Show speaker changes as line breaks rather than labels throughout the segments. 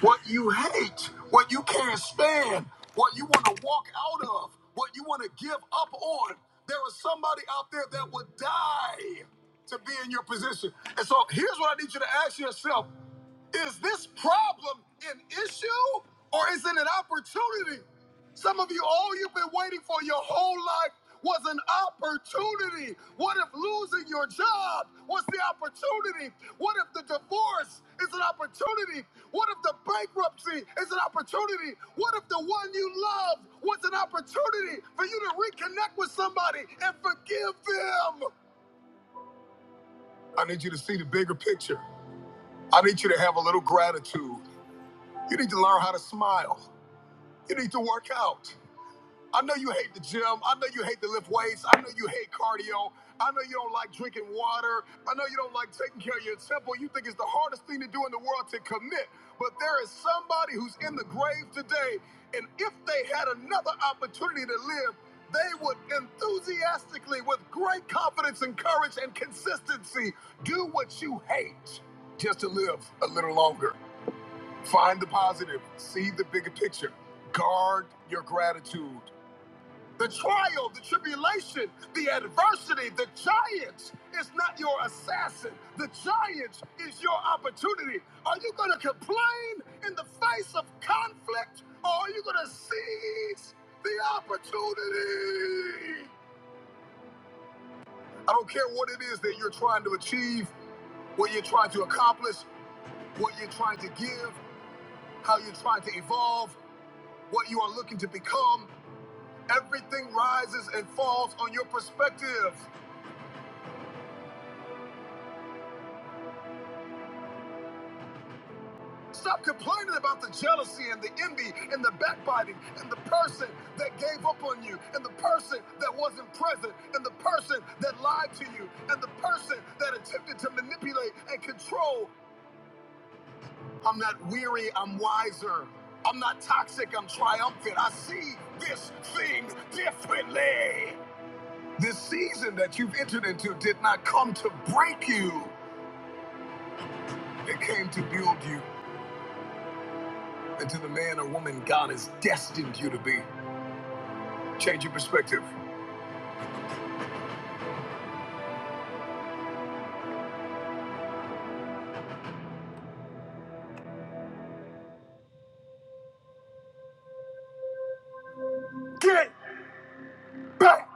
what you hate, what you can't stand, what you want to walk out of, what you want to give up on. There is somebody out there that would die to be in your position. And so here's what I need you to ask yourself Is this problem an issue or is it an opportunity? Some of you, all you've been waiting for your whole life was an opportunity. What if losing your job was the opportunity? What if the divorce is an opportunity? What if the bankruptcy is an opportunity? What if the one you loved was an opportunity for you to reconnect with somebody and forgive them? I need you to see the bigger picture. I need you to have a little gratitude. You need to learn how to smile. You need to work out. I know you hate the gym. I know you hate to lift weights. I know you hate cardio. I know you don't like drinking water. I know you don't like taking care of your temple. You think it's the hardest thing to do in the world to commit. But there is somebody who's in the grave today, and if they had another opportunity to live, they would enthusiastically, with great confidence and courage and consistency, do what you hate just to live a little longer. Find the positive, see the bigger picture, guard your gratitude the trial, the tribulation, the adversity, the giant is not your assassin. The giant is your opportunity. Are you going to complain in the face of conflict or are you going to seize the opportunity? I don't care what it is that you're trying to achieve, what you're trying to accomplish, what you're trying to give, how you're trying to evolve, what you are looking to become. Everything rises and falls on your perspective. Stop complaining about the jealousy and the envy and the backbiting and the person that gave up on you and the person that wasn't present and the person that lied to you and the person that attempted to manipulate and control. I'm not weary, I'm wiser. I'm not toxic, I'm triumphant. I see this thing differently. This season that you've entered into did not come to break you, it came to build you into the man or woman God has destined you to be. Change your perspective. Get back!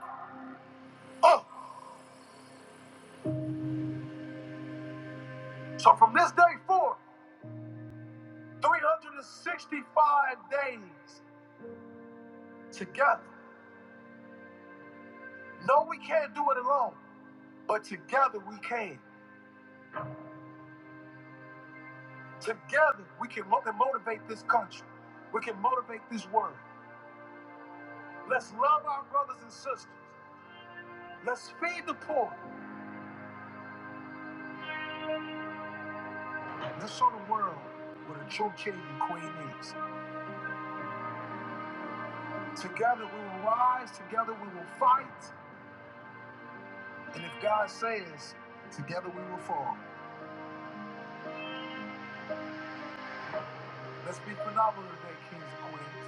This day four, 365 days together. No, we can't do it alone, but together we can. Together we can mo- motivate this country. We can motivate this world. Let's love our brothers and sisters. Let's feed the poor. Let's show the world what a true king and queen is. Together we will rise. Together we will fight. And if God says, together we will fall. Let's be phenomenal today, kings and queens.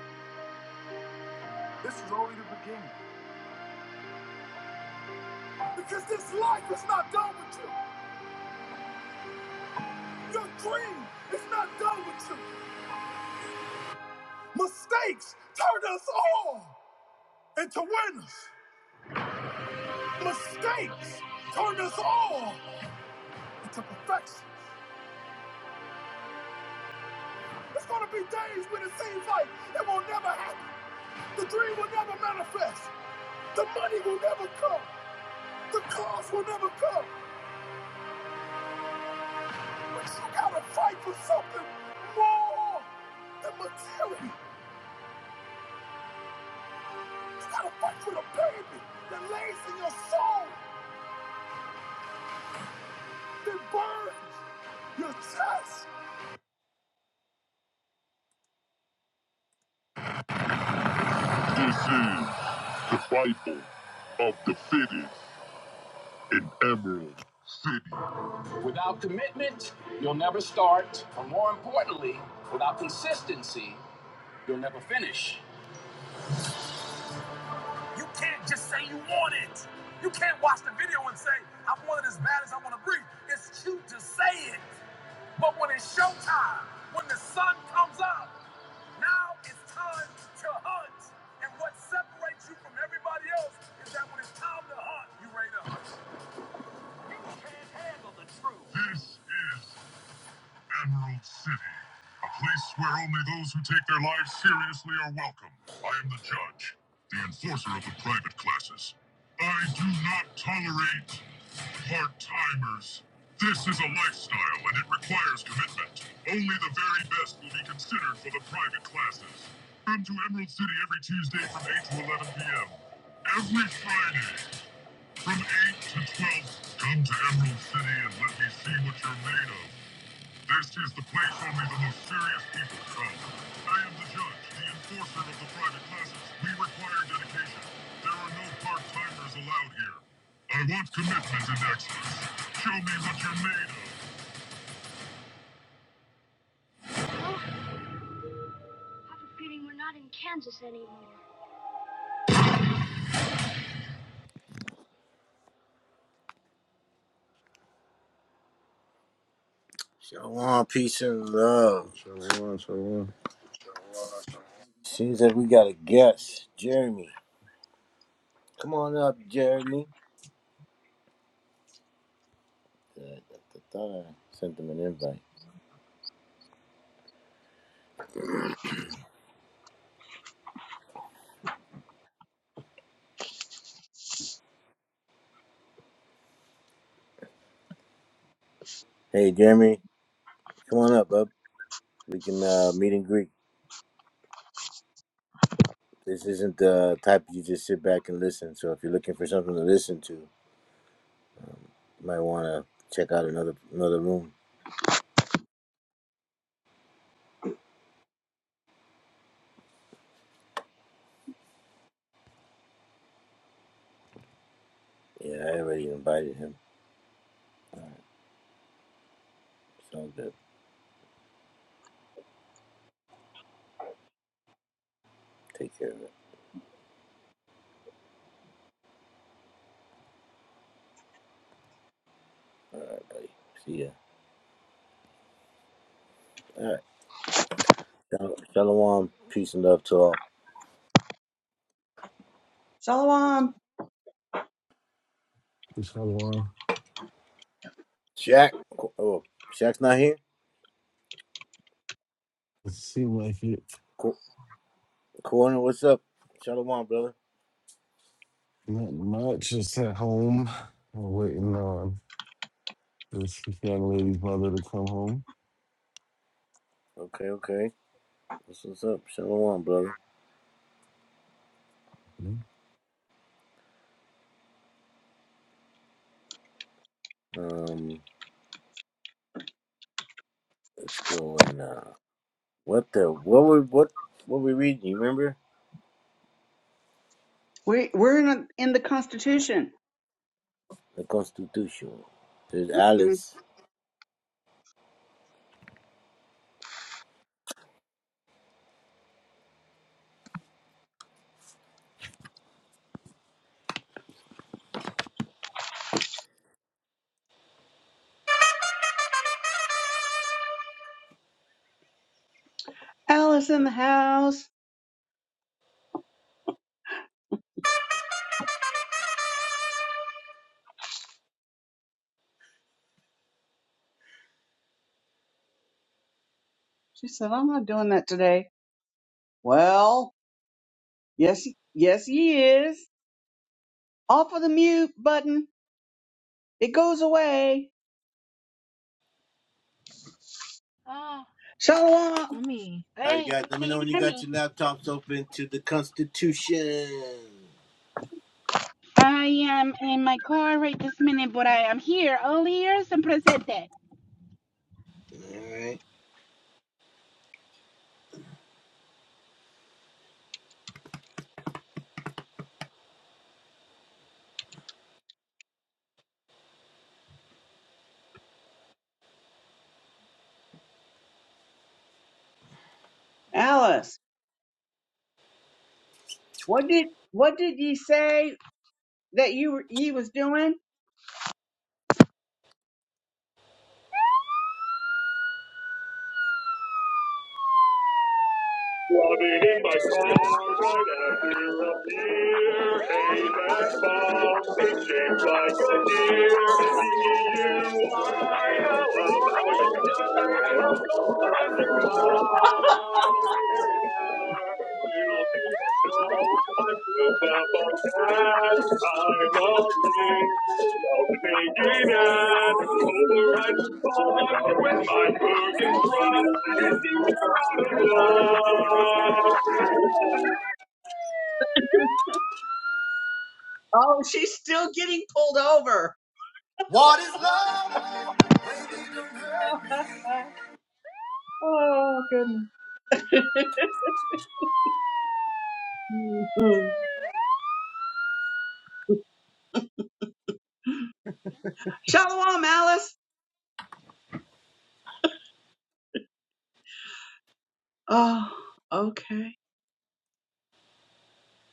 This is only the beginning. Life is not done with this. It's, it's going to be days when it seems like it will never happen. The dream will never manifest. The money will never come. The cars will never come. But you gotta fight for something more than material. You gotta fight for the baby that lays in your soul, that burns your chest. The Bible of Without commitment, you'll never start. Or more importantly, without consistency, you'll never finish. This is. Emerald City, a place where only those who take their lives seriously are welcome. I am the judge, the enforcer of the private classes. I do not tolerate part timers. This is a lifestyle and it requires commitment. Only the very best will be considered for the private classes. Come to Emerald City every Tuesday from 8 to 11 p.m. Every Friday from 8 to 12. Come to Emerald City and let me see what you're made of. This is the place only the most serious people come. I am the judge, the enforcer of the private classes. We require dedication. There are no part-timers allowed here. I want commitment and excellence. Show me what you're made of. Shalom, peace and love.
Shalom, shalom,
Seems like we got a guest, Jeremy. Come on up, Jeremy. Uh, I I thought I sent him an invite. Hey, Jeremy, come on up, bub. We can uh, meet and greet. This isn't the type you just sit back and listen. So if you're looking for something to listen to, you might want to check out another another room. Yeah, I already invited him. Sounds good. Take care of it. All right, buddy. See ya. All right. Shal- Shalom. Peace and love to all.
Shalom.
shalom.
Shaq. Qu- Oh, Shaq's not here?
It seemed like it.
Qu- Corner, what's up? Shalom, brother.
Not much. Just at home. We're waiting on this young lady's mother to come home.
Okay, okay. What's, what's up? Shalom, brother.
Hmm?
Um, let's go and, uh, what the, what were, what, what we reading? You remember?
We we're in a, in the Constitution.
the Constitution. There's
hmm
Alice.
Alice in the house. She said, "I'm not doing that today." Well, yes, yes, he is. Off of the mute button. It goes away.
Oh,
Shalom,
mommy.
All right,
Hey,
guys, let me
can you
know when you
hear
got
me?
your laptops open to the Constitution.
I am in my car right this minute, but I am here, all ears and presente.
Alice. What did what did ye say that you were ye was doing? Loving in my car right after a beer. Hey, that bomb is shaped like a deer. D-U-I, how about you die? I'll go after mom. Oh, she's still getting pulled over. oh, goodness. Mhm. Shalom, Alice. Oh, okay.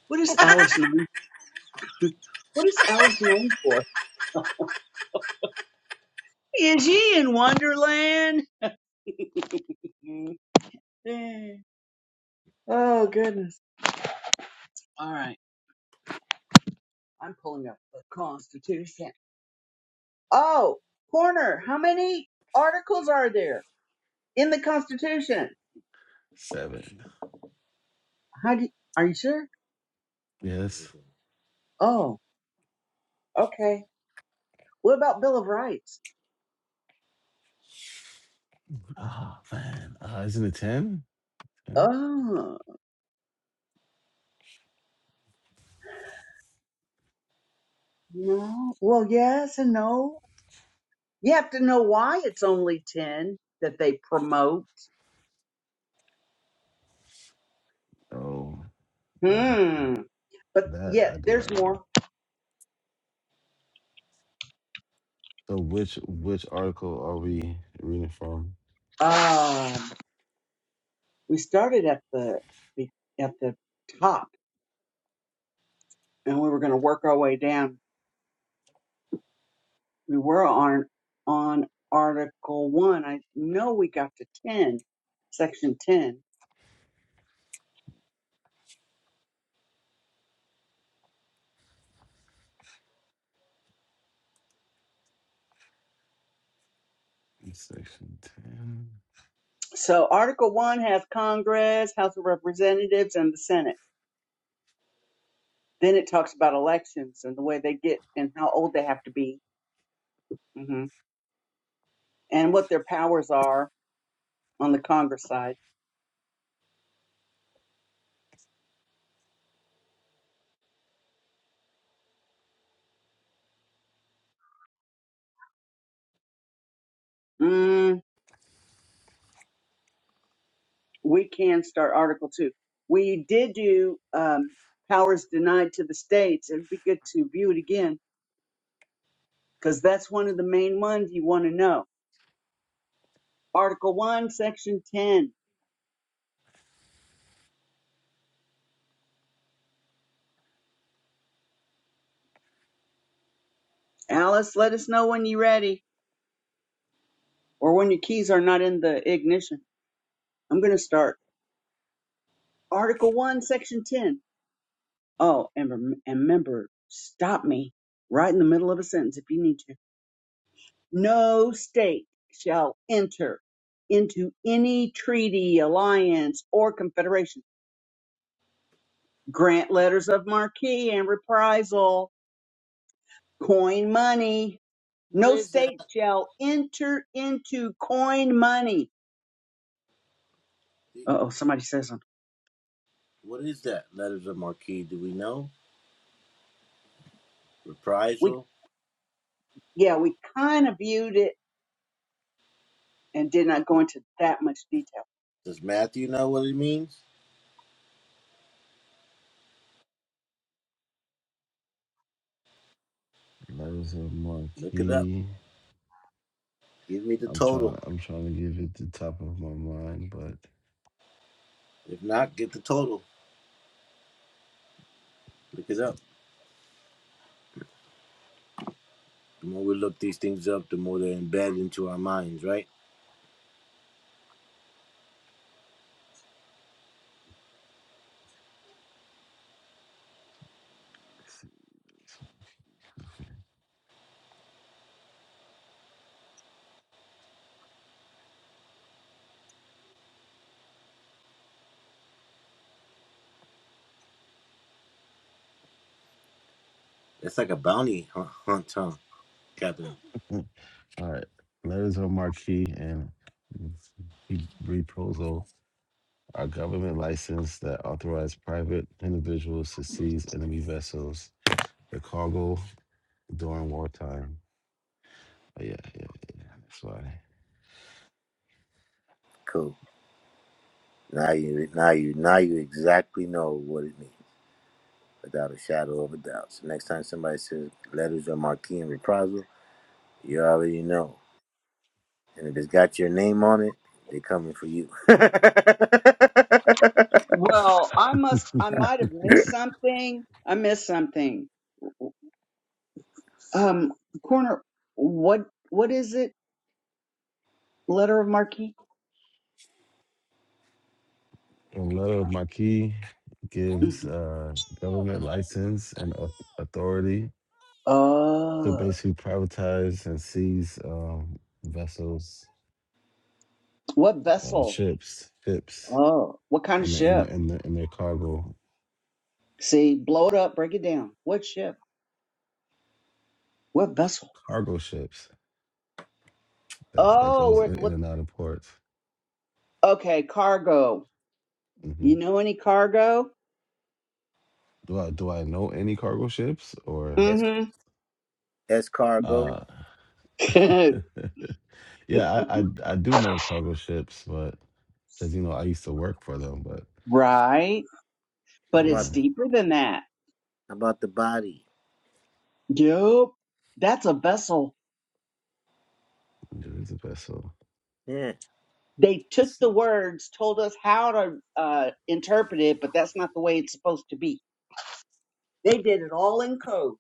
What is Alice known? for? What is Alice known for? Is he in Wonderland? Oh, goodness. All right. I'm pulling up the Constitution. Oh, Corner, how many articles are there in the Constitution?
Seven.
How do you, are you sure?
Yes.
Oh, okay. What about Bill of Rights?
Oh, man. Uh, isn't it 10? 10?
Oh, no. Well, yes and no. You have to know why it's only 10 that they promote.
Oh, um,
Hmm. But
that I
yet,
do
there's
not know.
more.
So which which article are we reading from?
Um, we started at the at the top and we were going to work our way down we were on on article 1 i know we got to 10 section 10
Section 10.
so article 1 has congress house of representatives and the senate then it talks about elections and the way they get and how old they have to be hmm and what their powers are on the congress side Mm. we can start Article Two. We did do um, powers denied to the states. It'd be good to view it again because that's one of the main ones you want to know. Article One, Section Ten. Alice, let us know when you're ready or when your keys are not in the ignition. I'm going to start Article One, Section Ten. Oh, and, rem- and remember, stop me right in the middle of a sentence if you need to. No state shall enter into any treaty, alliance, or confederation, grant letters of marque and reprisal, coin money.
What
No
is that?
state shall enter into coin money. Oh, somebody says something.
What is that? Letters of Marquis, do we know?
We,
Reprisal?
yeah, we kind of viewed it and did not go into that much detail.
Does Matthew know what it means?
Letters of
Look it up.
marquee.
Give me the
I'm trying.
total.
I'm trying to give it the top of my mind,
If not, get the total. Look it up. The more we look these things up, the more they're embedded into our minds, right? It's like a bounty hunt, huh, Catherine?
but All right. Letters of marque and reprisal are government license that authorize private individuals to seize enemy vessels, the cargo during wartime. Oh, yeah, yeah, yeah, that's why.
Cool. Now you, now you, now you exactly know what it means. without a shadow of a doubt. So next time somebody says letters or marquee and reprisal, you already know. And if it's got your name on it, they're coming for you.
Well, I must, I might have missed something. I missed something. Um, corner, what, what is it? Letter of marque?
And letter of marque gives
Mhm.
uh, government license and au- authority to
Uh,
basically privatize and seize um, vessels,
what
uh,
vessel?
ships, ships,
Oh, what kind of
and the, and
ship?
the, and the, and their cargo
See, blow it up, break it down. What ship? What vessel?
cargo ships. that that
Oh,
goes
what?
in, in
what
and out of ports.
okay, cargo.
hmm
You know any cargo?
Do I do I know any cargo ships or?
Es- Escargo.
Uh,
Mm-hmm.
yeah, I, I I do know cargo ships, but as you know, I used to work for them. But
right,
How
but
yeah,
it's
about
deeper than that.
how about the body?
Yup, that's a vessel.
it is a vessel.
Yeah,
They took
It's
the words, told us how to uh, interpret it, but that's not the way it's supposed to be. They did it all in code.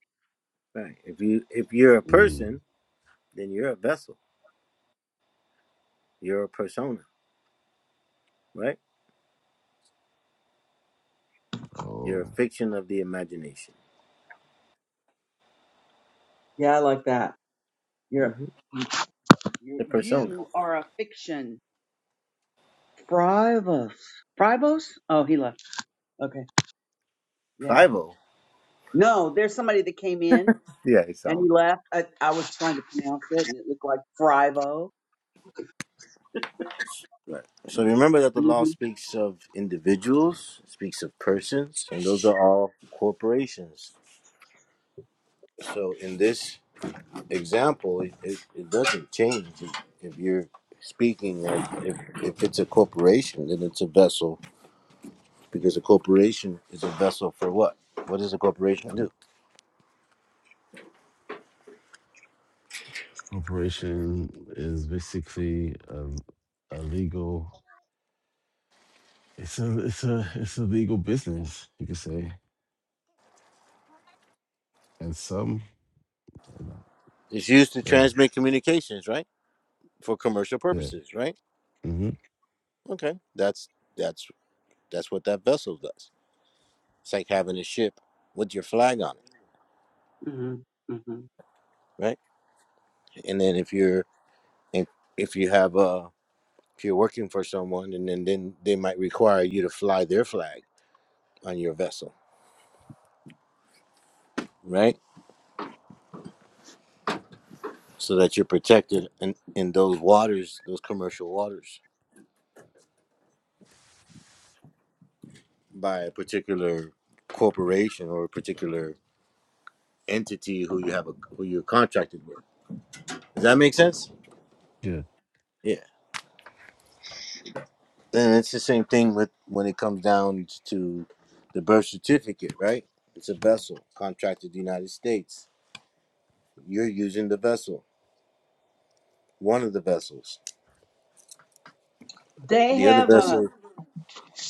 right. If you if you're a
mm,
person, then you're a vessel. You're a persona, right? You're a
oh,
fiction of the imagination.
Yeah, I like that. You're,
hmm
you
The persona.
you are a fiction. Fribos. Fribos? Oh, he left. Okay. Yeah.
Five O.
No, there's somebody that came in
Yeah, it's
and
all.
he left. I, I was trying to pronounce it and it looked like Frivo.
Right. So remember that the law
Mm-hmm.
speaks of individuals, speaks of persons, and those are all corporations. So in this example, it, it, it doesn't change if, if you're speaking of if, if it's a corporation, then it's a vessel because a corporation is a vessel for what? What does a corporation do?
operation is basically a, a legal. It's a it's a it's a legal business, you could say, and some, you know,
It's used to
yeah,
transmit communications, right? For commercial
yeah,
purposes, right?
mm-hmm,
Okay. That's that's that's what that vessel does. It's like having a ship with your flag on it,
Mm-hmm. hmm
right? and then if you're if, if you have uh if you're working for someone and then then they might require you to fly their flag on your vessel right so that you're protected in in those waters those commercial waters by a particular corporation or a particular entity who you have a who you're contracted with does that make sense
Yeah.
yeah and it's the same thing with when it comes down to the birth certificate right it's a vessel contracted to the united states you're using the vessel One of the vessels.
They
The other
have a.
vessel,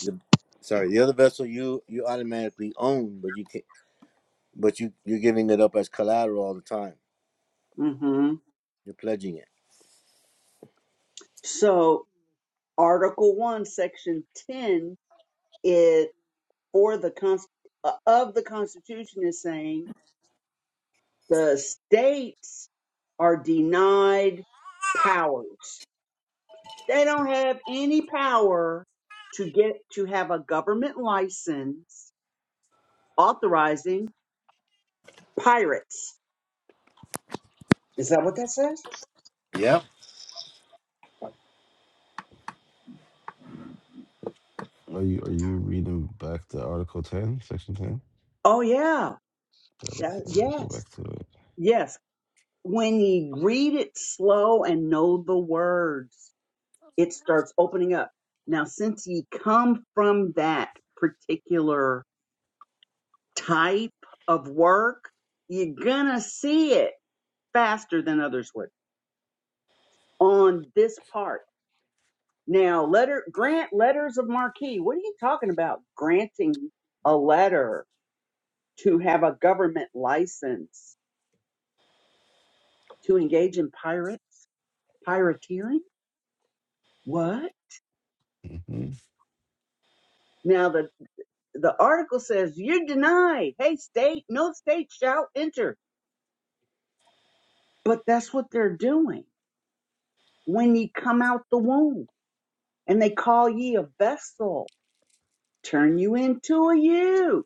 the, sorry, the other vessel you you automatically own, but you can but you you're giving it up as collateral all the time.
hmm
You're pledging it.
So, Article 1, Section 10 is for the Const- uh, of the Constitution is saying the states are denied powers. They don't have any power to get to have a government license authorizing pirates. Is that what that says?
Yep,
Are you are you reading back to Article Ten, Section Ten?
Oh yeah.
Gotta,
That-
gotta go
yes.
back to it.
Yes. When you read it slow and know the words, it starts opening up. Now, since ye come from that particular type of work, you're gonna see it faster than others would on this part. Now, letter grant letters of marque. What are you talking about? Granting a letter to have a government license to engage in pirates, pirateering? What?
hmm
Now the the article says you're denied. Hey, state, no state shall enter. But that's what they're doing when ye come out the womb, and they call ye a vessel, turn you into a you.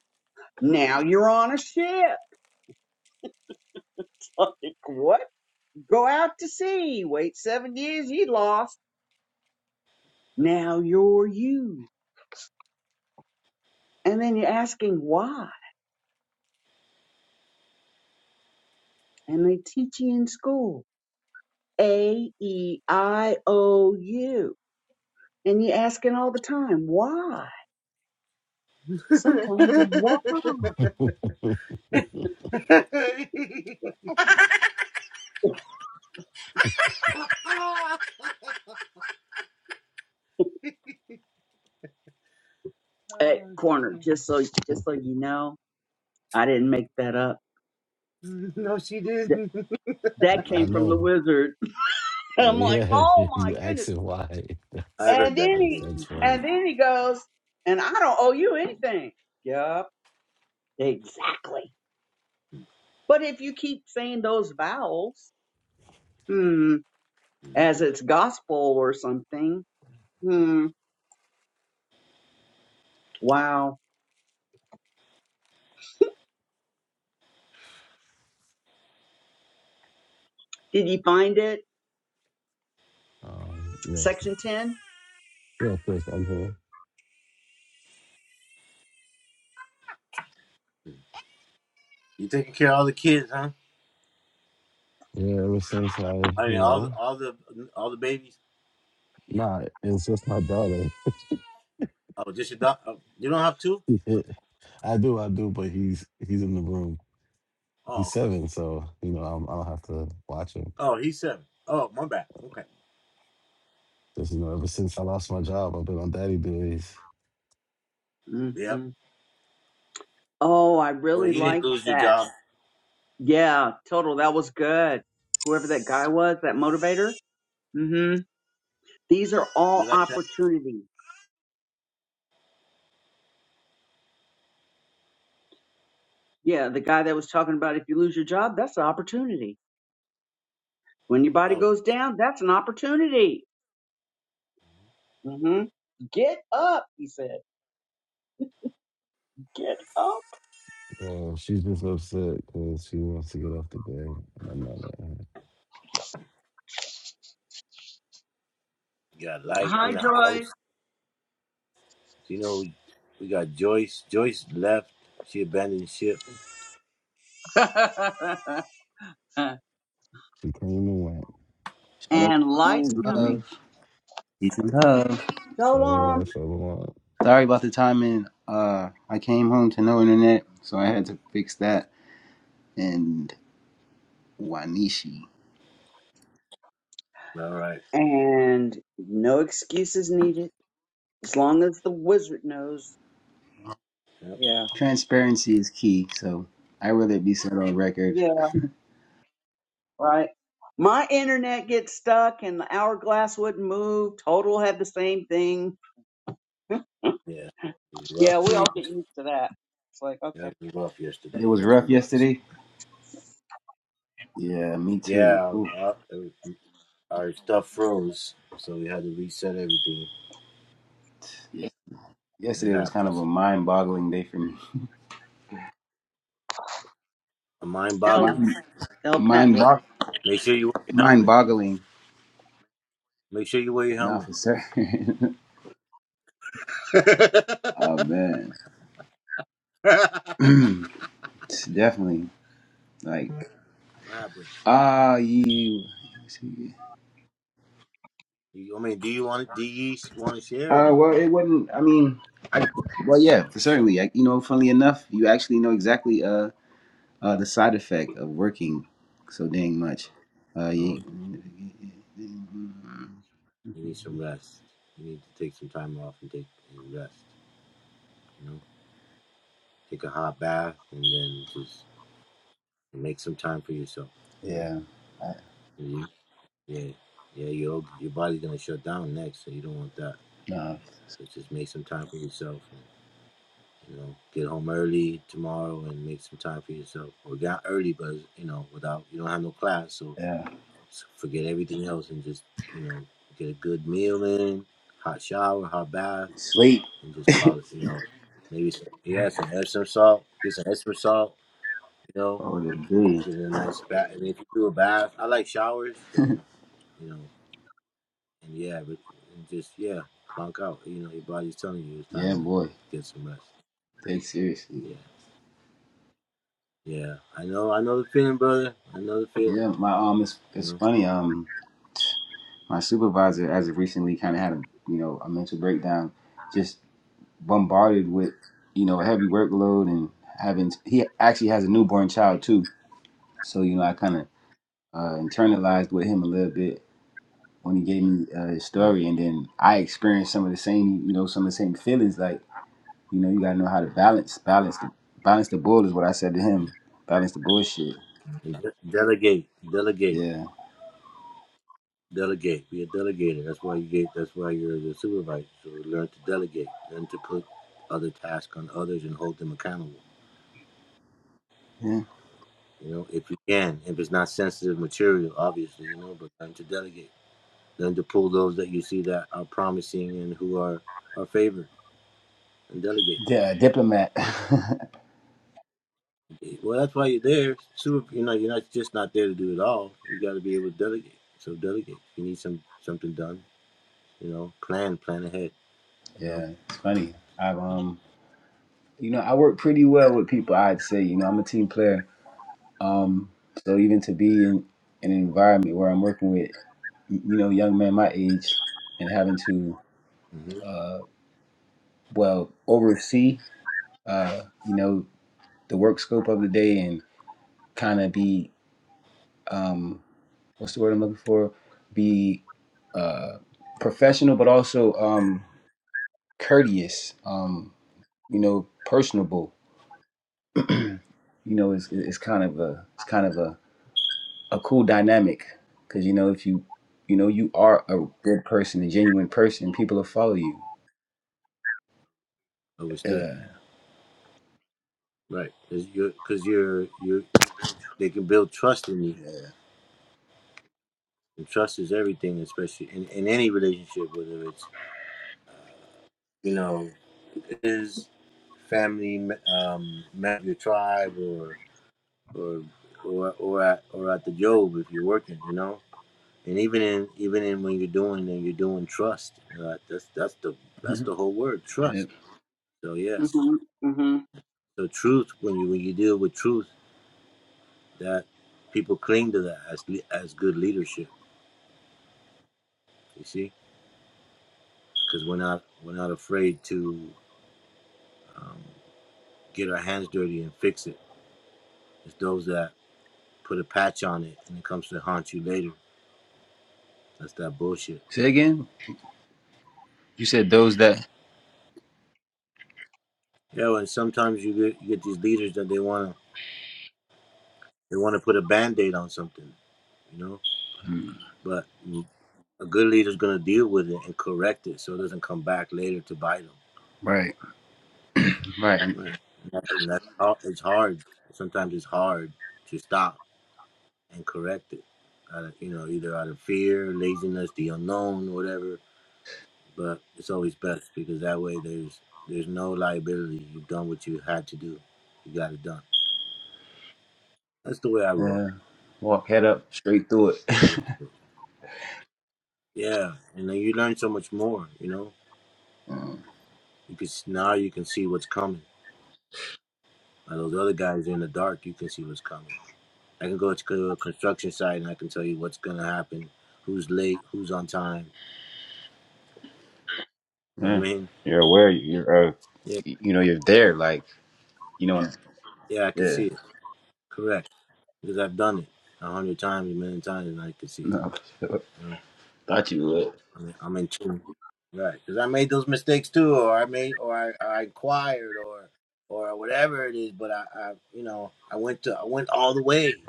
Now you're on a ship. Like what? Go out to sea. Wait seven years. You lost. Now you're you. And then you're asking why. And they teach you in school. A, E, I, O, U. And you're asking all the time, why? Sometimes why? At corner, just so, just so you know, I didn't make that up. Th- that
I
came from the
know.
wizard.
Uh,
I'm like,
Yeah,
oh my
you
goodness.
asking why? That's
I've heard
And
that
then
that's
before.
he,
that's funny.
and then he goes, and I don't owe you anything. Yup. Exactly. But if you keep saying those vowels, hmm, as it's gospel or something, hmm, wow. Did you find it?
Um, yeah,
Section 10?
yeah, Chris, I'm here.
You taking care of all the kids, huh?
Yeah, ever since I, you
I mean, all the
know,
all the all the babies.
nah, it's just my brother.
Oh, just your doc. Oh, you don't have two?
I do, I do, but he's he's in the room. He's
Oh, okay.
seven, so you know I'm, I'll have to watch him.
Oh, he's seven. Oh, my bad. Okay.
Just you know, ever since I lost my job, I've been on daddy duties.
Yep.
hmm Oh, I
Well,
really
you didn't
like
lose your
that.
job.
Yeah, total. That was good. Whoever that guy was, that motivator. hmm These are all
You like that?
opportunities. Yeah, the guy that was talking about if you lose your job, that's an opportunity. When your body
Oh,
goes down, that's an opportunity. hmm Get up, he said. Get up.
Uh, she's just upset because she wants to get off the bed, and I'm not letting her.
you got light in
Hi,
the
Joy.
house. You know, we got Joyce. Joyce left. She abandoned ship.
She came and went.
Hello,
and
Hey,
light's
peace and
baby.
coming.
love. Peace and love.
Shalom.
Shalom, shalom.
Sorry about the timing. Uh, I came home to no internet, so I had to fix that. And Wanishi.
All right.
And no excuses needed. As long as the wizard knows.
Yep.
Yeah.
Transparency is key, so I rather be set on record.
Yeah. Right. My internet gets stuck and the hourglass wouldn't move. Total had the same thing.
Yeah. It was a rough
Yeah, we all
day.
get used to that. It's like, okay.
That was rough
It
yesterday.
was
Yes, it
rough
was.
yesterday. Yeah, me too.
Yeah.
Oof.
Uh, uh, our stuff froze, so we had to reset everything.
Yes-
It
Yesterday was kind of a
happens.
mind-boggling day for me.
Mind
El,
boggling.
Mind,
El
You
mind,
Patla.
got,
bog,
make sure you wear your helmet.
mind-boggling.
Make sure you wear your
Not
helmet.
for certain. oh man,
what
definitely. Like,
happened?
ah, you.
You, I mean, do you want to? Do you want to share or
Uh,
no?
well, it wouldn't. I mean, well, yeah, for certainly. Like, you know, funnily enough, you actually know exactly uh, uh the side effect of working so dang much. Uh,
Oh,
you,
you need some rest. You need to take some time off and take and rest. You know, take a hot bath and then just make some time for yourself. You know.
yeah, I,
you Yeah, yeah, your your body's gonna shut down next, so you don't want that.
no,
So just make some time for yourself, and you know, get home early tomorrow and make some time for yourself, or get out early, but you know, without you don't have no class, so
yeah,
s- forget everything else and just you know, get a good meal in, hot shower, hot bath,
sleep.
and just call it. You know, maybe some, yeah, some Epsom salt, get some Epsom salt. You know,
Oh, the day.
get in a nice bath, and if you do a bath, I like showers, so you know. and yeah, but and just yeah, clunk out. You know, your body's telling you it's
Yeah,
time
boy,
to get some rest.
take seriously.
Yeah, yeah. I know, I know the feeling, brother. I know the feeling.
Yeah, my um, it's
You
it's
know,
funny. Um, my supervisor, as of recently, kind of had a you know a mental breakdown. just. bombarded with you know a heavy workload and having he actually has a newborn child too so you know i kind of uh, internalized with him a little bit when he gave me uh, his
right?
story and then i experienced some of the same you know some of the same feelings like you know you gotta know how to balance balance the balance the bull is what i said to him balance the bullshit
And de- delegate, delegate,
yeah
delegate. Be a delegator. That's why you get. That's why you're the supervisor. So learn to delegate. Learn to put other tasks on others and hold them accountable.
yeah
You know, if you can, if it's not sensitive material, obviously, you know, but learn to delegate. Learn to pull those that you see that are promising and who are are favored and delegate.
yeah diplomat
Well, that's why you're there. Super, you know, you're not just not there to do it all. You got to be able to delegate. So delegate. If you need some something done, you know, plan, plan ahead. You know,
yeah it's funny i've um you know i work pretty well with people i'd say you know i'm a team player Um, so even to be in an environment where I'm working with, you know, young men my age and having to,
hmm
uh, well, oversee, uh, you know, the work scope of the day and kind of be, um, what's the word I'm looking for? Be uh, professional, but also um, courteous, um, you know, personable. You know, it's, it's kind of a, it's kind of a a cool dynamic because you know if you you know you are a good person, a genuine person, people will follow you.
understood.
Yeah,
Right, because you're because you're you're they can build trust in you,
yeah,
and trust is everything, especially in, in any relationship, whether it's you know, is family, um, member your tribe, or or or or at, or at the job if you're working. You know, And even in even in when you're doing and you're doing trust, uh, that's that's the that's
Mhm.
the whole word
yeah.
trust. So yes,
hmm hmm
so truth when you when you deal with truth, that people cling to that as as good leadership. You see, because we're not we're not afraid to get our hands dirty and fix it. It's those that put a patch on it and it comes to haunt you later. That's that bullshit.
Say again. You said those that.
Yeah, and sometimes you get you get these leaders that they wanna they wanna put a band aid on something, you know.
Mm,
But a good leader is going to deal with it and correct it so it doesn't come back later to bite
Right, right.
them. Right. And that- and that's hard. It's hard. Sometimes it's hard to stop and correct it. Out of, you know, either out of fear, laziness, the unknown, whatever. But it's always best because that way there's there's no liability. You've done what you had to do. You got it done. That's the way I roll.
Yeah, walk head up, straight through it.
Yeah, and then you learn so much more. You know,
Mm,
you can now you can see what's coming. Now those other guys in the dark, you can see what's coming I can go to a construction site and I can tell you what's gonna happen, who's late, who's on time.
Yeah,
I mean,
you're aware. You're uh,
yeah,
y- you know you're there. Like you know.
yeah, I can
Yeah.
see it. Correct, because I've done it a hundred times, a million times, and I can see it.
No, for sure.
You know,
thought you would.
I mean, I'm in tune, right? Because I made those mistakes too, or I made, or I, I inquired, or, or whatever it is. But I, I, you know, I went to, I went all the way.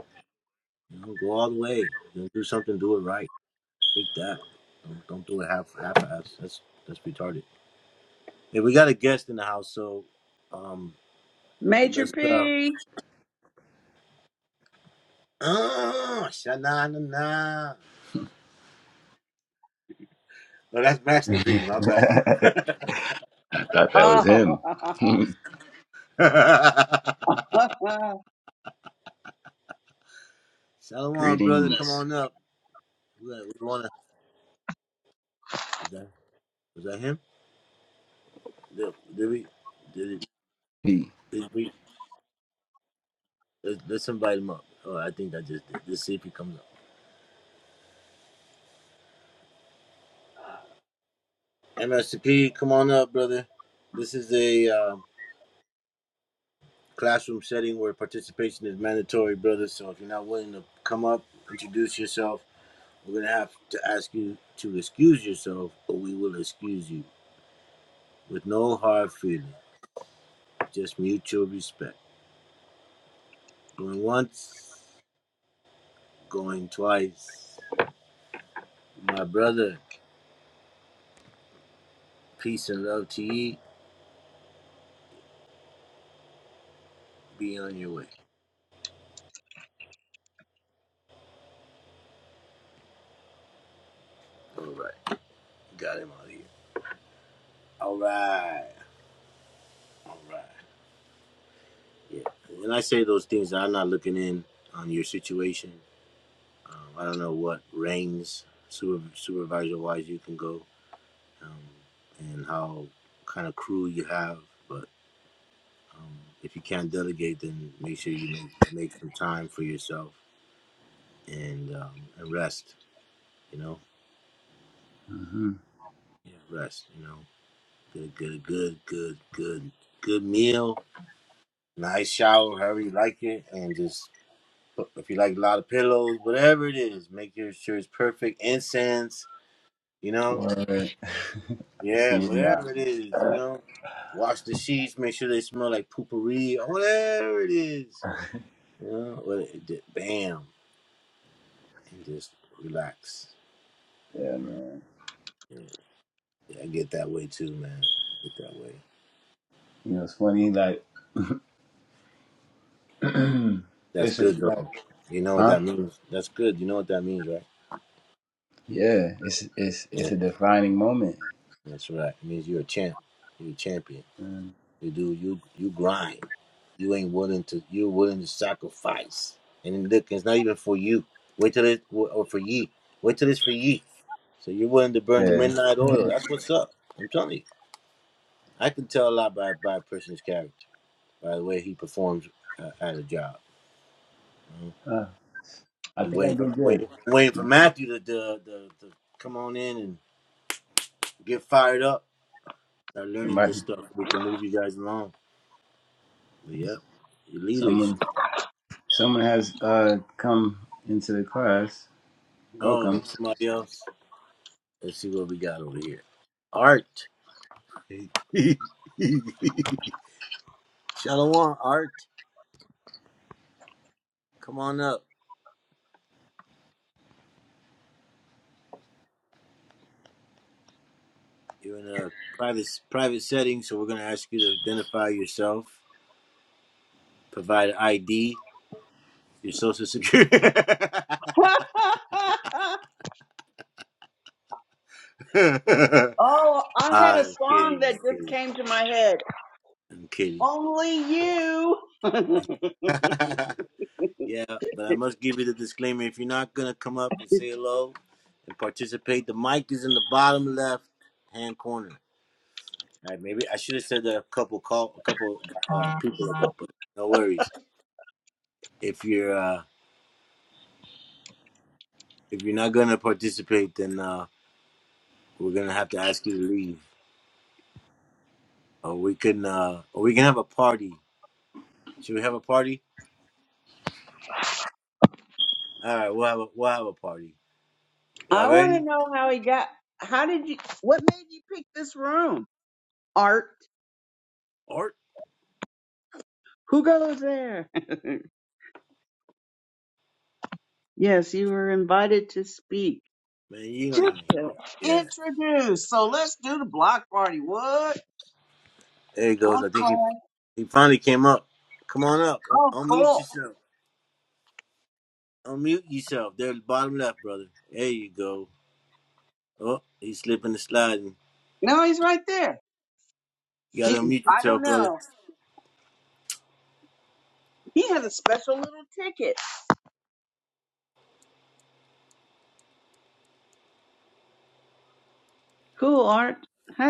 You know, go all the way. You know, do something, do it right. Take that. Don't, don't do it half, half-ass. That's that's retarded. Yeah, we got a guest in the house, so um, and
Major
let's uh,
P.
oh, na na. No, that's Master P. My bad.
I thought that was him.
Oh.
Shalom, brother. Come
Greetings.
on up. We, got- we wanna. Is that was that him? Did, did we? Did, it,
P.
did we? Let's, let's invite him up. Oh, I think I just did. Let's see if he comes up. MSP, come on up, brother. This is a uh, classroom setting where participation is mandatory, brother. So if you're not willing to come up, introduce yourself We're going to have to ask you to excuse yourself, or we will excuse you with no hard feeling, just mutual respect. Going once, going twice. My brother, peace and love to you. Be on your way. All right. Got him out of here. All right. All right. Yeah. And I say those things. I'm not looking in on your situation. Um, I don't know what ranks super, supervisor wise you can go. um, and how kind of crew you have. But um, if you can't delegate, then make sure you make, make some time for yourself and um, and rest. You know, yeah, rest. You know, get a good, a good, good, good, good meal, nice shower, however you like it, and just put- if you like a lot of pillows, whatever it is, make your sure it's perfect. Incense, you know,
Word. I
yeah,
see him now.
whatever it is, you know. Wash the sheets, make sure they smell like poopery or whatever it is You know, but it just, bam, and just relax.
Yeah, man.
Yeah, yeah, I get that way too, man. I get that way.
You know, it's funny. Like,
That's
it's a,
good though.
like,
You know what
huh?
that means? That's good. You know what that means, right?
Yeah, it's it's
Yeah,
it's a defining moment.
that's right. It means you're a champ. You're a champion.
Mm.
You do you you grind. You ain't willing to. You're willing to sacrifice. And then look, it's not even for you. Wait till it or for ye. Wait till it's for ye. So you're willing to burn the
Yeah,
midnight oil. That's what's up. I'm telling you. I can tell a lot by by a person's character. by the way he performs uh, at a job.
Uh, I
I'm
think I
waiting
do
for
good.
waiting, waiting for Matthew to, to, to, to come on in and get fired up. Start learning this
Somebody,
stuff. so We can move you guys along. But yep, your leaders.
someone, someone has uh come into the class.
Oh,
Welcome.
somebody else. Let's see what we got over here. Art. Shalom, Art. Come on up. You're in a private private setting, so we're gonna ask you to identify yourself, provide ID, your social security.
Oh, I had
Ah,
a
I'm
song
kidding. I'm
that just
kidding.
came to my head.
I'm kidding.
Only you. I
yeah, but I must give you the disclaimer. If you're not gonna come up and say hello and participate, the mic is in the bottom left hand corner. All right, maybe I should have said that a couple call a couple uh, people ago, but no worries. If you're uh, if you're not gonna participate, then uh, we're gonna have to ask you to leave, or we can uh, or we can have a party. Should we have a party? All right, we'll have a, we'll have a party. Y'all
want to
ready?
know how he got. How did you? What made you pick this room? Art.
Art,
Who goes there? yes, you were invited to speak.
man, you don't even.
Just to
Yeah.
introduce. So let's do the block party. What?
There he
I
goes.
wanna
I think he
play.
he finally came up. Come on up. Un-
Oh,
Unmute
cool.
yourself. Unmute yourself. There, bottom left, brother. There you go. Oh, he's slipping and sliding.
No, he's right there.
You gotta
He,
unmute
I don't
yourself, brother.
know. He has a special little ticket. Cool, Art.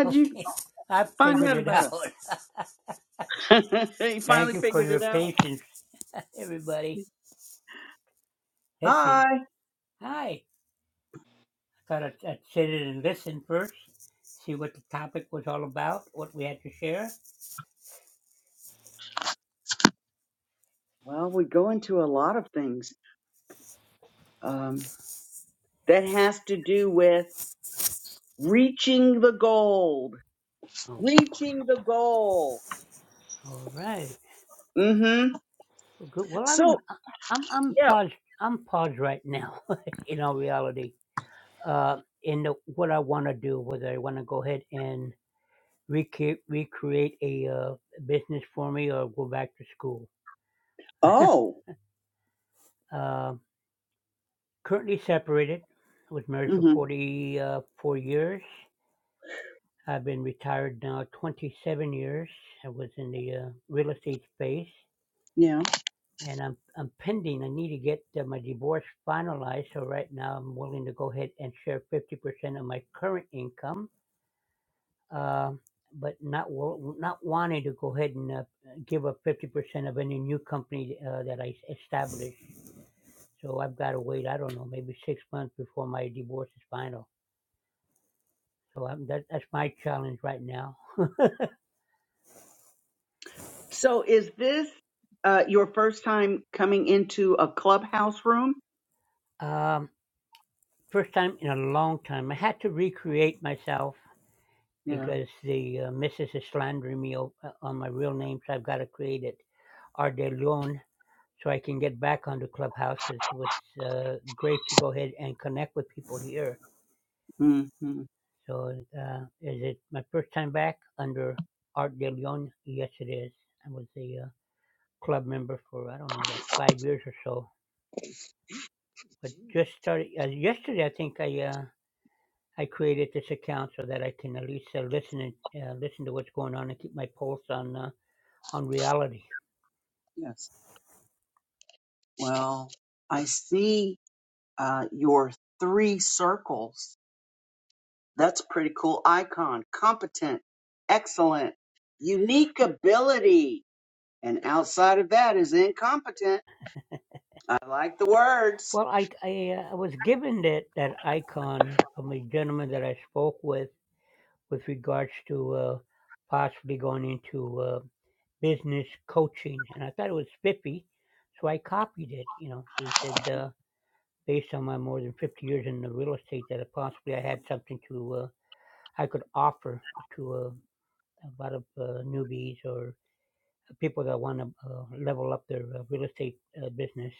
you
Okay, I
find
figured
out
it
about
out.
him? he
Thank
finally
you for
figured
your
it out.
patience, everybody. Let's
Hi.
see. Hi. I thought I'd, I'd sit in and listen first, see what the topic was all about, what we had to share.
Well, we go into a lot of things um, that has to do with reaching the gold.
Okay.
Reaching the goal.
All right.
Mm-hmm.
Well, good. Well, I mean,
So,
I- I'm I'm
yeah.
paused. I'm paused right now. in all reality, uh, in the, what I want to do, whether I want to go ahead and recreate recreate a uh, business for me or go back to school.
Oh.
Um Currently separated. I was married for
Mm-hmm.
44 years. I've been retired now 27 years. I was in the uh, real estate space,
Yeah.
and I'm I'm pending. I need to get uh, my divorce finalized. So right now, I'm willing to go ahead and share 50% of my current income, uh, but not wa- not wanting to go ahead and uh, give up 50% of any new company uh, that I establish. So I've got to wait. I don't know, maybe six months before my divorce is final. So um, that, that's my challenge right now.
So, is this uh, your first time coming into a clubhouse room?
Um, first time in a long time, I had to recreate myself
Yeah.
because the uh, missus is slandering me o- uh, on my real name, so I've got to create it, Art de Leon, so I can get back onto Clubhouse because it was uh, great to go ahead and connect with people here.
Mm-hmm.
So uh, is it my first time back under Art de Leon? Yes, it is. I was a uh, club member for I don't know about five years or so, but just started uh, yesterday. I think I. Uh, I created this account so that I can at least uh, listen and uh, listen to what's going on and keep my pulse on uh, on reality.
Yes. Well, I see uh, your three circles That's a pretty cool icon. Competent, excellent, unique ability. And outside of that is incompetent. I like the words.
Well, I I, uh, was given that that icon from a gentleman that I spoke with with regards to uh, possibly going into uh, business coaching, and I thought it was spiffy, so I copied it. You know, he said uh, based on my more than fifty years in the real estate that possibly I had something to uh, I could offer to uh, a lot of uh, newbies or people that want to uh, level up their uh, real estate uh, business.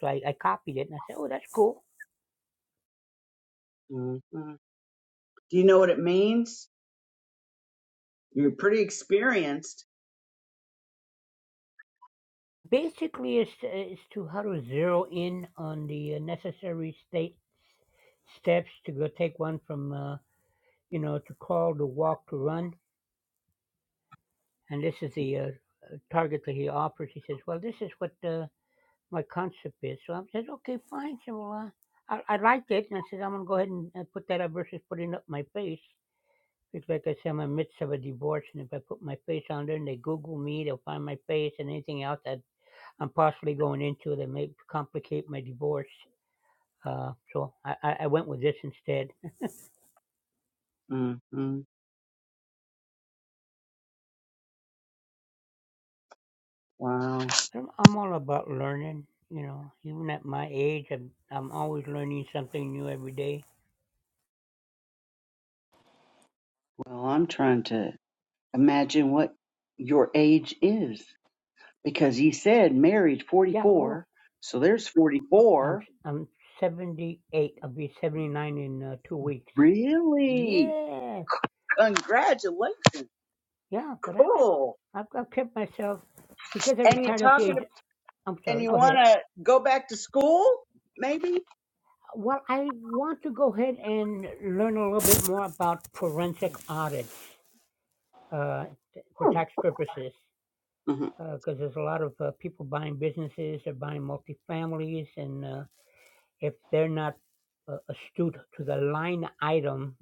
So I, I copied it and I said, oh, that's cool.
hmm Do you know what it means? You're pretty experienced.
Basically, it's, it's to how to zero in on the uh, necessary state steps to go take one from, uh, you know, to call, to walk, to run. And this is the uh, uh, target that he offers. He says, well, this is what uh, my concept is. So I said, okay, fine. So well, uh, I, I liked it. And I said, I'm going to go ahead and uh, put that up versus putting up my face. It's like I said, I'm in the midst of a divorce, and if I put my face on there and they Google me, they'll find my face and anything else that I'm possibly going into that may complicate my divorce. Uh, so I, I I went with this instead.
hmm Wow.
I'm, I'm all about learning, you know. Even at my age, I'm, I'm always learning something new every day.
Well, I'm trying to imagine what your age is because you said married
Yeah, oh,
44. So there's
oh, I'm
44.
I'm 78. I'll be 79 in uh, two weeks.
Really?
Yeah,
Congratulations.
yeah, but I've, I've
Cool.
I've I've kept myself because I
And you're
retired at the
talking
age. I'm
and
sorry.
you
Go
want
ahead.
to go back to school, maybe?
Well, I want to go ahead and learn a little bit more about forensic audits uh, t- for tax purposes,
hmm
because there's a lot of uh, people buying businesses, they're buying multifamilies, and uh, if they're not uh, astute to the line item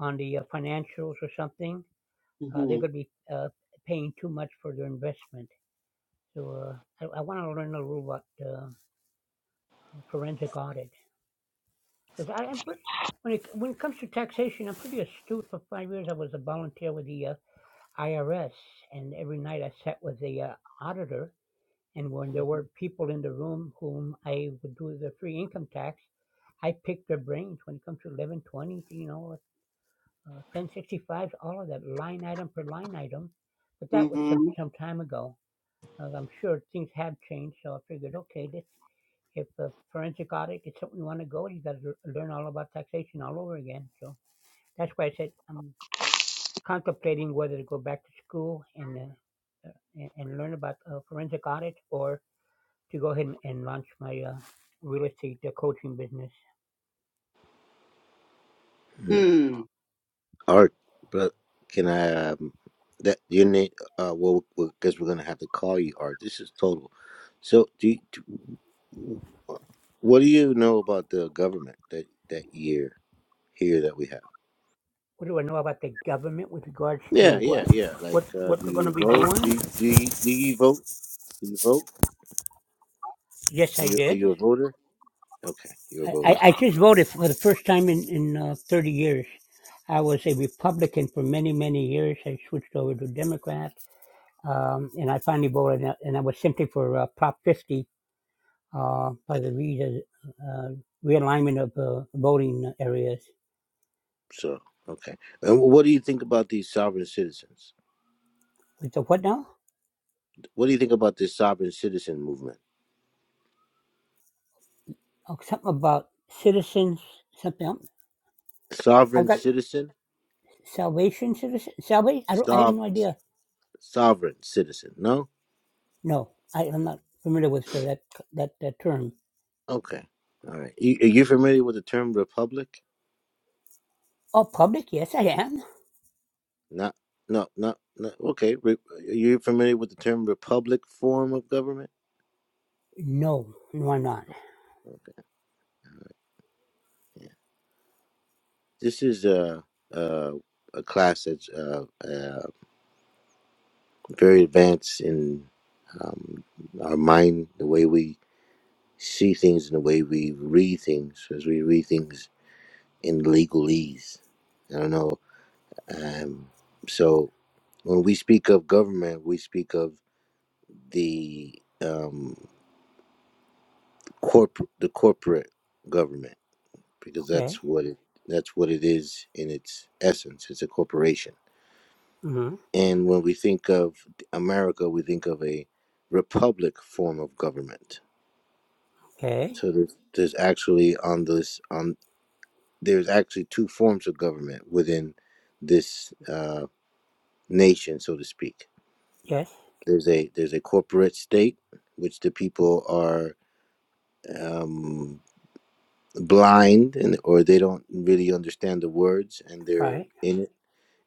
on the uh, financials or something, uh,
hmm
they're going to be uh, paying too much for their investment. So uh, I, I want to learn a little about uh, forensic audit. Because I, I'm pretty, when it when it comes to taxation, I'm pretty astute. For five years, I was a volunteer with the uh, IRS, and every night I sat with the uh, auditor. And when there were people in the room whom I would do the free income tax, I picked their brains when it comes to 1120, you know, uh, 1065, all of that line item per line item. But that was
hmm
some some time ago. Uh, I'm sure things have changed, so I figured, okay, this if a forensic audit is something you want to go, you got to learn all about taxation all over again. So that's why I said I'm contemplating whether to go back to school and uh, and, and learn about uh, forensic audit or to go ahead and, and launch my uh, real estate uh, coaching business.
hmm
Art, but can I? Um, that your name? Uh, well, because we're gonna have to call you Art. This is total. So, do, you, do what do you know about the government that that year here that we have?
What do I know about the government with regards
Yeah,
to
yeah,
what
yeah. Like,
what
uh, do
what we're going
you
to be
vote?
doing?
Do you, do you, do you vote? Do you vote?
Yes,
Are
I
you are
did.
you a voter? Okay, you're a
I, I
voter.
just voted for the first time in, in uh, 30 years. I was a Republican for many, many years. I switched over to Democrat. Um, and I finally voted, and I was simply for uh, Prop 50 uh, by the re- uh, realignment of uh, voting areas.
So, okay. And what do you think about these sovereign citizens?
With the what now?
What do you think about this sovereign citizen movement?
Oh, something about citizens, something else. I've
Sovereign
got
citizen?
salvation citizen, salvation. I don't, I have
Sov
no idea.
Sovereign citizen. No.
No, I, I'm not familiar with uh, that, that, that term.
Okay. All right. You, are you familiar with the term republic?
Oh, public? Yes, I am.
Not. No. Not. not okay. Re, are you familiar with the term republic form of government?
No, no, I'm not.
Oh, Okay. All right. Yeah. This is a a, a class that's uh, uh, very advanced in um, our mind, the way we see things, and the way we read things, as we read things in legalese. I don't know Um, so when we speak of government, we speak of the um, corporate the corporate government because
Okay.
that's what it that's what it is in its essence. It's a corporation.
Mm-hmm.
And when we think of America, we think of a republic form of government.
Okay.
So there's, there's actually on this on there's actually two forms of government within this uh, nation, so to speak.
Yes.
There's a there's a corporate state which the people are um, blind and or they don't really understand the words and they're
Right.
in it.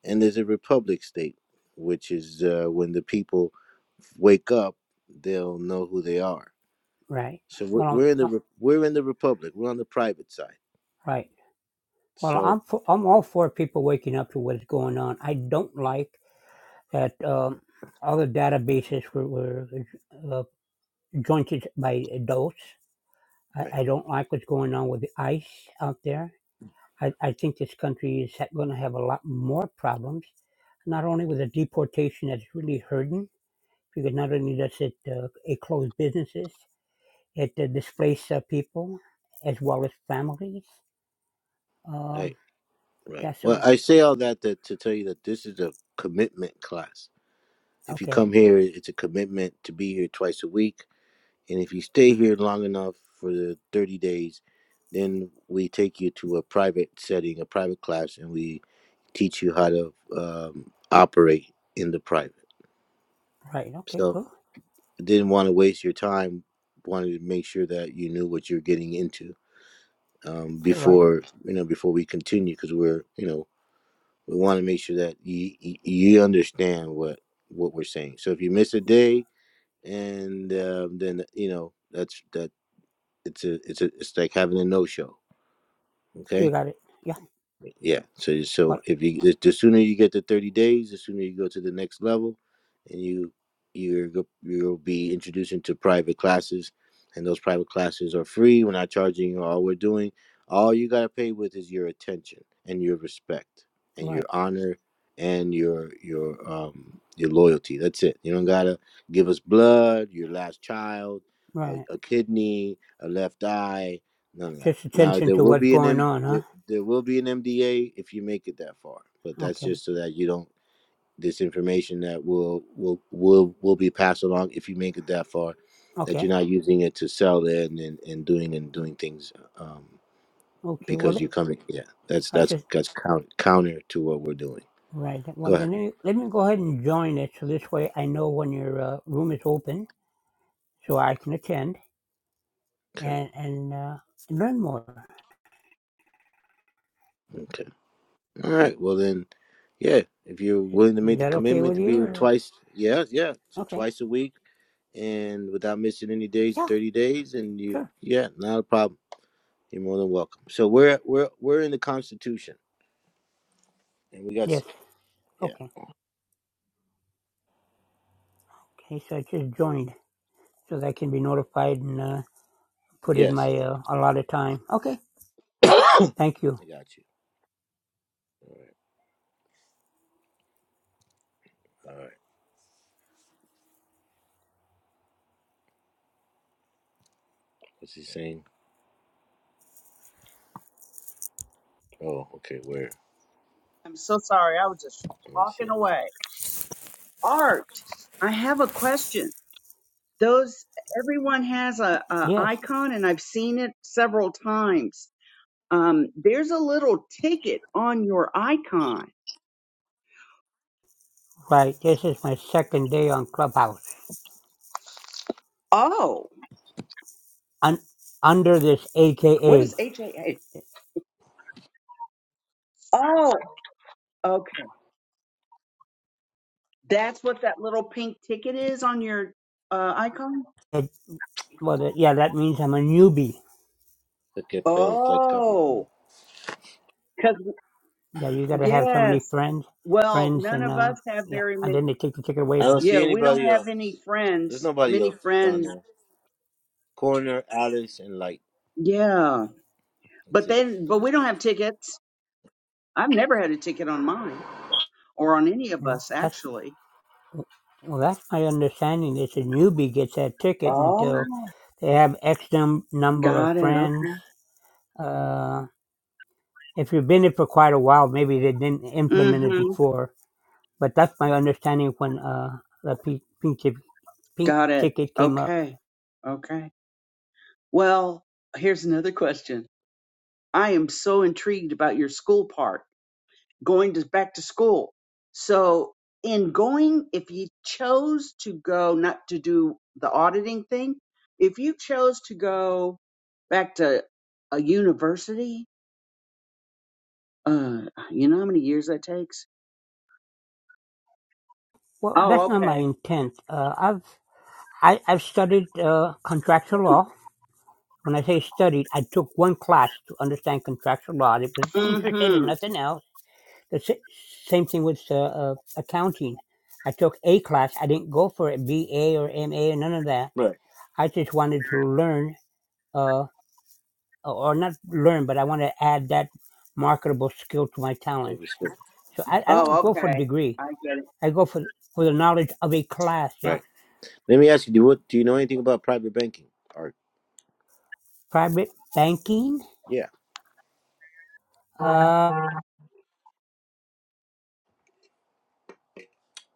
And there's a republic state, which is uh, when the people wake up, they'll know who they are.
Right.
So we're,
Well,
we're in the
I'm, uh,
re- we're in the republic. We're on the private side.
right. Well,
So
I'm for, I'm all for people waking up to what's going on. I don't like that um, all the databases were, were uh, jointed by adults. I,
right,
I don't like what's going on with the ICE out there. I, I think this country is going to have a lot more problems, not only with the deportation that's really hurting, because not only does it uh, it close businesses, It uh, displaced uh, people as well as families.
right,
Um,
right.
yeah,
Well,
so,
I say all that to, to tell you that this is a commitment class. If you
okay,
come here, it's a commitment to be here twice a week And if you stay here long enough for the 30 days, then we take you to a private setting, a private class, and we teach you how to um, operate in the private.
right, okay,
So
cool.
didn't want to waste your time. Wanted to make sure that you knew what you're getting into um,
All right,
before you know before we continue because we're you know we want to make sure that you you understand what what we're saying. So if you miss a day and um, then you know that's that It's a it's a it's like having a no show.
you
Okay,
got it. Yeah,
yeah. So so
what?
if you the, the sooner you get to thirty days, the sooner you go to the next level, and you you're go- you'll be introduced into private classes, and those private classes are free. We're not charging you. All we're doing, all you gotta pay with is your attention and your respect and your
Right,
honor and your your um your loyalty. That's it. You don't gotta give us blood, your last child, a,
right.
a kidney, a left eye None of that.
Just
Now
attention
there
to
will
what's
be an
going
M-
on, huh?
there, there will be an MDA if you make it that far, but that's
Okay,
just so that you don't this information that will will will will be passed along if you make it that far, that you're
okay,
not using it to sell in and, and and doing and doing things um,
okay. Well,
because
th-
you're coming. Yeah, that's
I
that's
just
that's counter counter to what we're doing.
right, well,
Go ahead.
then let me, let me go ahead and join it so this way I know when your uh, room is open so I can attend
Okay.
and, and uh, learn more.
Okay. All right. Well then, yeah. If you're willing to
Is
make the
that okay
commitment
with
to be
you?
here
Or?
twice, yeah, yeah, so
Okay,
twice a week and without missing any days,
yeah,
thirty days, and you,
sure.
yeah, not a problem. You're more than welcome. So we're we're we're in the Constitution, and we got,
Yes,
s- yeah,
okay. Okay, so I just joined so that I can be notified and uh, put in
yes,
my uh, allotted time. Okay, thank you.
I got you. All right, all right. What's he saying? Oh, okay. Where?
I'm so sorry. I was just
Let me
talking
see.
away. Art. I have a question. Those everyone has a, a
Yes,
icon, and I've seen it several times. Um, there's a little ticket on your icon.
right. This is my second day on Clubhouse.
Oh,
Un- under this
what
AKA,
is HAA? Oh, okay. That's what that little pink ticket is on your uh, icon.
it, well, that, yeah, that means I'm a newbie.
Look at Bella like cover. them.
Oh,
Yeah, you gotta have so many
Yes.
friends,
Well,
friends,
none
and
of
uh,
us have
yeah,
very
and
many.
then they take the ticket away
I don't
from.
Yeah,
see
we don't
anybody
have
else.
any
There's
friends,
nobody
many
else down
friends.
there. Corner, Alice, and Light.
Yeah.
That's
But
it.
then,
That
but
was-
we don't have tickets. I've never had a ticket on mine or on any of
Well,
us,
that's
actually.
well, that's my understanding. Is a newbie gets that ticket
Oh,
until they have X num- number of
got it.
friends.
Okay.
Uh. If you've been there for quite a while, maybe they didn't implement it
Mm-hmm.
before. But that's my understanding when uh, the pe- pink, tic- pink
Got it.
ticket came up.
Okay. Okay. Well, here's another question. I am so intrigued about your school part. going to back to school. So in going, if you chose to go not to do the auditing thing, if you chose to go back to a university, uh, you know how many years that takes?
Well, that's
Oh,
not my
okay.
intent. Uh, I've I, I've studied uh, contractual law. When I say studied, I took one class to understand contractual law. I was interested in
Mm-hmm.
nothing else. The sa- same thing with uh, uh, accounting. I took a class. I didn't go for a BA or MA or none of that.
Right.
I just wanted to learn. uh, Oh, or not learn, but I want to add that marketable skill to my talent.
Overstood.
So I, I don't
Oh,
go for a
okay.
degree.
I
I go for for the knowledge of a class. Yeah,
Right. Let me ask you. Do what? Do you know anything about private banking? Art.
private banking.
Yeah.
Uh,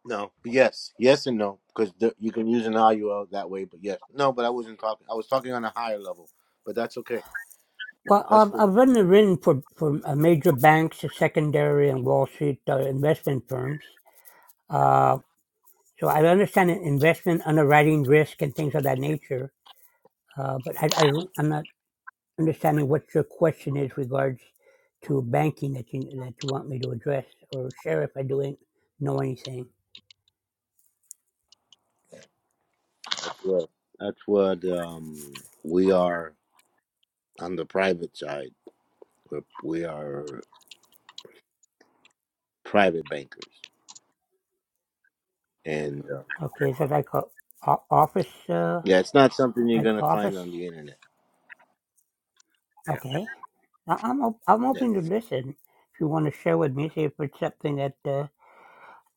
No, but yes, yes and no, because you can use an IUL that way. But yes, no, but I wasn't talking. I was talking on a higher level, but that's okay.
well,
That's
I've,
cool.
I've written written for for uh, major banks, the secondary and Wall Street uh, investment firms. Uh, so I understand investment underwriting risk and things of that nature. Uh, but I, I don't- I'm not. understanding what your question is regards to banking that you that you want me to address or share if I do not know anything.
That's what. That's what um, we are on the private side. We're, we are private bankers, and uh,
Okay, is that like a, o- office, uh,
yeah, it's not something you're
like
gonna find
office?
on the internet. Yeah,
Okay, I- I'm op- I'm
yeah.
open to listen. If you want to share with me, see if it's something that uh,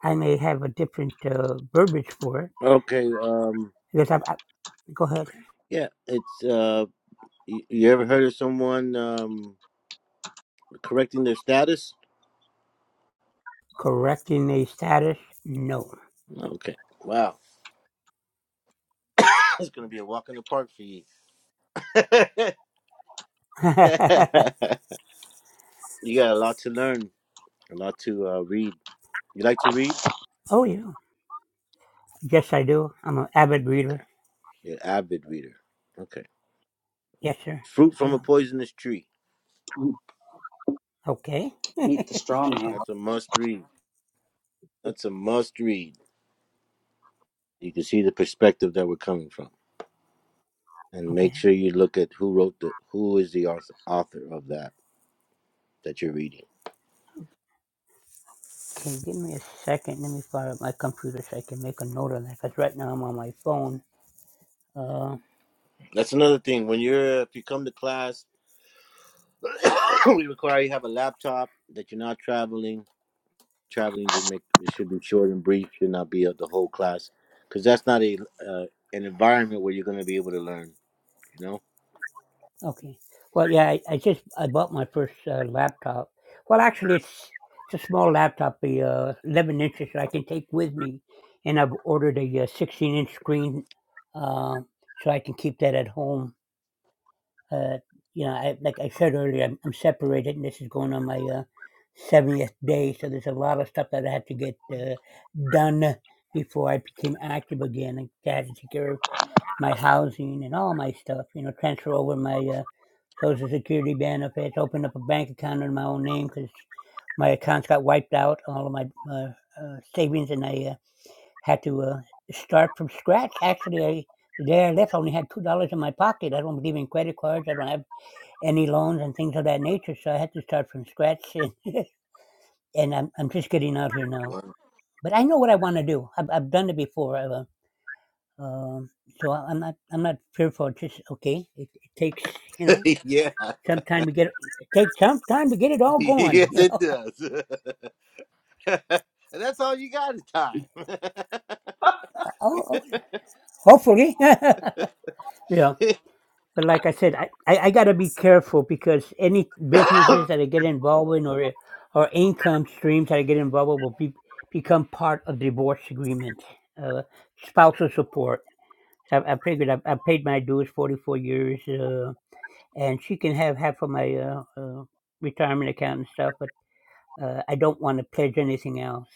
I may have a different uh, verbiage for.
Okay. Um.
Because I'm, I, go ahead.
Yeah. It's uh. You, you ever heard of someone um correcting their status?
Correcting a status? No.
Okay. Wow. It's gonna be a walk in the park for you. you got a lot to learn, a lot to uh, read. You like to read?
oh yeah. Yes, I do. I'm an avid
Okay.
reader.
You're an avid reader. Okay.
Yes, sir.
Fruit
Oh
from a
yeah.
poisonous tree.
get
Okay.
meet the straw man.
That's a must read. That's a must read. You can see the perspective that we're coming from, and make
Okay.
sure you look at who wrote the, who is the author, author of that that you're reading.
Okay, give me a second. Let me fire up my computer so I can make a note of that. Because right now I'm on my phone. Uh,
That's another thing. When you're, if you come to class, we require you have a laptop that you're not traveling traveling to make it should be short and brief should not be of the whole class because that's not a uh, an environment where you're going to be able to learn you know
okay. Well, yeah, I, I just I bought my first uh, laptop. Well, actually, it's it's a small laptop, the uh, 11 inches that I can take with me, and I've ordered a uh, 16 inch screen, uh, so I can keep that at home. uh, you know, I, like I said earlier, I'm, I'm separated, and this is going on my uh, 70th day. So there's a lot of stuff that I had to get uh, done before I became active again. I had to take care of my housing and all my stuff, you know, transfer over my uh, Social Security benefits, open up a bank account in my own name because my accounts got wiped out, all of my uh, uh, savings, and I uh, had to uh, start from scratch. Actually, I, the day I left, I only had $2 in my pocket. I don't believe in credit cards. I don't have any loans and things of that nature. So I had to start from scratch, and, and I'm I'm just getting out here now. But I know what I want to do. I've, I've done it before. I've, uh, um, so I'm not I'm not fearful. It's just okay. It, it takes you know
yeah,
some time to get it takes some time to get it all going.
yes,
You
it
know,
does. and that's all you got is time. okay
oh, oh, hopefully, yeah. but like I said, I, I, I got to be careful because any businesses that I get involved in or or income streams that I get involved with will be, become part of divorce agreement, uh, spousal support. I, I figured I, I paid my dues, forty four years, uh, and she can have half of my uh, uh, retirement account and stuff, but uh, I don't want to pledge anything else.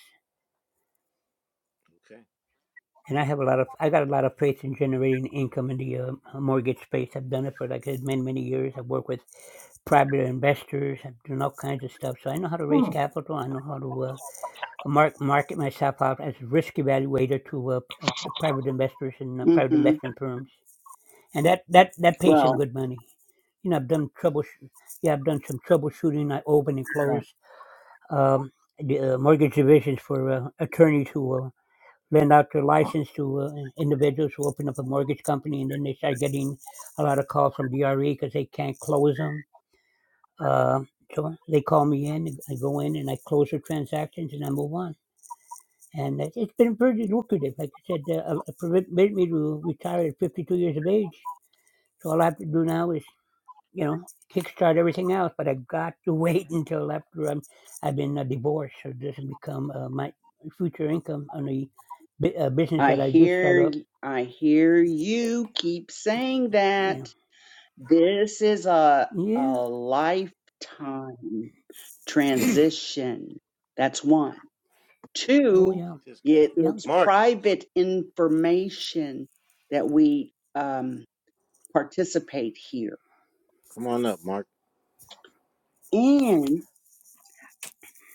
and I have a lot of I got a lot of faith in generating income in the uh, mortgage space. I've done it for like I said, many many years. I've worked with private investors. I've done all kinds of stuff, so I know how to raise capital. I know how to uh, mark market myself out as a risk evaluator to uh, p- uh, the private investors and uh, private
Mm-hmm.
investment firms, and that that that pays some
Well,
good money. You know, I've done trouble. Yeah, I've done some troubleshooting. I open and close um, the uh, mortgage divisions for uh, attorneys who. Uh, lend out their license to uh, individuals who open up a mortgage company, and then they start getting a lot of calls from DRE because they can't close them. Uh, so they call me in, I go in and I close their transactions and I move on. And it- has been pretty lucrative. Like I said, uh, uh, me to retire at 52 years of age. So all I have to do now is, you know, kickstart everything else. But I got to wait until after I'm, I've been uh, divorced, so it doesn't become uh, my future income on the bu- uh, business
I
that I do start
hear,
up.
I hear you keep saying
You know.
that. This is a a
Yeah.
lifetime transition. That's one.
Oh
Two,
yeah.
he just got
it,
Yeah.
it's
mark
private information that we um, participate here.
come on up mark
And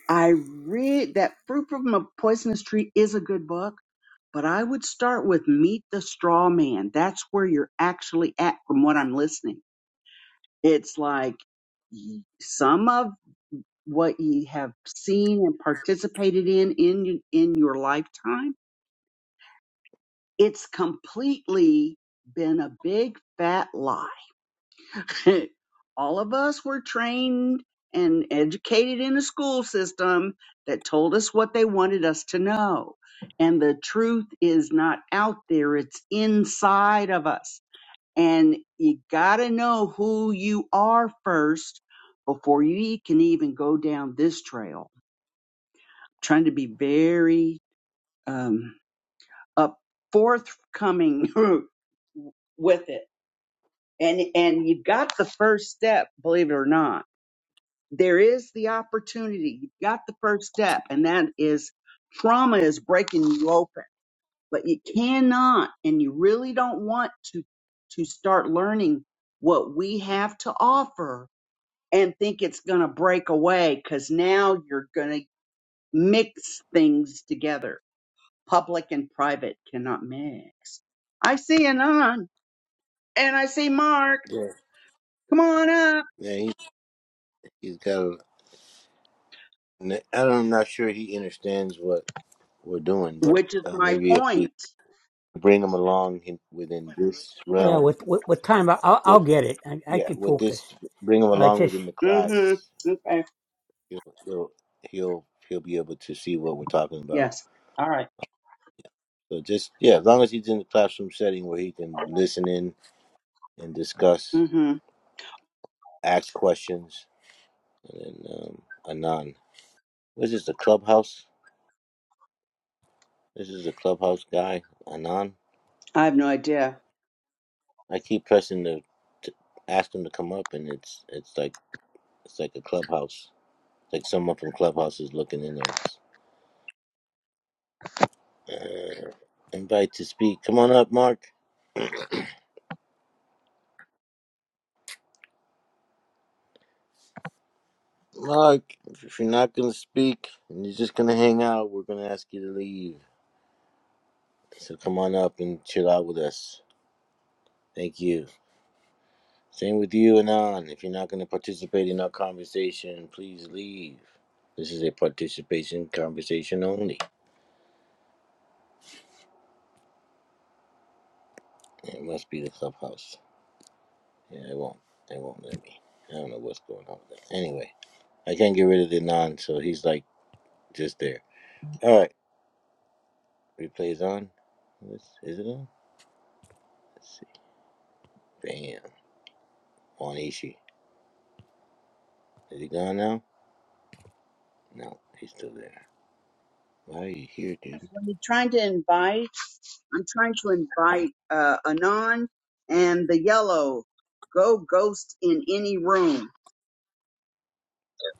I read that Fruit from a Poisonous Tree is a good book, but I would start with Meet the Straw Man. That's where you're actually at from what I'm listening. It's like y- some of what you have seen and participated in in in your lifetime it's completely been a big fat lie all of us were trained and educated in a school system that told us what they wanted us to know and the truth is not out there it's inside of us and you got to know who you are first before you e-, can even go down this trail trying to be very um, up forthcoming with it. And and you've got the first step, believe it or not. There is the opportunity. You've got the first step, and that is trauma is breaking you open. But you cannot, and you really don't want to to start learning what we have to offer and think it's going to break away because now you're going to mix things together Public and private cannot mix. I see Anon and I see Mark.
yeah
Come on up.
yeah he, he's got a, I don't, i'm not sure he understands what we're doing but
Which is
uh,
my
maybe if we
point.
bring him along in, within this
Well,
realm
with with, with time, I- I'll
with
I'll get it. I, I
Yeah,
can
with
focus.
this, bring him
Uh,
along
just
within the class.
Mm-hmm. Okay.
He'll he'll he'll he'll be able to see what we're talking about.
Yes. All right.
So just yeah, as long as he's in the classroom setting where he can listen in and discuss,
Mm-hmm.
ask questions, and then um, Anon. This is the clubhouse. This is the clubhouse guy, Anon.
I have no idea.
I keep pressing the to ask him to come up, and it's it's like it's like a clubhouse. It's like someone from clubhouse is looking in on us. Uh, invite to speak. Come on up, Mark. Look, if you're not gonna speak and you're just gonna hang out, we're gonna ask you to leave. So come on up and chill out with us. Thank you. Same with you, Anon. If you're not gonna participate in our conversation, please leave. This is a participation conversation only. It must be the clubhouse. Yeah, it won't. It won't let me. I don't know what's going on with that. Anyway, I can't get rid of the Anon, so he's like just there. All right, replays on. What's- Is it on? Let's see. Bam. On Ishi. Is he gone now? No, he's still there. Why are you here, dude?
When you're trying to invite, I'm trying to invite uh, Anon and the yellow. Go ghost in any room.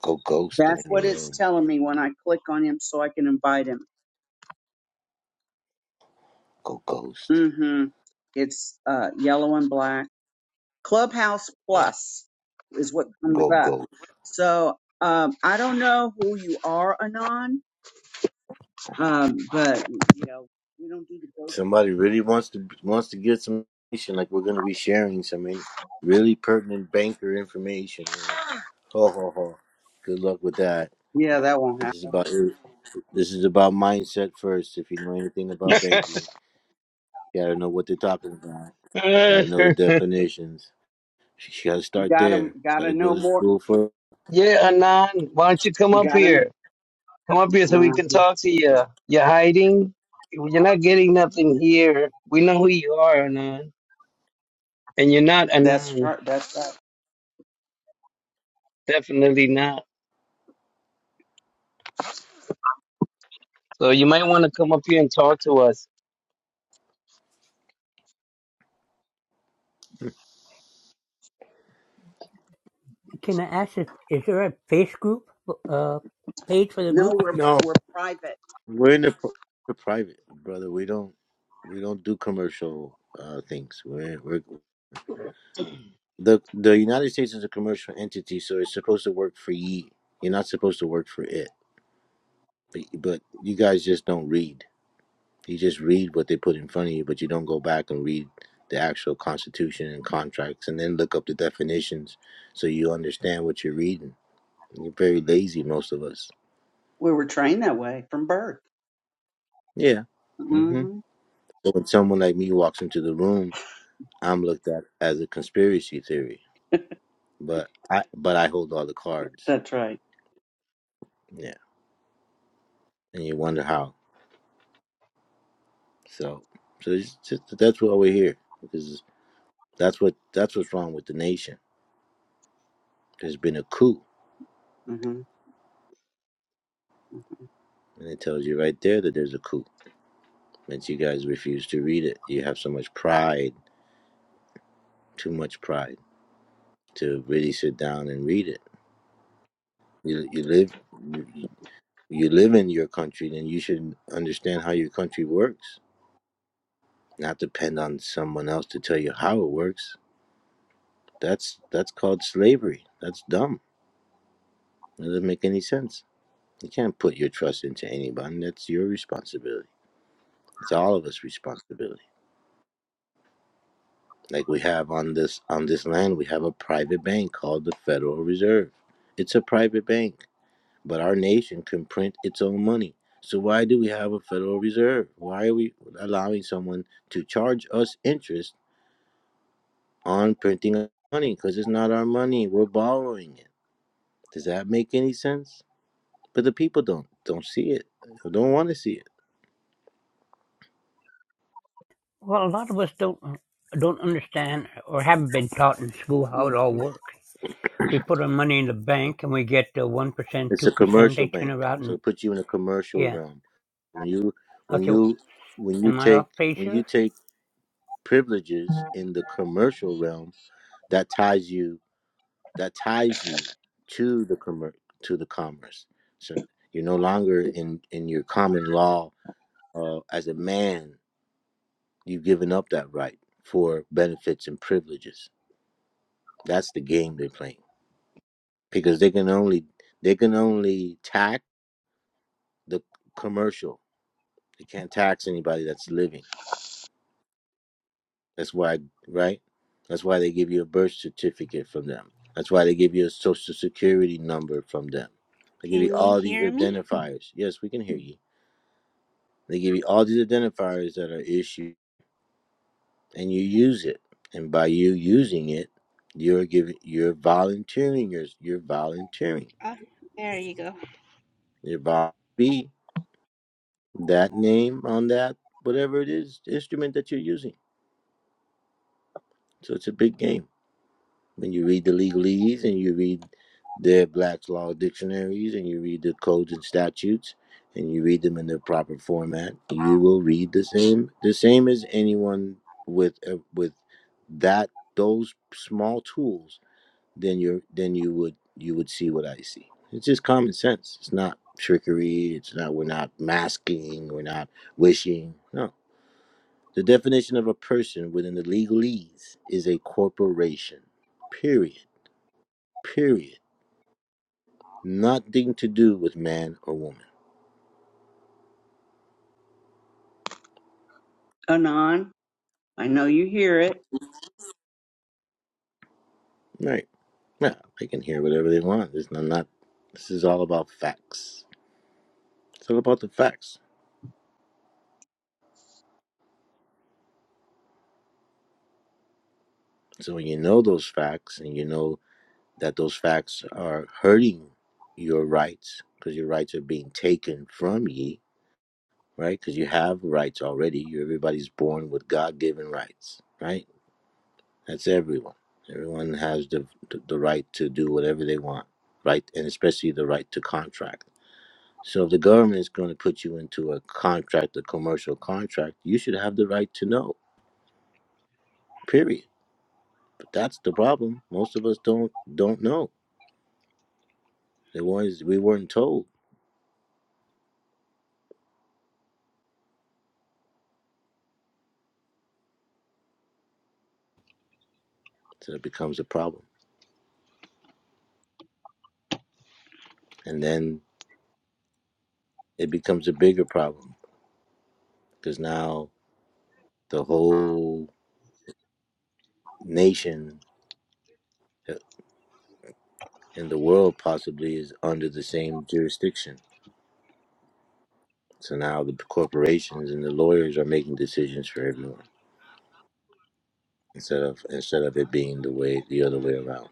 Go ghost in
That's
any
what it's
room.
telling me when I click on him so I can invite him.
Go ghost.
Mm-hmm. It's uh, yellow and black. Clubhouse
Yeah,
Plus is what comes
go
up.
ghost.
So um, I don't know who you are, Anon, um, but you know we don't do the ghost.
Somebody really wants to wants to get some information. Like we're gonna be sharing some in, really pertinent banker information here. Ho ho ho. Good luck with that.
Yeah, that won't happen.
This is about this is about mindset first. If you know anything about banking, you gotta know what they're talking about.
Uh,
Gotta know the definitions. You gotta start
Gotta
there.
gotta
Gotta
know
go to
more.
school for.
yeah, Anand, why don't you come up
Gotta.
here? Come up here so we
Mm,
can talk to you. You're hiding. You're not getting nothing here. We know who you are, Anand. And you're not
that's
Anand.
right. That's right.
Definitely not. So you might want to come up here and talk to us.
can I ask if is there a face group uh page for the
No,
group?
we're
No,
we're private.
We're in the pr- the private, brother. We don't we don't do commercial uh, things. We're, we're the the United States is a commercial entity, so it's supposed to work for ye. You're not supposed to work for it. But, but you guys just don't read. You just read what they put in front of you, but you don't go back and read the actual constitution and contracts, and then look up the definitions so you understand what you're reading. You're very lazy, most of us.
We were trained that way from birth.
Yeah. hmm
hmm
So when someone like me walks into the room I'm looked at as a conspiracy theory, but I but I hold all the cards.
That's right.
Yeah, and you wonder how. So so it's just, that's why we're here because that's what that's what's wrong with the nation. There's been a coup,
hmm
and it tells you right there that there's a coup. But you guys refuse to read it. You have so much pride, too much pride, to really sit down and read it. You you live you live in your country, then you should understand how your country works, not depend on someone else to tell you how it works That's that's called slavery. That's dumb. That doesn't make any sense. You can't put your trust into anybody. That's your responsibility. It's all of us' responsibility. Like we have on this on this land, we have a private bank called the Federal Reserve. It's a private bank, but our nation can print its own money. So why do we have a Federal Reserve? Why are we allowing someone to charge us interest on printing money? Because it's not our money. We're borrowing it. Does that make any sense? But the people don't don't see it. They don't want to see it.
Well, a lot of us don't don't understand or haven't been taught in school how
hmm
it all works. We put our money in the bank and we get the one percent,
It's
two
a
percent.
commercial
They turn
bank,
around
so
and
it puts you in a commercial
yeah.
realm. When you when
Okay,
you when you
am I off
take
page
when you
here?
take privileges in the commercial realm, that ties you that ties you to the commer- to the commerce. So you're no longer in in your common law uh, as a man. You've given up that right for benefits and privileges. That's the game they're playing. because they can only they can only tax the commercial. They can't tax anybody that's living. That's why, right? That's why they give you a birth certificate from them. That's why they give you a social security number from them. They give you
Can you
all these
hear me?
identifiers. Yes, we can hear you. They give you all these identifiers that are issued, and you use it. And by you using it, you're giving, you're volunteering. You're, you're volunteering.
Oh, there you go.
You're volunteering. that name on that whatever it is instrument that you're using. So it's a big game. When you read the legalese and you read the Black's Law dictionaries and you read the codes and statutes and you read them in the proper format, you will read the same the same as anyone with uh, with that those small tools. Then you're then you would you would see what I see. It's just common sense. It's not trickery. It's not we're not masking. We're not wishing. No, The definition of a person within the legalese is a corporation. Period. Period. Nothing to do with man or woman.
Anon, I know you hear it.
Right. Yeah, they can hear whatever they want. This is not. This is all about facts. It's all about the facts. So when you know those facts and you know that those facts are hurting your rights because your rights are being taken from ye, right? Because you have rights already. You everybody's born with God-given rights, right? That's everyone. Everyone has the, the the right to do whatever they want, right? And especially the right to contract. So if the government is going to put you into a contract, a commercial contract, you should have the right to know. Period. But that's the problem. Most of us don't don't know. They was we weren't told, so it becomes a problem, and then it becomes a bigger problem because now the whole nation uh, in the world possibly is under the same jurisdiction So now the corporations and the lawyers are making decisions for everyone instead of instead of it being the way the other way around.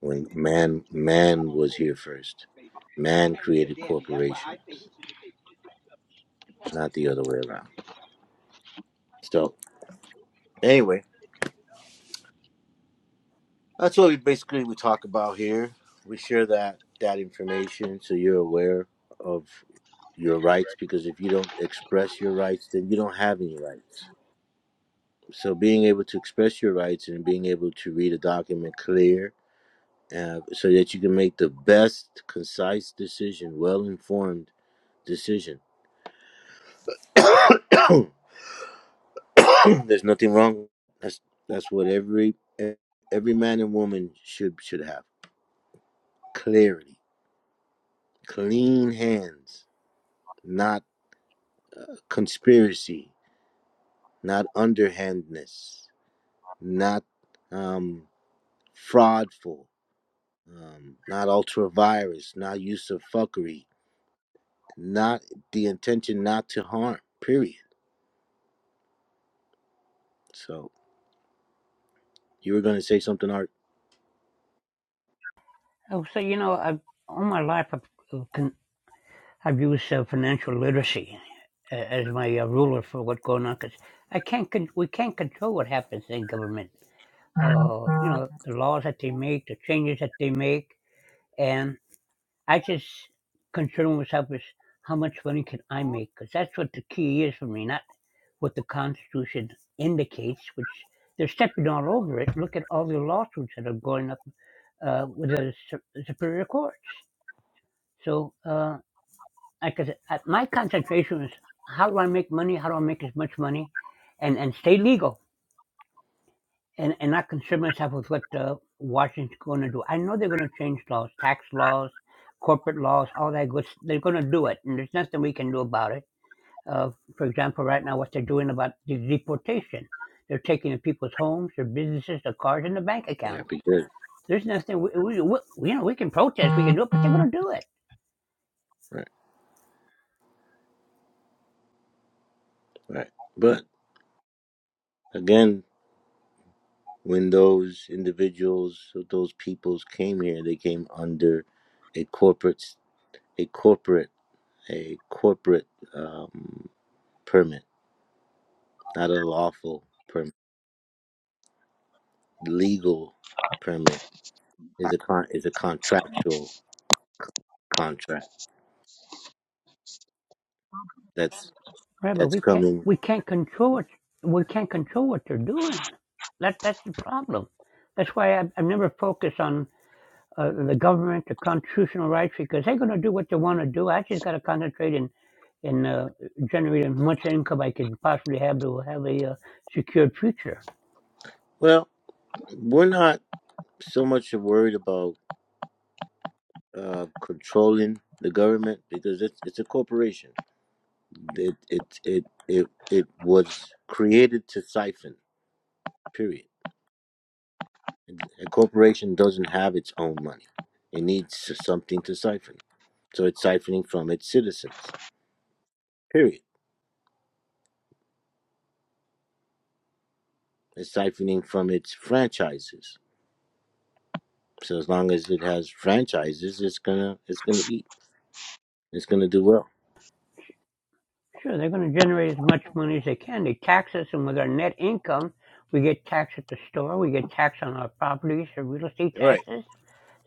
When man man was here first, man created corporations, not the other way around. So anyway, that's what we basically we talk about here. We share that that information so you're aware of your rights because if you don't express your rights, then you don't have any rights. So being able to express your rights and being able to read a document clear uh, so that you can make the best concise decision, well informed decision. There's nothing wrong. That's that's what every e, every man and woman should should have clarity, clean hands, not uh, conspiracy, not underhandness, not um, fraudful, um, not ultravirus, not use of fuckery, not the intention not to harm. Period. So You were gonna say something, Art?
Oh, so you know, I've all my life I've I've used uh, financial literacy uh, as my uh, ruler for what's going on because I can't con- we can't control what happens in government. Uh, you know the laws that they make, the changes that they make, and I just concern myself with how much money can I make because that's what the key is for me, not what the Constitution indicates, which they're stepping all over it. Look at all the lawsuits that are going up uh, with the Su- Superior Courts. So. Uh, because my concentration was how do I make money? How do I make as much money, and and stay legal and and not concern myself with what uh, Washington's going to do. I know they're going to change laws, tax laws, corporate laws, all that good. s- They're going to do it, and there's nothing we can do about it. Uh, for example, right now, what they're doing about the deportation, they're taking the people's homes, their businesses, their cars, and their bank
Yeah,
accounts.
because
There's nothing we, we, we you know we can protest, we can do it, but they're going to do it
right, right. But again, when those individuals, those peoples came here, they came under a corporate, a corporate, a corporate um, permit, not a lawful permit. Legal permit is a con- is a contractual contract that's
Right,
that's
we can't
coming.
we can't control what we can't control what they're doing. That that's the problem. That's why I've, I've never focused on uh, the government, the constitutional rights, because they're going to do what they want to do. I just got to concentrate in in uh, generating as much income I can possibly have to have a uh, secured future.
Well, we're not so much worried about uh, controlling the government because it's it's a corporation It it it it it was created to siphon. Period. A corporation doesn't have its own money. It needs something to siphon. So it's siphoning from its citizens. Period. It's siphoning from its franchises. So as long as it has franchises, it's gonna it's gonna eat. It's gonna do well.
Sure, they're going to generate as much money as they can. They tax us, and with our net income, we get taxed at the store, we get taxed on our properties, our real estate
Right.
taxes.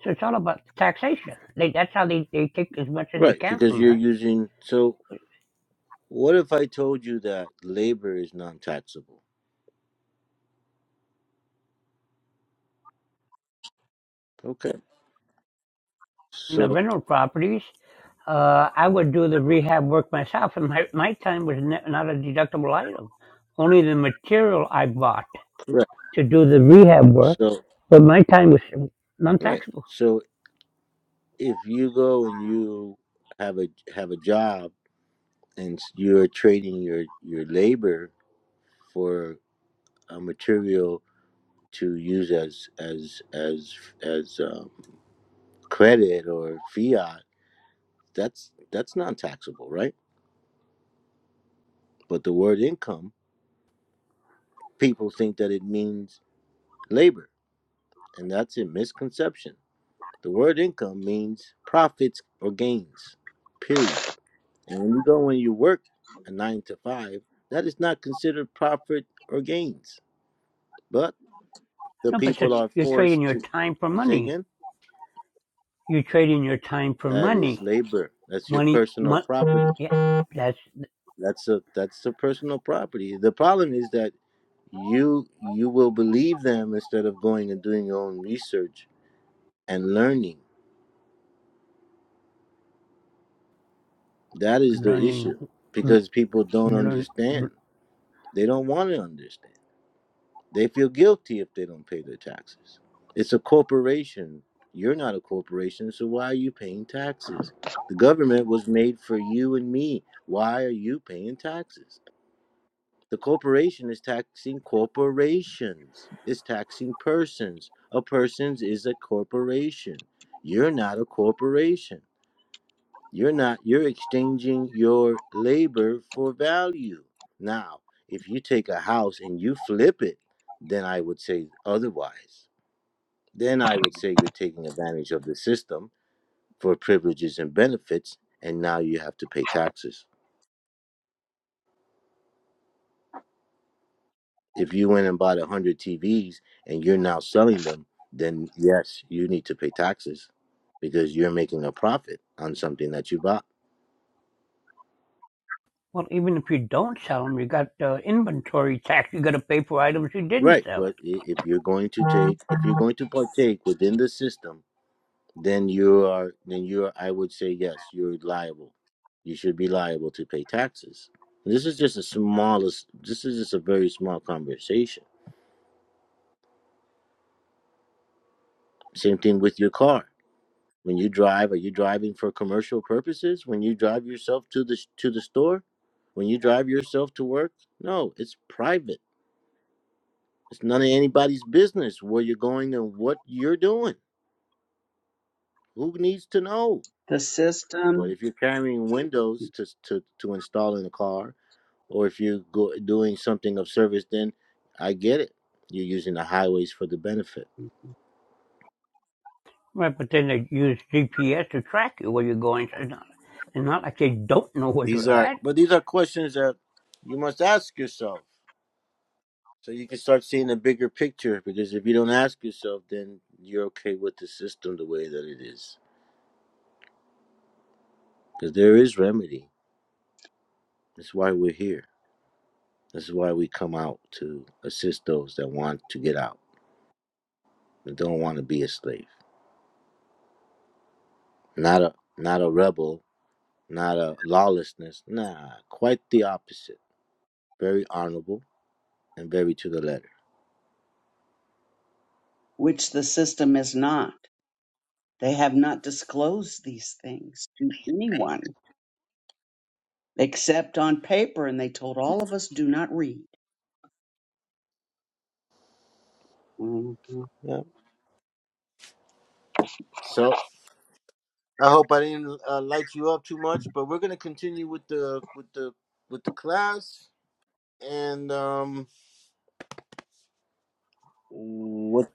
So it's all about taxation. They, that's how they, they take as much as they
Right.
can
Because
from
you're
us.
using so what if I told you that labor is non taxable? Okay.
In
So
the rental properties, uh, I would do the rehab work myself, and my, my time was ne- not a deductible item. Only the material I bought
correct.
to do the rehab work,
So
but my time was non
right.
taxable.
So if you go and you have a have a job and you're trading your your labor for a material to use as as as as um, credit or fiat that's that's non-taxable right but the word income people think that it means labor and that's a misconception the word income means profits or gains period And when you go and you work a nine to five, that is not considered profit or gains. But the
No, but
people
it's-
are
you're trading
forced
your
to
time for
say
money.
again,
You're trading your time for
that is
money.
labor. That's your
Money,
personal
mon-
property.
yeah, that's
That's a that's the personal property. The problem is that you you will believe them instead of going and doing your own research and learning. That is the
learning,
issue.
mm,
Because people don't
learn.
understand. They don't want to understand. They feel guilty if they don't pay their taxes. It's a corporation. You're not a corporation, so why are you paying taxes? The government was made for you and me. Why are you paying taxes? The corporation is taxing corporations, it's taxing persons. A person's is a corporation. You're not a corporation. You're not, you're exchanging your labor for value. Now, if you take a house and you flip it, then I would say otherwise. Then I would say you're taking advantage of the system for privileges and benefits, and now you have to pay taxes. If you went and bought 100 TVs and you're now selling them, then yes, you need to pay taxes because you're making a profit on something that you bought.
Well, even if you don't sell them, you got uh, inventory tax. You got to pay for items you didn't
Right,
sell.
but i- if you're going to take, if you're going to partake within the system, then you are then you are, I would say yes, you're liable. You should be liable to pay taxes. This is just a smallest this is just a very small conversation. Same thing with your car. When you drive, are you driving for commercial purposes? When you drive yourself to the to the store? When you drive yourself to work? No, it's private. It's none of anybody's business where you're going and what you're doing. Who needs to know?
The
But
system.
if you're carrying windows to to to install in a car, or if you're go- doing something of service, then I get it. You're using the highways for the benefit.
Right, but then they use GPS to track you where you're going. So it's not, it's not like they don't know where
These
you're
are,
at.
but these are questions that you must ask yourself so you can start seeing the bigger picture. Because if you don't ask yourself, then you're okay with the system the way that it is. Because there is remedy. That's why we're here. That's why we come out to assist those that want to get out and don't want to be a slave. Not a not a rebel, not a lawlessness. Nah, quite the opposite very honorable, and very to the letter.
which the system is not. They have not disclosed these things to anyone except on paper, and they told all of us do not read. Mhm.
Yeah. So I hope I didn't uh, light you up too much, but we're gonna continue with the with the with the class and um what?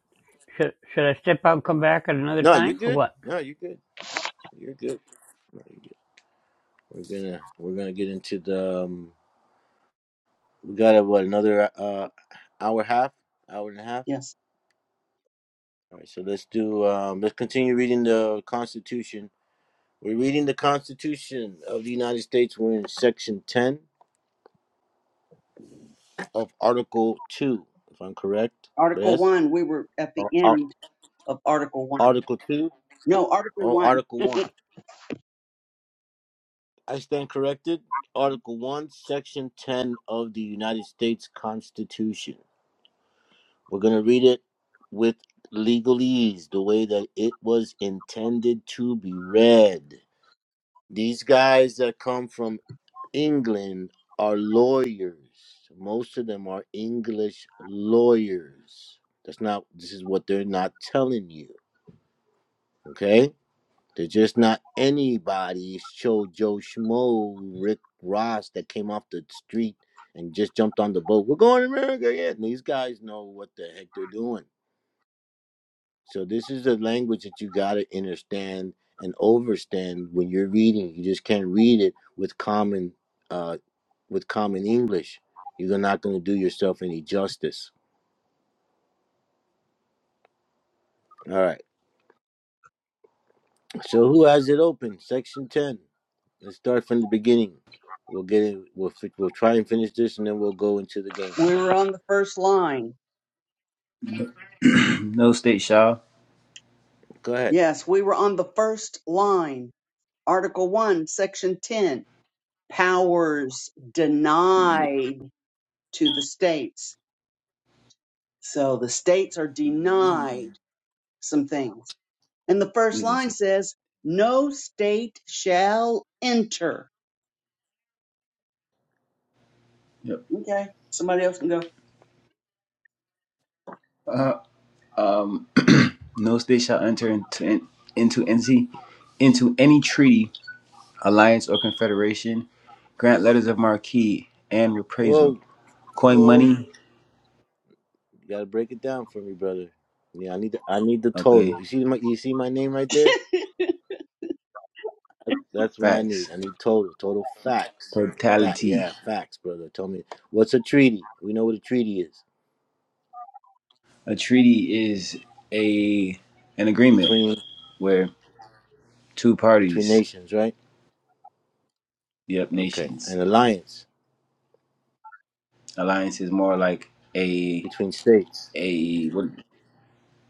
Should, should I step out and come back at another
No, you're
time or
good.
what?
No, you're good. You're good. No, you're good. We're gonna we're gonna get into the um, we got uh, what another uh hour half hour and a half.
Yes.
All right, so let's do um let's continue reading the Constitution. We're reading the Constitution of the United States. We're in section ten of Article 2, if I'm correct.
Article
Yes?
one, we were at the
Or, Ar-
end of Article one.
Article 2
No, Article
or
one,
Article 1? I stand corrected. Article 1, Section 10 of the United States Constitution. We're going to read it with legalese, the way that it was intended to be read. These guys that come from England are lawyers. Most of them are English lawyers. That's not, this is what they're not telling you. Okay? They're just not anybody show Joe Schmo, Rick Ross that came off the street and just jumped on the boat. We're going to America. Yeah, And these guys know what the heck they're doing. So this is a language that you got to understand and overstand when you're reading. You just can't read it with common, uh, with common English. You're not going to do yourself any justice. All right. So who has it open? Section ten. Let's start from the beginning. We'll get it. We'll fi- we'll try and finish this, and then we'll go into the game.
we were on the first line.
no state shall.
Go ahead.
Yes, we were on the first line, Article 1, Section 10, powers
No,
denied to the states. So the states are denied some things. And the
what
first
is
line
this?
says, no state shall enter.
Yep.
Okay, somebody else can go,
Uh, um, no state shall enter into into NC into any treaty alliance or confederation, grant letters of marque and
Whoa,
reprisal, coin
whoa!
money.
You gotta break it down for me, brother. Yeah, I need the I need the
Okay,
total. You see my you see my name right there. That's what I
facts.
need. I need total total facts. Fact,
Totality.
yeah, facts, brother. Tell me what's a treaty. We know what a treaty is
A treaty is a an agreement
between
where two
between
parties,
nations, right?
yep,
Okay, an
nations.
alliance
Alliance is more like a
between states.
a what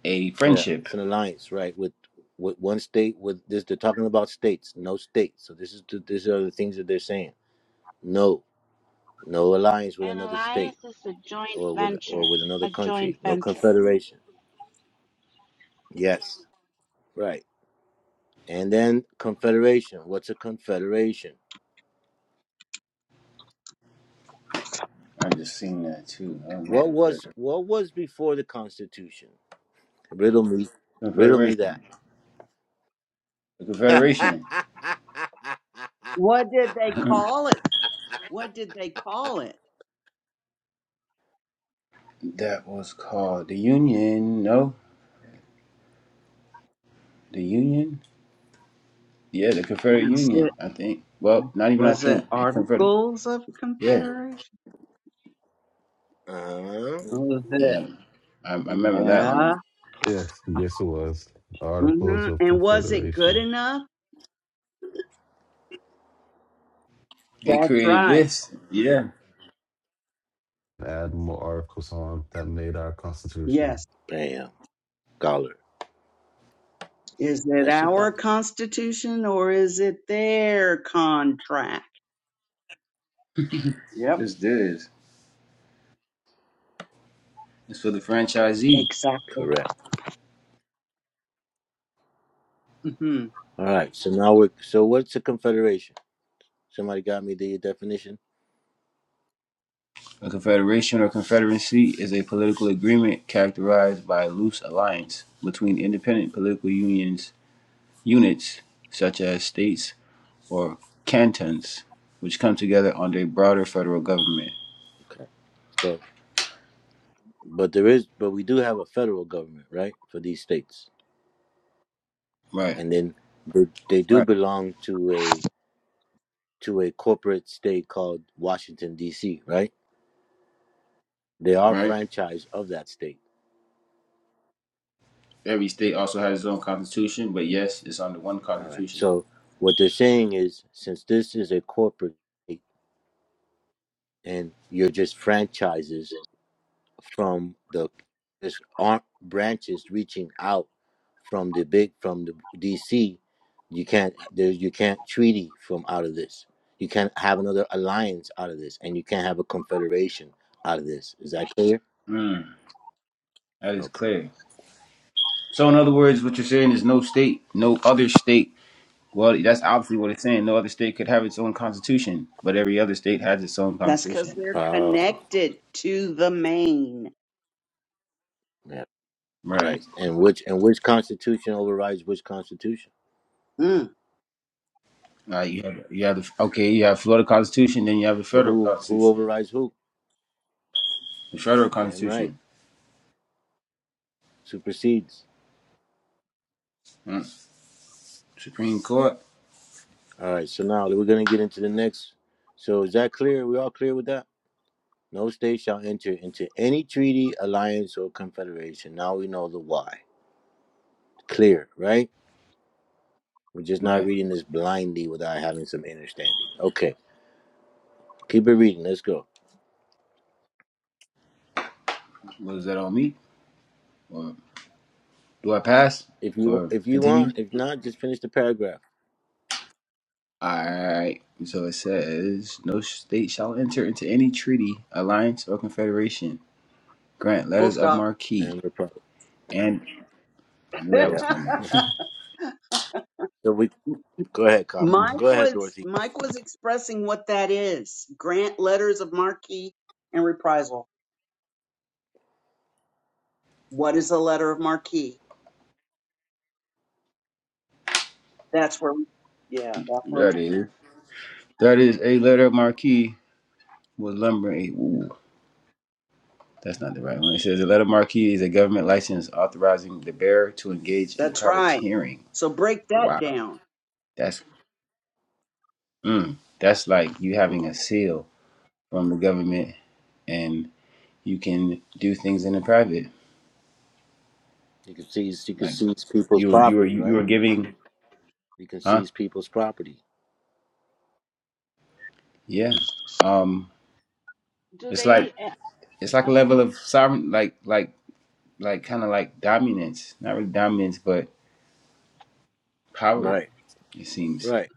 a
Yeah,
friendship.
it's an alliance, right? With with one state. With this, they're talking about states, no states. So this is the, these are the things that they're saying. No, no alliance with
An
another state
alliance is a joint
or with or
venture.
with another
A joint
country. No
venture.
confederation. Yes, right. And then confederation. What's a confederation?
I just seen that too. Oh man,
What
that's
was
right.
what was before the Constitution? Riddle me, riddle me that.
Confederation. The
uh,
Confederation.
what did they call it? What did they call it?
that was called the Union. No, the Union. Yeah, the Confederate
Was it,
Union, I think. Well, not even I
was
think.
it
Confederate.
Articles of
Yeah,
Confederation? Was it?
yeah. I, I remember that
Yeah.
one.
Yes, yes, it was. Articles
hmm
of
And was it good
Confederation.
enough?
It
That's
created
right.
this. Yeah,
Add more articles on that made our Constitution.
Yes.
bam, scholar,
Is it
nicely
our
done.
constitution or is it their contract? Yep.
this this. It's for the franchisee.
Exactly.
Correct.
hmm
All right. So now we're so what's a confederation? Somebody got me the definition.
A confederation or confederacy is a political agreement characterized by a loose alliance between independent political unions units such as states or cantons, which come together under a broader federal government.
Okay. So, but there is, but we do have a federal government, right, for these states,
Right,
and then they, they do
right,
belong to a to a corporate state called Washington D.C., right? They are
right.
franchise of that state.
Every state also has its own constitution, but yes, it's under one
All right.
constitution.
So what they're saying is, since this is a corporate state and you're just franchises from the there's aren't branches reaching out from the big from the DC. You can't there you can't treaty from out of this. You can't have another alliance out of this, and you can't have a confederation out of this. Is that clear?
Mm, that is
Okay.
clear. So, in other words, what you're saying is no state, no other state. Well, that's obviously what it's saying. No other state could have its own constitution, but every other state has its own
That's because
constitution.
they're
Uh,
connected to the main.
yeah.
Right.
Right. And which and which constitution overrides which constitution?
Mm.
Uh, you have, you have the, okay, you have Florida Constitution, then you have the
So
federal
who who
constitution.
overrides who?
The federal
Damn right.
constitution.
Supersedes.
Mm, Supreme Court.
All right. So now we're gonna get into the next. So is that clear? we all clear with that? No state shall enter into any treaty, alliance, or confederation. Now we know the why. Clear, right? We're just not
Right.
reading this blindly without having some understanding. Okay, keep it reading. Let's go.
What does that all mean? Or do I pass
If you
or
if you
continue?
want, if not, just finish the paragraph
Alright, so it says, No state shall enter into any treaty, alliance, or confederation. Grant
Full
letters of
stop.
marque.
and we're probably
And I knew that
yeah.
was coming.
So we go ahead, cop. Go
Mike
ahead,
was
Dorothy.
Mike was expressing what that is. Grant letters of marque and reprisal. What is a letter of marque? That's where, yeah, that's where we
That is. That is a letter of marque with number eight. Ooh, that's not the right one. It says, A letter of marque is a government license authorizing the bearer to engage in
That's right.
privateering.
So break that
Wow.
down.
That's, mm, that's like you having a seal from the government and you can do things in the private.
You can seize you can
like.
seize people's
You were you were
property,
you
right?
were giving,
You can
huh?
seize people's property.
Yeah. Um,
Do
it's like
they? Uh,
it's like a level
okay.
of sovereign, like like like kind of like dominance, not really dominance, but power.
Right,
It seems
right,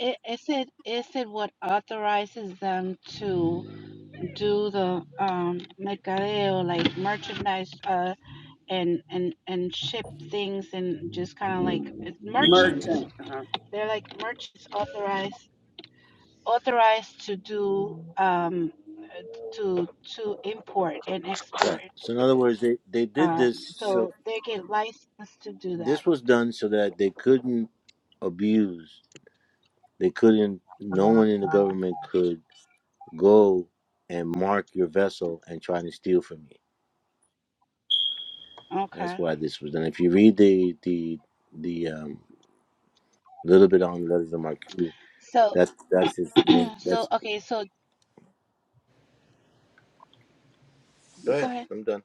I- Is it is it what authorizes them to do the um mercadeo like merchandise uh and and and ship things and just kind of like it's merchant
Merchant. Uh-huh.
They're like merchants authorized authorized to do um, to to import and
right.
export.
So in other words, they they did
Um,
this so
so they get licensed to do that.
this was done so that they couldn't abuse They couldn't. No one in the government could go and mark your vessel and try to steal from you. That's
Okay.
why this was done. If you read the the the um, little bit on letters of marquee,
So
that's that's his name. That's
so okay. So
go
go
ahead.
ahead.
I'm done.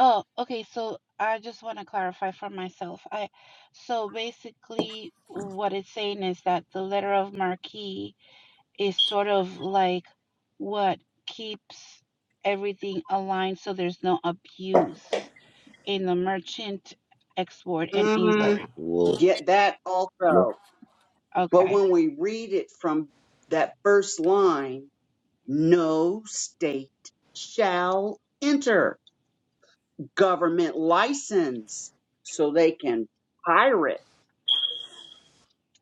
Oh, okay. So I just want to clarify for myself. I so basically what it's saying is that the letter of marquee is sort of like what keeps everything aligned so there's no abuse in the merchant export and
Right.
Mm,
import.
Well,
get that
no.
also. But
Okay.
when we read it from that first line, no state shall enter government license so they can pirate.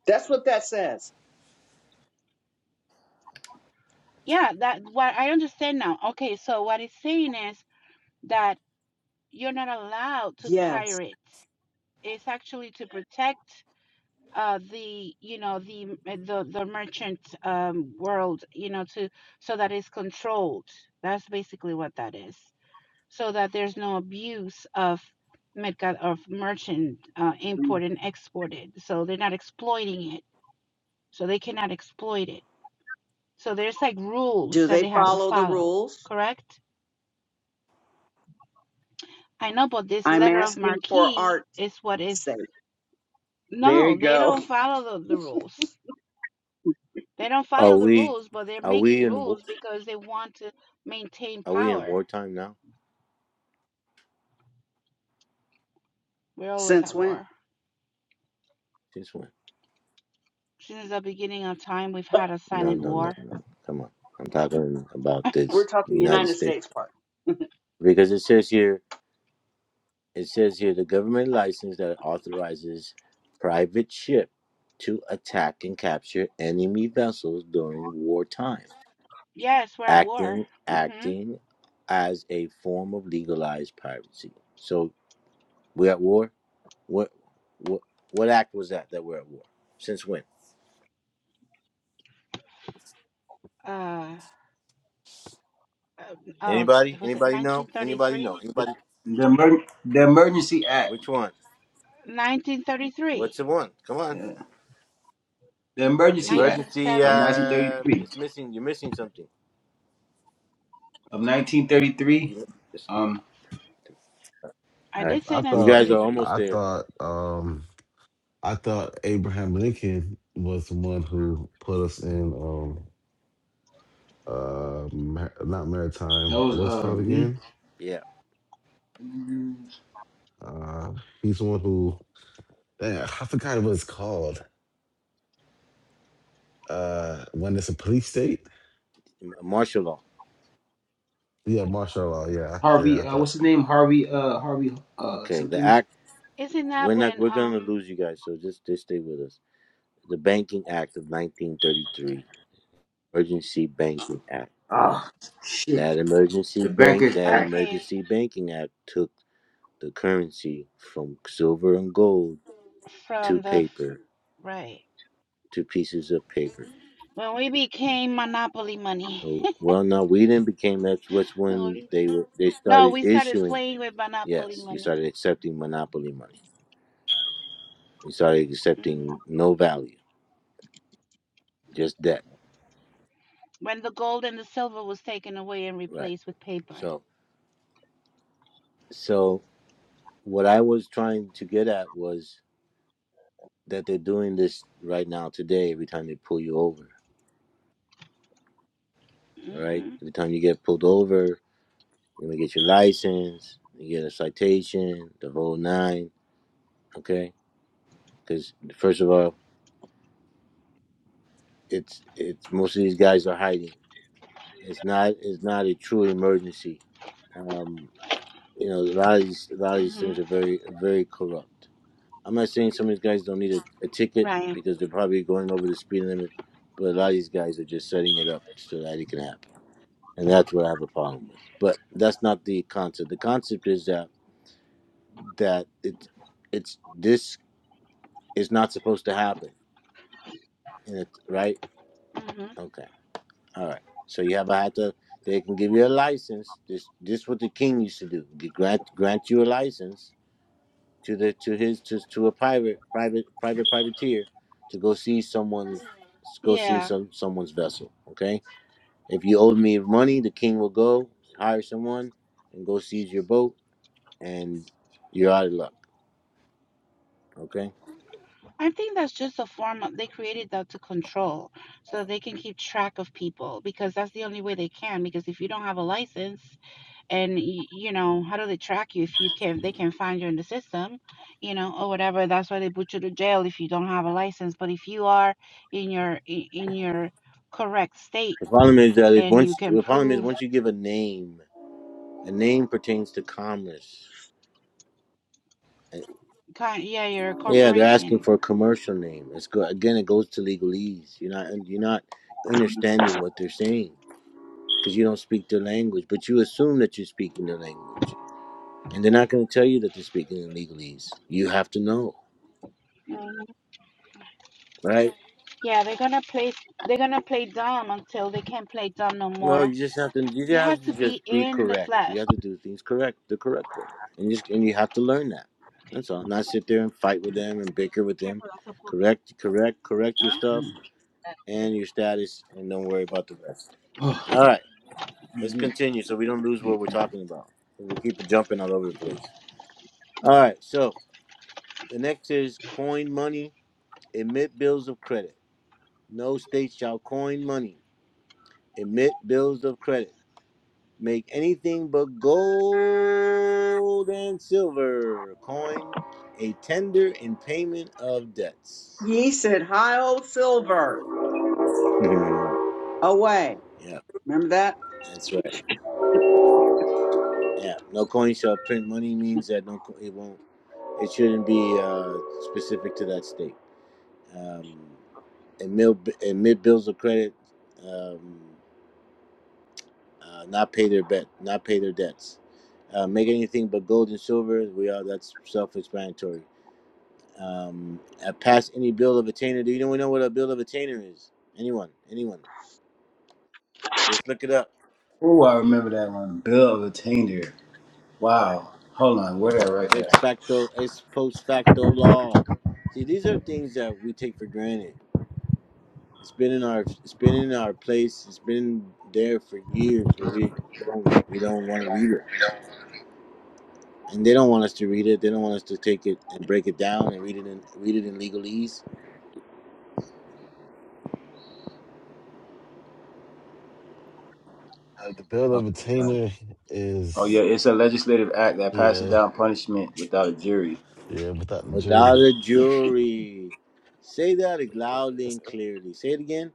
That's what that says.
Yeah, that what I understand now. Okay, so what it's saying is that you're not allowed to
Yes.
pirate. It's actually to protect uh the you know the uh, the the merchant um world you know to so that it's controlled that's basically what that is so that there's no abuse of mercad of merchant uh import and exported so they're not exploiting it so they cannot exploit it So there's like rules
Do
that
they
they have
Yeah.
to
follow the
follow,
rules?
correct? I know, but this
I'm
letter of
asking
marque
for art's
is what is.
sake. There
No,
you
they
go.
don't follow the, the rules. They don't
Are
follow the
we
rules, but they're
are we
making
in wa-
rules because they want to maintain
are we in
power.
wartime now?
We're always
Since
at
when?
war.
Since when?
Since the beginning of time, we've had a
No,
silent
no, no,
war.
no. Come on. I'm talking about
We're
this
talking
United
United
States
States part.
because it says here. It says here the government license that authorizes private ship to attack and capture enemy vessels during wartime,
Yes, we're at war.
acting
Mm-hmm.
acting as a form of legalized piracy. So we're at war. What what what act was that that we're at war? Since when?
Uh, uh, oh,
Anybody?
was it
Anybody know? Anybody
1933?
know?
the
Anybody?
emer- the emergency act,
Which one?
1933.
What's the one? Come on.
uh, the emergency act
Emergency.
of
1970.
Uh,
1933
it's missing. You're missing something.
of 1933.
You, it's-
Um,
I
all right.
did say
I
You
thought,
guys are
1933.
almost
I
there.
thought, um, I thought Abraham Lincoln was the one who put us in, um, uh, mar- not
that
maritime.
was
What's it
uh
called
Lee
again?
Yeah,
Uh, he's the one who. Damn, I forgot what it's called. Uh, when it's a police state,
m- martial law.
yeah, martial law. Yeah, I, yeah,
Harvey.
I
Uh,
thought
what's his name? Harvey. Uh, Harvey. Uh,
Okay, the
something.
act.
Isn't that
We're
when,
not. We're gonna
um,
lose you guys. So just just stay with us. The Banking Act of 1933, Emergency Banking Act.
Ah, shit.
That emergency
The
bank.
Bankers
That
Act.
okay,
emergency banking act took the currency from silver and gold to
from the, f-
paper
right,
to pieces of paper.
when we became Monopoly money?
Oh, Well, no, we didn't became. That's what's
When
when
we-
they were. They
no,
started
we started
issuing.
playing with Monopoly
Yes, you
money.
started accepting monopoly money. You started
hmm
accepting no value, just debt.
When the gold and the silver was taken away and
Right.
replaced with paper.
So, so what I was trying to get at was that they're doing this right now today. Every time they pull you over, all right.
hmm
Every time you get pulled over, you're gonna get your license, you get a citation, the whole nine, okay? Because first of all, it's it's most of these guys are hiding. It's not it's not a true emergency. Um, you know, a lot of these a lot of these
hmm
things are very very corrupt. I'm not saying some of these guys don't need a, a ticket
Right.
because they're probably going over the speed limit, but a lot of these guys are just setting it up so that it can happen, and that's what I have a problem with. But that's not the concept. The concept is that that it's it's this is not supposed to happen, and it's right.
hmm
Okay, all right. So you have a hat to. They can give you a license. This this is what the king used to do. They grant grant you a license, to the to his to, to a pirate private private privateer to go see someone's go see
Yeah.
some someone's vessel okay if you owe me money the king will go hire someone and go seize your boat and you're out of luck okay
I think that's just a form of, they created that to control so they can keep track of people because that's the only way they can. Because if you don't have a license, and y- you know how do they track you if you can they can find you in the system you know or whatever that's why they put you to jail if you don't have a license but if you are in your i- in your correct state
the problem is that if
and you
once
can
the problem is
prove
once you give a name a name pertains to commerce eh,
kind yeah you're a
yeah they're asking
corporation
for a commercial name it's go again it goes to legalese you're not you're not understanding what they're saying because you don't speak their language, but you assume that you're speaking their language. And they're not going to tell you that they're speaking in legalese. You have to know,
Mhm.
right?
yeah they're gonna play they're gonna play dumb until they can't play dumb no
Well,
more
you just have to. You
you have
have
to
to just
be
be
in the
correct. You
flesh
have to do things correct, the correct way, and just and you have to learn that. That's all. Not sit there and fight with them and bicker with them.
careful that's a po-
Correct, correct, correct your
huh?
stuff
so
and your status, and don't worry about the rest.
Oh,
All right, let's continue so we don't lose what we're talking about. We keep it jumping all over the place. All right, so the next is coin money Emit bills of credit. No state shall coin money. Emit bills of credit. Make anything but gold and silver coin a tender in payment of debts.
Ye said, Hi, old silver,
Mm-hmm.
away.
Yeah,
Remember that?
that's right. Yeah, no coin shall print money means that no, it won't. It shouldn't be uh, specific to that state. Um, emit mid, bills of credit. Um, uh, not pay their bet, not pay their debts, uh, make anything but gold and silver. We all that's self-explanatory. Um, uh, pass any bill of attainder. Do you know we know what a bill of attainder is? Anyone? Anyone? Let's look it up.
Oh, I remember that one. Bill of Attainder. Wow. Hold on. Where that right there?
Ex facto, ex post facto law. See, these are things that we take for granted. It's been in our, it's been in our place. It's been there for years, but we don't, we don't want to read it, and they don't want us to read it. They don't want us to take it and break it down and read it in, read it in legalese
uh, the bill
Oh,
of
alright.
attainder
Oh,
is
yeah. It's a legislative act that passes
yeah,
down punishment without a jury.
yeah, without the
Without
jury,
a jury. Say that loudly and clearly. Say it again.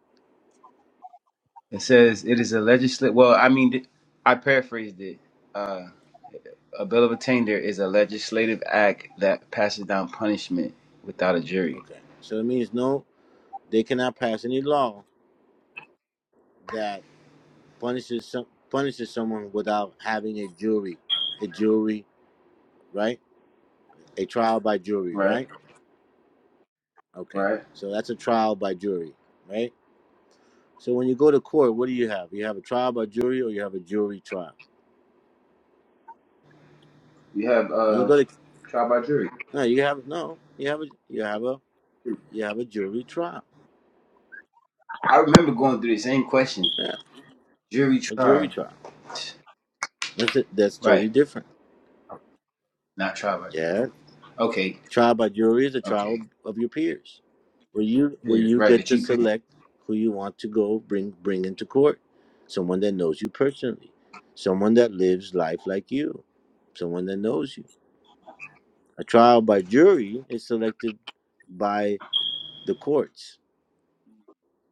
It says it is a legislative. Well, I mean, th- I paraphrased it. Uh, a bill of attainder is a legislative act that passes down punishment without a jury.
Okay. So it means no, they cannot pass any law that punishes some, punishes someone without having a jury. A jury, right? A trial by jury,
Right.
right? Okay.
Right.
So that's a trial by jury, right? So when you go to court, what do you have? You have a trial by jury or you have a jury trial?
You have
And you
uh,
go to
trial by jury.
no, you have no, you have a you have a you have a jury trial.
I remember going through the same question.
Yeah,
Jury
a jury
trial.
trial. That's it. That's totally
Right.
different.
Not trial by jury.
Yeah,
Okay.
trial by jury is a
Okay.
trial of your peers, where you where
Yes,
you
right.
get
That
to
you pay.
select who you want to go bring bring into court, someone that knows you personally, someone that lives life like you, someone that knows you. A trial by jury is selected by the courts,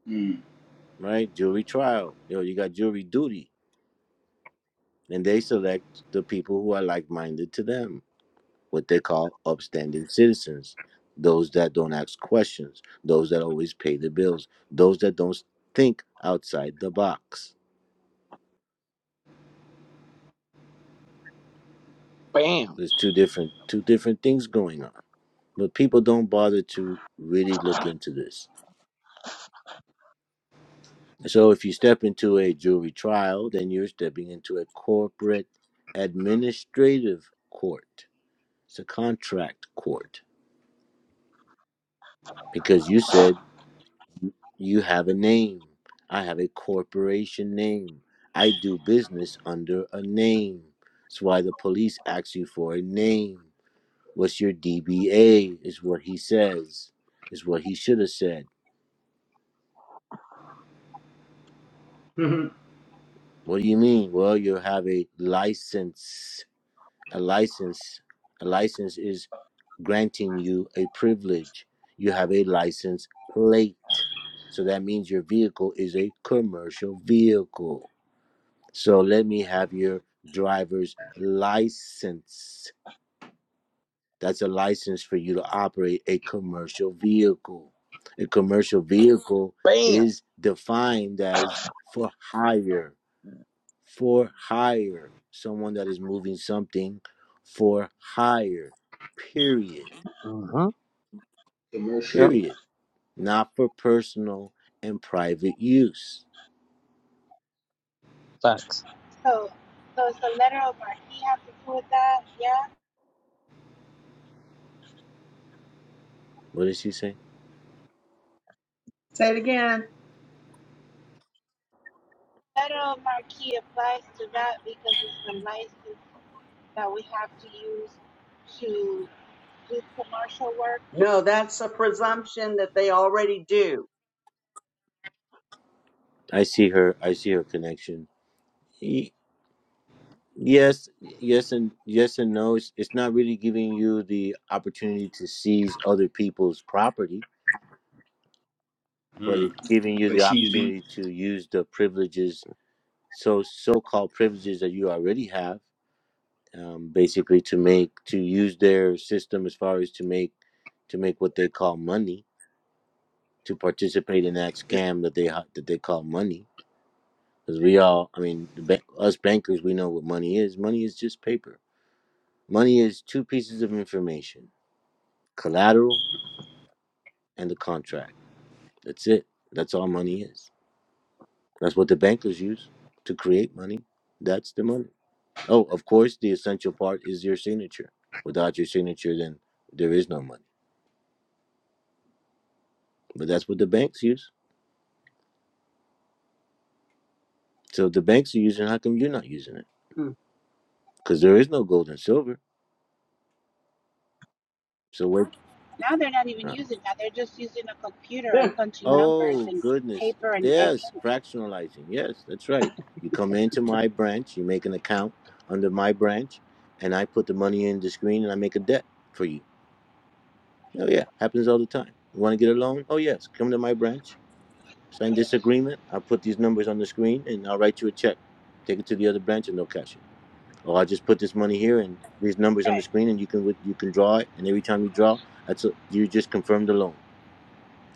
Mm.
right? Jury trial. You know, you got jury duty, and they select the people who are like minded to them what they call upstanding citizens, those that don't ask questions, those that always pay the bills, those that don't think outside the box.
Bam.
There's two different two different things going on. But people don't bother to really look into this. So if you step into a jury trial, then you're stepping into a corporate administrative court. It's a contract court because you said You have a name. I have a corporation name. I do business under a name. That's why the police ask you for a name. What's your DBA? Is what he says, is what he should have said.
Mhm.
What do you mean? Well, you have a license. A license. A license is granting you a privilege. You have a license plate. So that means your vehicle is a commercial vehicle So let me have your driver's license. That's a license for you to operate a commercial vehicle. A commercial vehicle
Bam.
is defined as for hire, for hire, someone that is moving something for hire, period,
hmm Yep.
Commercial.
period, not for personal and private use.
Facts.
So, so it's the letter of our he have to do with that. Yeah.
What did she say?
Say it again.
federal marquee applies to that because it's the license that we have to use to do commercial work.
No, that's a presumption that they already do.
I see her, I see her connection. Yes, yes, and yes, and no. It's it's not really giving you the opportunity to seize other people's property, but it's
Mm.
giving you
But
the
she's being.
opportunity to use the privileges, so so-called privileges that you already have, um, basically to make to use their system as far as to make to make what they call money, to participate in that
It's,
scam that they ha- that they call money. Because we all, I mean, the ba- us bankers, we know what money is. Money is just paper. Money is two pieces of information collateral and the contract. That's it. That's all money is. That's what the bankers use to create money. That's the money. Oh, of course, the essential part is your signature. Without your signature, then there is no money. But that's what the banks use. So if the banks are using, it, how come you're not using it?
Mm.
Because there is no gold and silver. So where?
Now they're not even using that. They're just using a computer and punching numbers
Oh
and
goodness.
paper and, and ink.
Yes, fractionalizing. Yes, that's right. You come into my branch, you make an account under my branch, and I put the money in the screen and I make a debt for you. Oh yeah, happens all the time. You want to get a loan? Oh yes, come to my branch, sign this agreement. I'll put these numbers on the screen and I'll write you a check. Take it to the other branch and they'll cash it. Or I'll just put this money here and these numbers on the
Right,
screen and you can you can draw it and every time you draw, that's a, you just confirm the loan.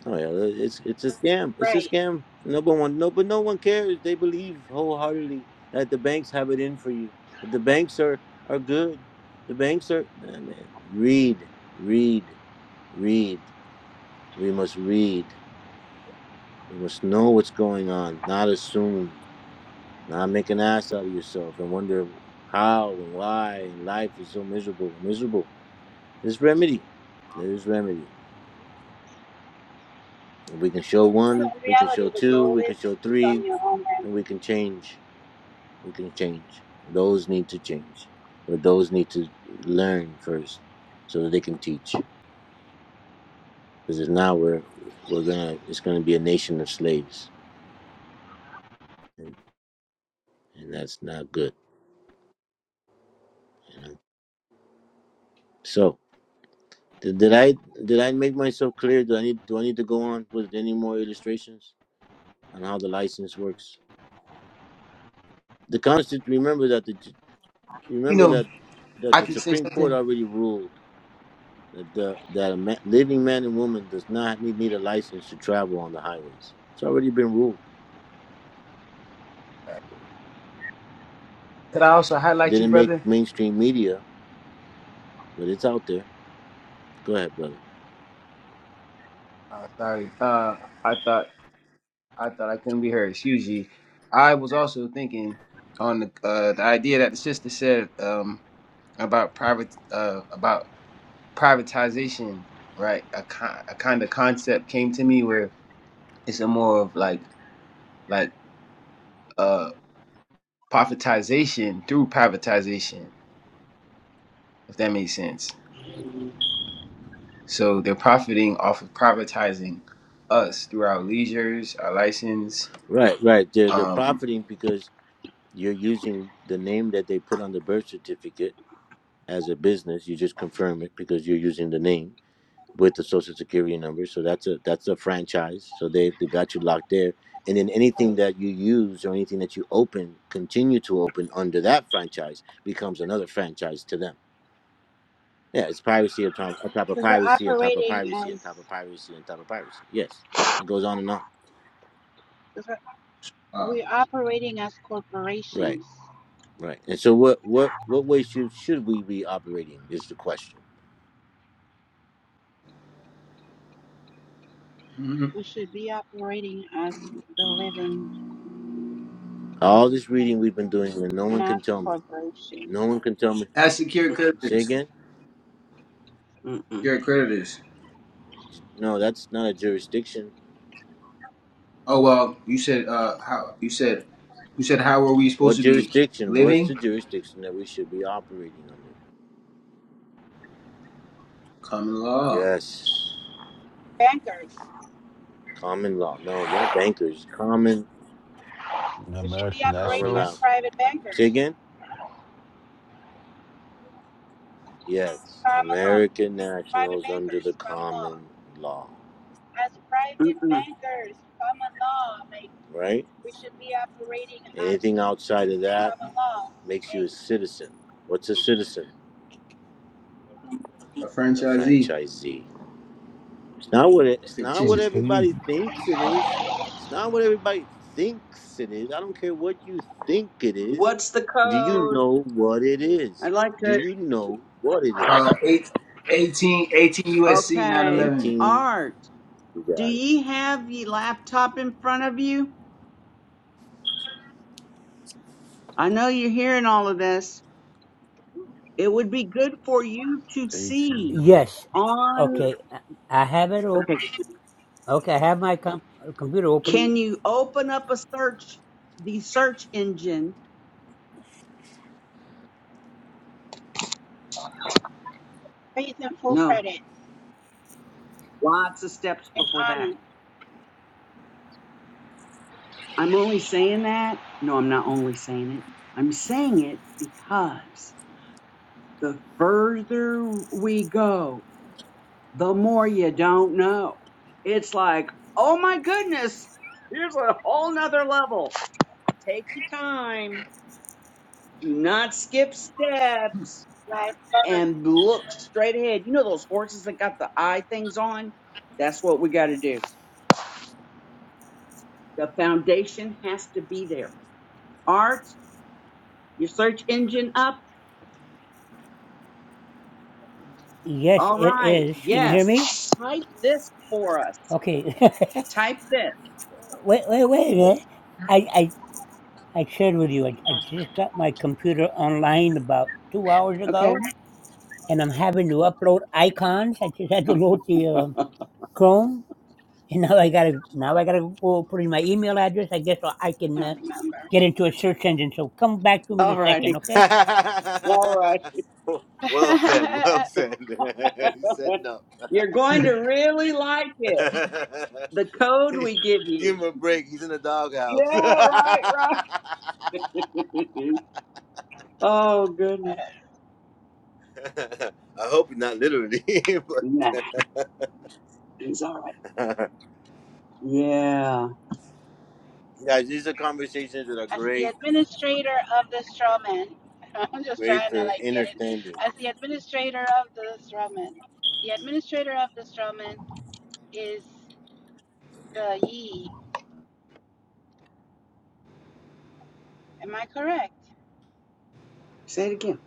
Oh yeah, it's it's a scam. It's a
right.
scam. No but one no but no one cares. They believe wholeheartedly that the banks have it in for you. That the banks are are good. The banks are nah, man. Read, read, read. We must read. We must know what's going on. Not assume. Not make an ass out of yourself and wonder how and why and life is so miserable. Miserable. There's remedy. There's remedy. And we can show
So
one,
in
we can
reality,
show
the
two,
goal
we
is
can show
to
three,
become your own
and we can change. We can change. Those need to change. But those need to learn first so that they can teach. Because if not we're we're gonna it's gonna be a nation of slaves. And, and that's not good. You know? So did, did I did I make myself clear? Do I need do I need to go on with any more illustrations on how the license works? The constitution remember that the
you
remember
know,
that that
I
the
can say
Supreme Court
something.
already ruled that the, that a ma living man and woman does not need, need a license to travel on the highways. It's already been ruled.
Could I also highlight you,
Didn't make
brother?
mainstream media, but it's out there. Go ahead, brother.
Uh, sorry. Uh, I thought I thought I couldn't be heard. Excuse you. I was also thinking on the uh, the idea that the sister said um, about private uh, about privatization. Right. A, ki- a kind of concept came to me where it's a more of like like uh, profitization through privatization. If that makes sense So they're profiting off of privatizing us through our leisures, our license,
Right, right. They're they're
um,
profiting because you're using the name that they put on the birth certificate as a business. You just confirm it because you're using the name with the social security number. So that's a that's a franchise. So they they got you locked there. And then anything
land
that you use or anything that you open, continue to open under that franchise becomes another franchise to them. Yeah, it's piracy on top, on top of
because we're
piracy on top of
operating
piracy on
as
top of piracy on top of piracy. Yes, it goes on and on.
because we're,
uh,
we're operating as
Right,
corporations.
right. And so, what what what way should should we be operating is the question.
mhm.
We should be operating as the living,
All this reading we've been doing, and no one
not
can
the
tell me.
corporation.
No one can tell me.
as secure
Say
creditors,
again?
Mm-mm.
secure creditors.
No, that's not a jurisdiction.
Oh well, you said uh, how you said you said how are we
What
supposed to be
jurisdiction? What's the
living?
jurisdiction that we should be operating under?
Common law,
Yes.
Bankers.
Common law. No, not bankers. Common,
We should be
American
common
operating as
law.
nationals.
private
Say
bankers,
again? Yes.
common law,
American
private
nationals under the
bankers, common law.
common law,
As private
Mm-mm.
bankers, common law, like
right?
we should be operating as
Anything outside of
a
that
common law
makes you
and
a citizen. What's a citizen?
a
A
franchisee,
franchisee. It's not what it,
a
it's not
So
what
fictitious.
can you
everybody thinks it is. It's not what everybody thinks it is. I don't care what you think it is.
What's the
Do you
code?
know what it is?
I'd like
Do
to.
you know what it
Uh,
is?
eight, eighteen, eighteen USC nine
Okay.
eleven.
18.
Art,
You
do
got
ye have ye laptop in front of you? I know you're hearing all of this. It would be good for you to see
eighteen?
Yes.
on.
Okay. I have it open.
Okay.
Okay. I have my com- computer open.
Can you open up a search, the search engine?
faith and full
No.
credit
Lots of steps
and
before that.
honor.
I'm only saying that. No, I'm not only saying it. I'm saying it because the further we go, the more you don't know. It's like, oh my goodness, here's a whole nother level. Take your time. Do not skip steps
Like, I
and look straight ahead. You know those horses that got the eye things on? That's what we got to do. The foundation has to be there. Art, your search engine up.
Yes,
All
it
right.
is. Can you hear me?
Yes. Type this for us.
Okay.
Type this.
wait, wait, wait a minute. I, I, I shared with you, I, I just got my computer online about two hours
Okay.
ago. and I'm having to upload icons. I just had to load the uh,
All
Chrome, and now I gotta now I gotta go put in my email address. I guess so I can uh,
don't remember.
get into a search engine. So come back to me in a
righty.
second, okay?
All right.
it. well said. Well said. he said no.
You're going to really like it. The code we give
Give
you.
him a break. He's in the
Yeah,
doghouse.
right, right. oh, goodness.
I hope not literally.
Nah, it's all right.
but
Yeah.
Guys, these are conversations that are
as the
great,
administrator of the straw man, I'm just
great
trying to
for
like get it.
understanding.
As the administrator of the straw man, the administrator of the straw man is the ye. Am I correct?
Say it again.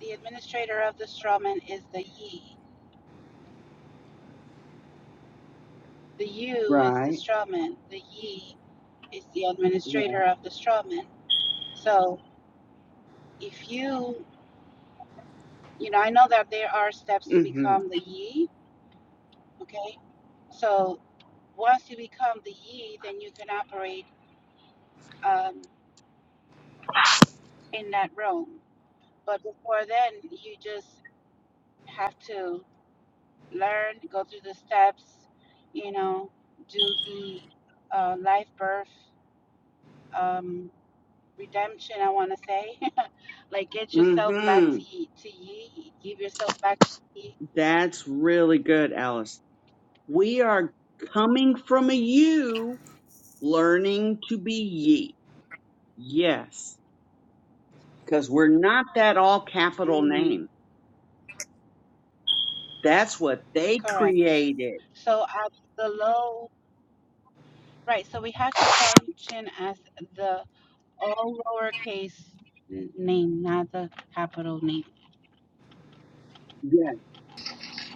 The administrator of the strawman is the ye. The you is the
Right.
strawman. The ye is the
Yeah.
administrator of the strawman. So if you, you know, I know that there are steps to
Mm-hmm.
become the ye, okay? So once you become the ye, then you can operate um, in that realm. But before then, you just have to learn, go through the steps, you know, do the uh, life birth um, redemption, I want to say. like, get yourself back
Mm-hmm.
to ye, to ye, give yourself back to ye.
That's really good, Alice. We are coming from a you learning to be ye. Yes. because we're not that all capital
Mhm,
name. That's what they
correct.
created.
So, at the low, right, so we have to function as the all lowercase n- name, not the capital name.
Yes.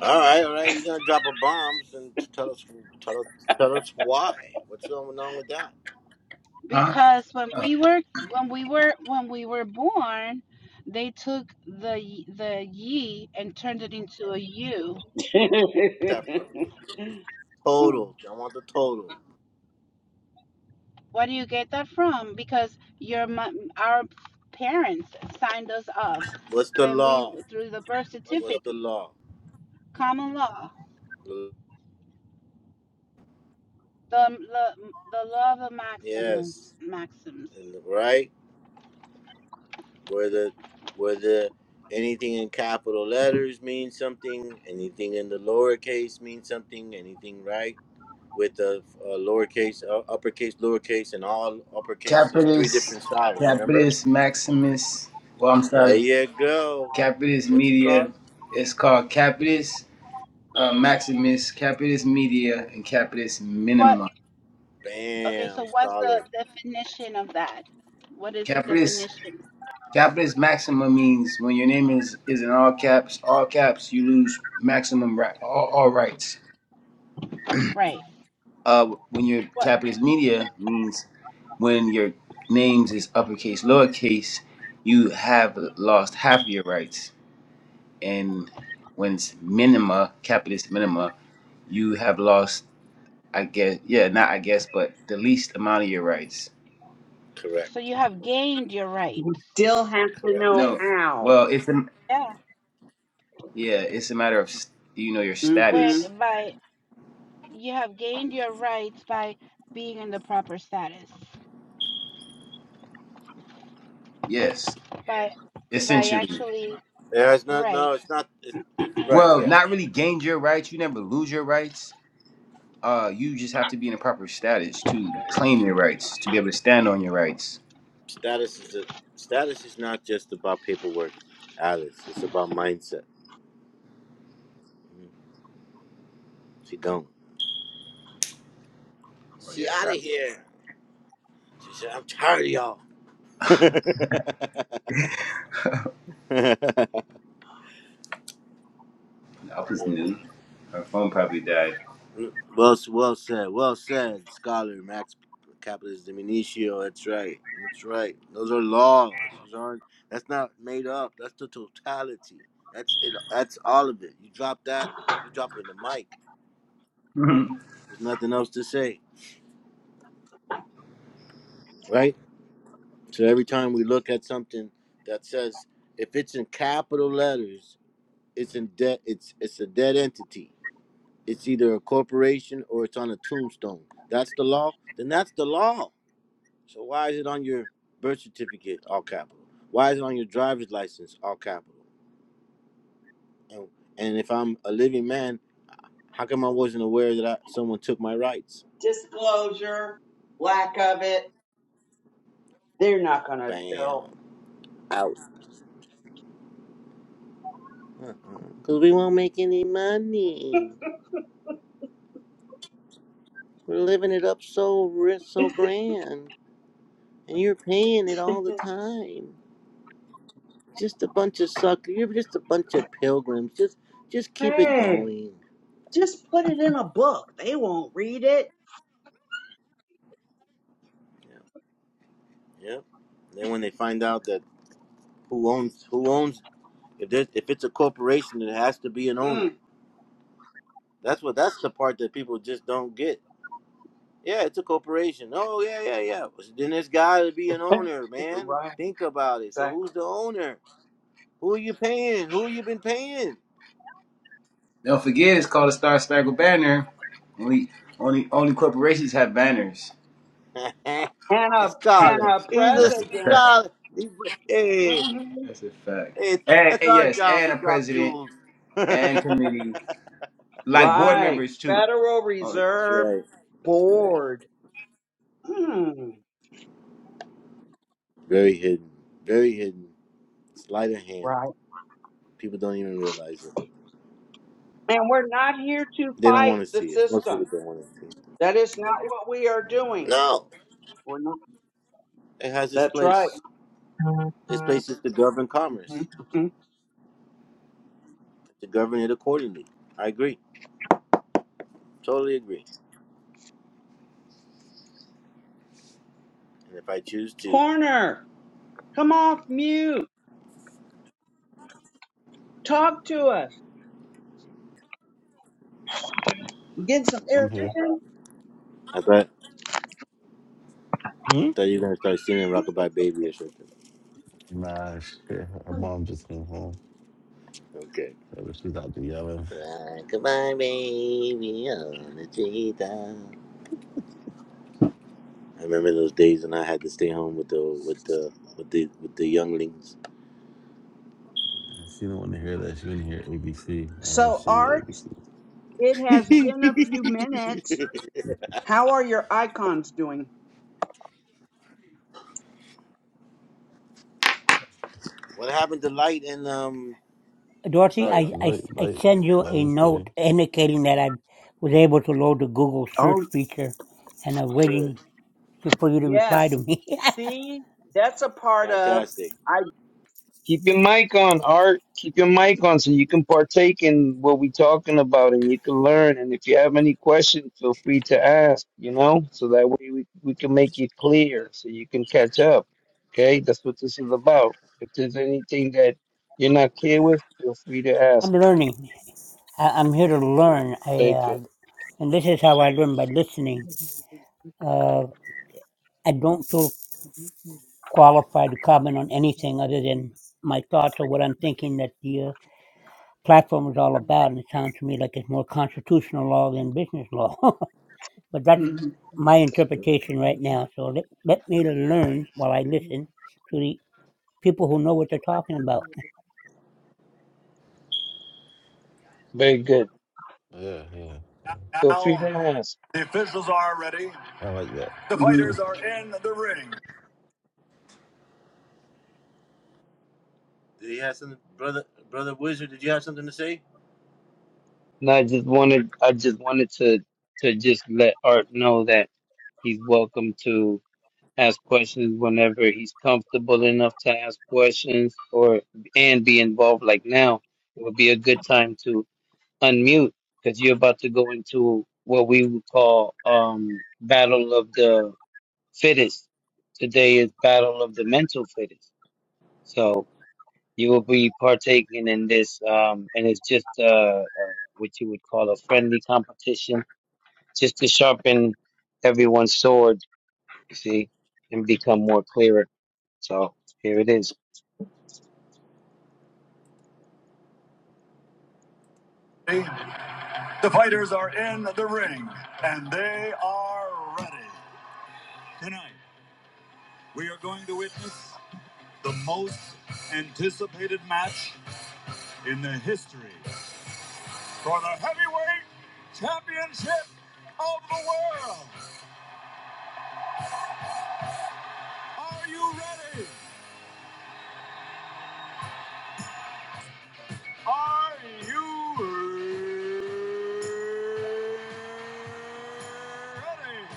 All right, all right. You're gonna drop a bomb and tell us, tell us, tell us why. What's going on with that?
Huh?
Because when
Uh,
we were when we were when we were born, they took the y- the ye and turned it into a u.
That from total. I want the total.
Where do you get that from? Because your our parents signed us up
What's the
when we
law?
through the birth
What's the
certificate,
law?
common law, the the, the law of the maxims
Yes,
maxims.
and right whether whether anything in capital letters means something, anything in the lowercase means something, anything right with the uh, lowercase, uh, uppercase, lowercase, and all uppercase. There's three
Capitus,
different styles. Remember?
Capitus Maximus. Well, I'm
There
sorry.
you go.
Capitalist
What's it
Media.
called?
It's called Capitalist uh, Maximus, Capitalist Media, and Capitalist
What?
Minima.
Okay,
Bam,
so what's the
scholar.
definition of that? What is the
Capitalist
definition?
Capitalist Maxima means when your name is is in all caps, all caps, you lose maximum right, all, all rights.
Right.
Uh, when your
What?
Capitalist Media means when your names is uppercase, lowercase, you have lost half of your rights. And when it's minima, capitalist minima, you have lost I guess, yeah, not I guess, but the least amount of your rights.
So
Correct.
you have gained your rights.
Still have to
Correct.
know
No,
how.
well, it's a,
Yeah.
yeah, it's a matter of s- you know your
Where
hmm
status.
by you have gained your rights by being in the proper status
Yes,
by by
essentially.
actually
Yeah, it's not.
right
No, it's not. It's, it's right.
Well,
Yeah.
not really gain your rights. You never lose your rights. Uh, you just have to be in a proper status to claim your rights, to be able to stand on your rights.
Status is a status is not just about paperwork, Alice. It's about mindset. Mhm. She don't.
Oh
She
yes,
out of
I,
here. She said, "I'm tired of y'all."
I was
yeah.
new. Her phone probably died.
Well, well said. Well said, scholar Max Capitalist Diminutio. That's right. That's right. Those are laws. Those aren't. That's not made up. That's the totality. That's it. That's all of it. You drop that, you drop it in the mic. There's nothing else to say, right? So every time we look at something that says, if it's in capital letters, it's in debt. It's it's a dead entity. It's either a corporation or it's on a tombstone. That's the law. Then that's the law. So why is it on your birth certificate, all capital? Why is it on your driver's license, all capital? And, and if I'm a living man, how come I wasn't aware that I, someone took my rights?
Disclosure, lack of it. They're not going to tell.
Bam. Out. Because we won't make any money. We're living it up so rich, so grand. And you're paying it all the time. Just a bunch of suckers. You're just a bunch of pilgrims. Just just keep it
Hey,
going.
just put it in a book. They won't read it.
Yeah. yeah. Then when they find out that who owns who owns If there's, if it's a corporation, it has to be an owner.
Mm,
That's what. That's the part that people just don't get. Yeah, it's a corporation. Oh yeah, yeah, yeah. Well, Then there's got to be an owner, man.
right,
Think about it. So
exactly.
who's the owner? Who are you paying? Who you been paying?
Don't forget, it's called a Star Spangled Banner. Only, only, only corporations have banners.
a
And a, and
scholar.
a
He's a
That's a
president.
fact.
scholar. He- Hey,
hmm
That's a fact.
hey,
And,
that's
and
our
yes,
job
and
to
a
drop
president
jewels. that's
and committee, like board
Right.
members too.
Federal
Oh,
Reserve
right. That's right.
Board. Mm,
Very hidden. Very hidden. Sleight of hand.
right.
People don't even realize it.
And we're not here to
They don't want
fight
to
the
see it. Most people
system.
don't want to see it.
That is not what we are doing.
No,
We're not.
it has its
That's
place.
right.
Its place is to govern commerce,
Mhm.
to govern it accordingly. I agree. Totally agree. And if I choose to,
Corner, come off mute. Talk to us. Get some air
I'm here.
addition.
I thought, I
Hmm?
thought you were going to start singing Rockabye Baby or something.
Nah, shit. Her mom just came home.
Okay.
Yeah, but She's out there yelling.
Rockabye Baby on the treetop. I remember those days when I had to stay home with the with the with the with the younglings.
She didn't want to hear that. She didn't hear ABC. I gotta
So,
sing the
Art,
ABC.
it has been a few minutes. How are your icons doing?
what happened to light and um?
Dorothy,
Sorry, you
I, I,
Light,
I
light,
send you
light
a
is there.
note indicating that I was able to load the Google search
Oh,
feature, and I'm waiting
good.
to, for you to reply to
yes.
me.
See, that's a part of
Fantastic.
I.
Keep your mic on, Art. Keep your mic on so you can partake in what we're talking about and you can learn. And if you have any questions, feel free to ask, you know, so that way we, we can make it clear so you can catch up. Okay, that's what this is about. If there's anything that you're not clear with, feel free to ask.
I'm learning. I, I'm here to learn. I
Very
uh,
good.
and this is how I learn by listening. Uh, I don't feel qualified to comment on anything other than my thoughts or what I'm thinking that the uh, platform is all about. And it sounds to me like it's more constitutional law than business law. but that's my
that's a good.
interpretation right now. So let, let me learn while I listen to the people who know what they're talking about.
Very good.
Yeah, yeah.
Feel free to
Now,
ask.
the officials are ready.
I like that.
The fighters are in the ring. Did he have something, brother? Brother Wizard, did you have something to say?
And I just wanted I just wanted to to just let Art know that he's welcome to ask questions whenever he's comfortable enough to ask questions or and be involved like now it would be a good time to unmute because you're about to go into what we would call um battle of the fittest today is battle of the mental fittest so you will be partaking in this um and it's just uh, uh what you would call a friendly competition just to sharpen everyone's sword you see and become more clearer so here it is.
The fighters are in the ring, and they are ready. Tonight, we are going to witness the most anticipated match in the history for the heavyweight championship of the world. Are you ready? Are you ready?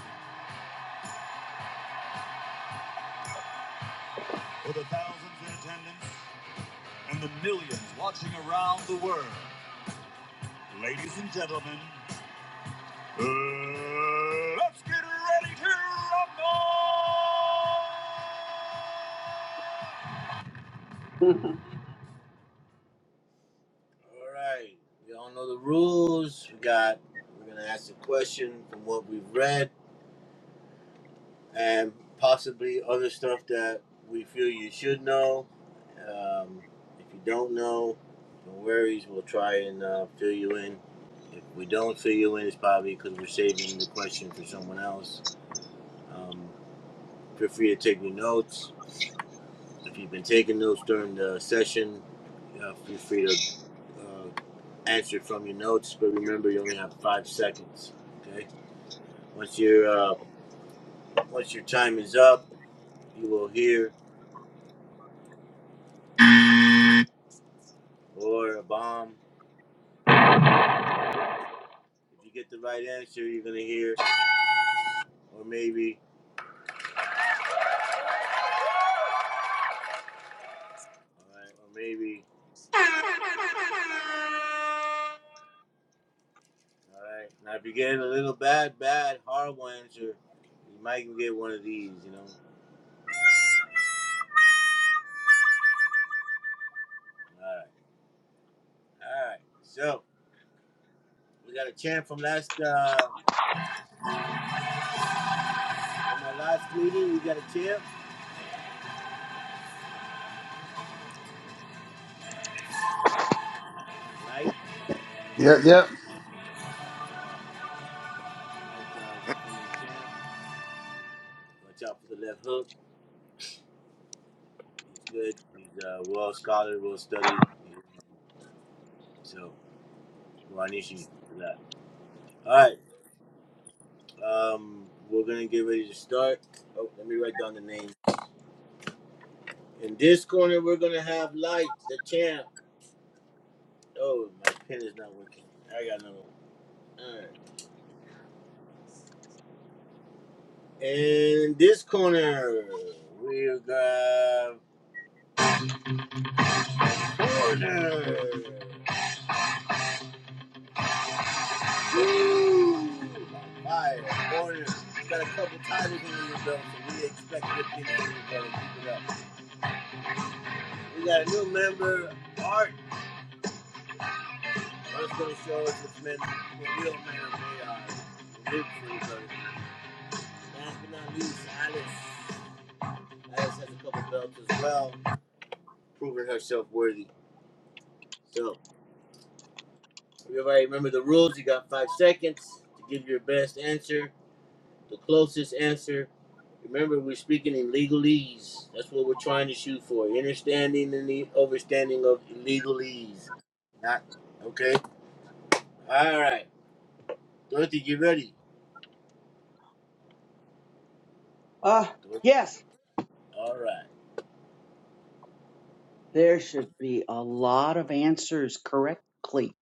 For the thousands in attendance and the millions watching around the world, ladies and gentlemen, uh, let's get ready to rumble! All right, y'all know the rules. We got, we're gonna ask a question from what we've read. and possibly other stuff that we feel you should know. Um, if you don't know, no worries. We'll try and uh, fill you in. If we don't fill you in, it's probably because we're saving the question for someone else. Um, feel free to take your notes. If you've been taking notes during the session, uh, feel free to uh, answer from your notes. But remember, you only have five seconds. Okay. Once your uh, once your time is up, you will hear or a bomb. If you get the right answer, you're gonna hear, or maybe, all right, or maybe, all right. Now, if you get a little bad, bad, horrible answer, you might even get one of these, you know. All right, all right. So we got a chant from last uh, from our last meeting. We got a chant, right?
Yep, yep.
Watch out for the left hook. He's good. He's uh, well scholar, well studied. So, Juanishi for that. All right. Um, we're gonna get ready to start. Oh, let me write down the name. In this corner, we're gonna have Light, the champ. Oh, my pen is not working. I got another one. All right. In this corner, we got corner. Woo! Fire corner. We got a couple titles in the belt, so we expect good things in the belt. Keep it up. We got a new member, Art. I was going to show us the, men, the real man of AI, the root crew, last but not least, Alice. Alice has a couple belts as well, proving herself worthy. So, everybody remember the rules. You got five seconds to give your best answer, the closest answer. Remember, we're speaking in legalese. That's what we're trying to shoot for. Understanding and the overstanding of legalese. Not, okay? All right. Dorothy, you ready?
uh,
Dorothy.
yes,
All right.
there should be a lot of answers correctly.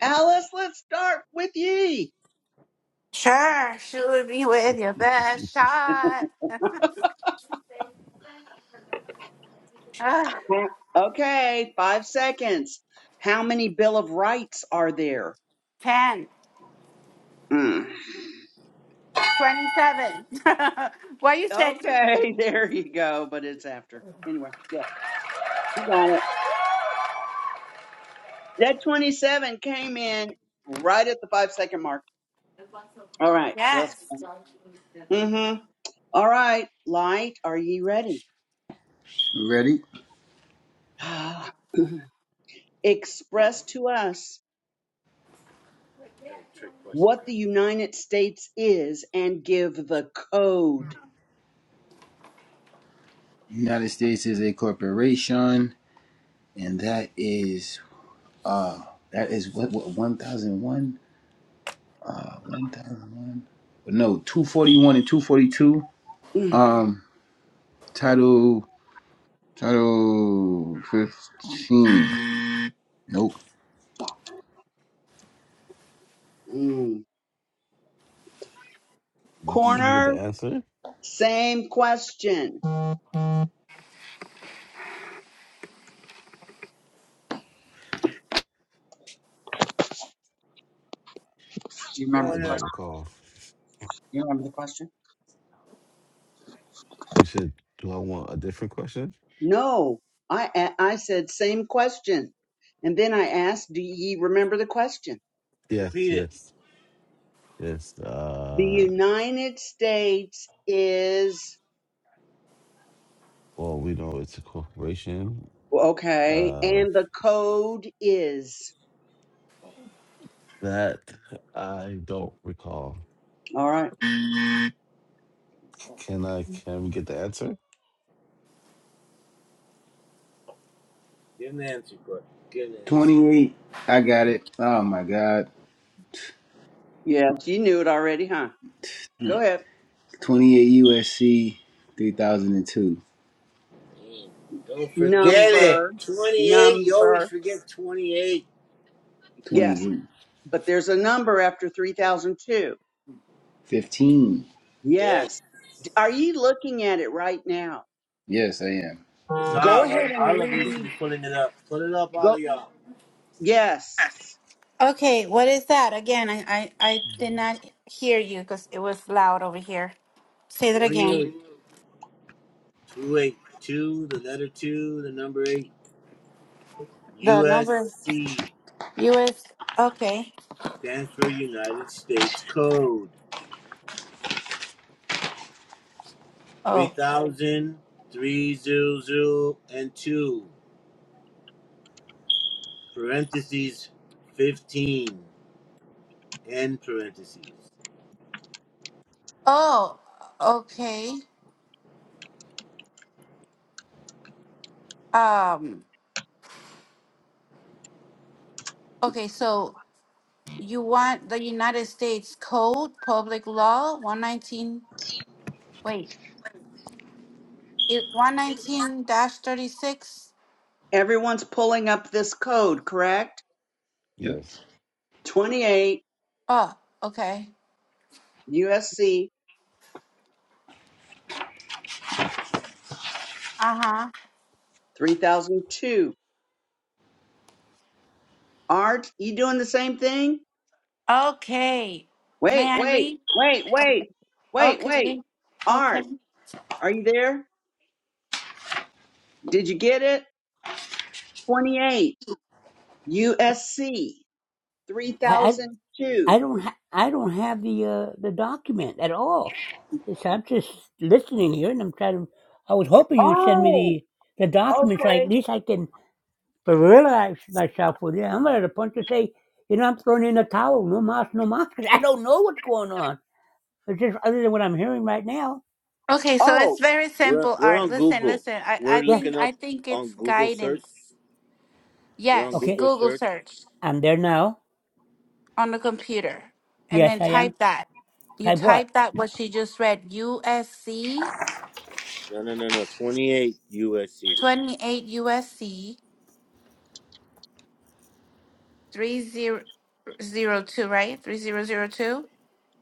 Alice, let's start with ye.
Sure, shoot me with your best shot. Ugh,
Okay, five seconds. How many Bill of Rights are there?
10,
Mm.
27. Why you said, mm,
Okay, there you go. But it's after. Anyway, yeah, you got it. That 27 came in right at the five second mark. All right, so that's.
yes.
Mm-hmm. All right, Light, are you ready?
Ready?
Express to us
That's a trick question,
what
Cop.
the United States is and give the code.
United States is a corporation, and that is uh that is what what one thousand one Uh, one thousand one no two forty one and two forty two
Mm.
um
Nope.
title title fifteen nope
Mm.
Can we get the
Corner,
answer?
same question. Do you remember
I
the
don't
Corner.
question?
recall.
Do you remember the question?
You said, do I want a different question?
No, I a- I said same question, and then I asked, "Do ye remember the question?"
Yes,
Repeat it.
yes, yes.
The
Uh,
United States is
well, we know it's a corporation.
okay,
Uh,
and the code is
that I don't recall.
all right.
Can I? Can we get the answer?
Give an answer, court. Give an answer.
twenty eight I got it oh my god
Yes, you knew it already, huh? Go ahead.
twenty eight USC three thousand and two
Damn. Don't forget it.
Number,
28. You always
number.
forget 28.
Yes,
28,
but there's a number after three thousand two.
15.
Yes.
Yes. Are you looking at it right now?
Yes, I am.
It's
Go
all.
ahead and
All of you should
read.
be pulling it up. Pull it up, all of
Go.
y'all.
Yes.
Okay, what is that? Again, I, I, I did not hear you because it was loud over here. Say that again.
28. 28. 2, the letter 2, the number 8.
The number,
USC
US. Okay.
stands for United States Code.
Oh.
3000, and 2. parentheses 15 end parentheses
Oh, okay. Um, okay, so you want the United States Code, Public Law 119. Wait. 119 dash 36.
Everyone's pulling up this code, correct?
Yep.
Yes.
28
Oh, okay.
USC
Uh
3002. Art, you doing the same thing?
huh. Okay. May
Wait,
I
wait,
read?
wait, wait, wait, wait.
Okay. Okay.
Art, are you there? Did you get it? 28 USC
I, I,
3002.
I don't ha- I don't have the uh, the document at all. It's, I'm just listening here, and I'm trying to. I was hoping you'd send
Oh,
me the the document so I, at
okay.
least I can But realize myself with you, I'm at a point to say, you know, I'm throwing in a towel. No mas, no mas. 'cause I don't know what's going on. It's just other than what I'm hearing right now.
Okay, so
Oh,
it's very
we're,
simple
we're
art.
on
Listen,
google
listen. I,
we're
I
Yes.
think
looking up
I think
on
it's
google search
guidance.
we're on
Yes,
Okay.
google
Google
search
search
I'm there now.
on the computer and
Yes,
then
I am.
type that. You
Type what?
type that what she just read. USC
no no no no 28 usc
28 USC 3002, right? 3002.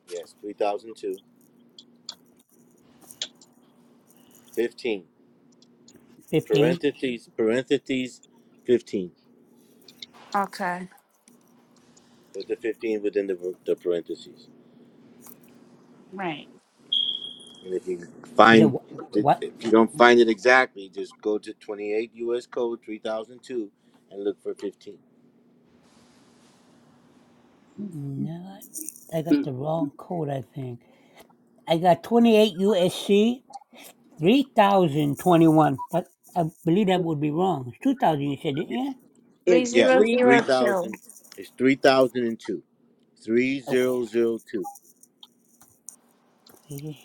yes 3002 15
15.
parentheses parentheses 15
Okay.
put the 15 within the, the parentheses
Right.
and if you
He said,
find if
what?
you don't find it exactly just go to 28 us code 3002 and look for 15
No, I got
mm,
the wrong code, I think. I got 28 USC 3021. That, I believe that would be wrong. It's 2000, you said, it, yeah.
it's
Yeah, it's
three.
three thousand.
3002.
It's three thousand and two. Three zero zero two.
Okay.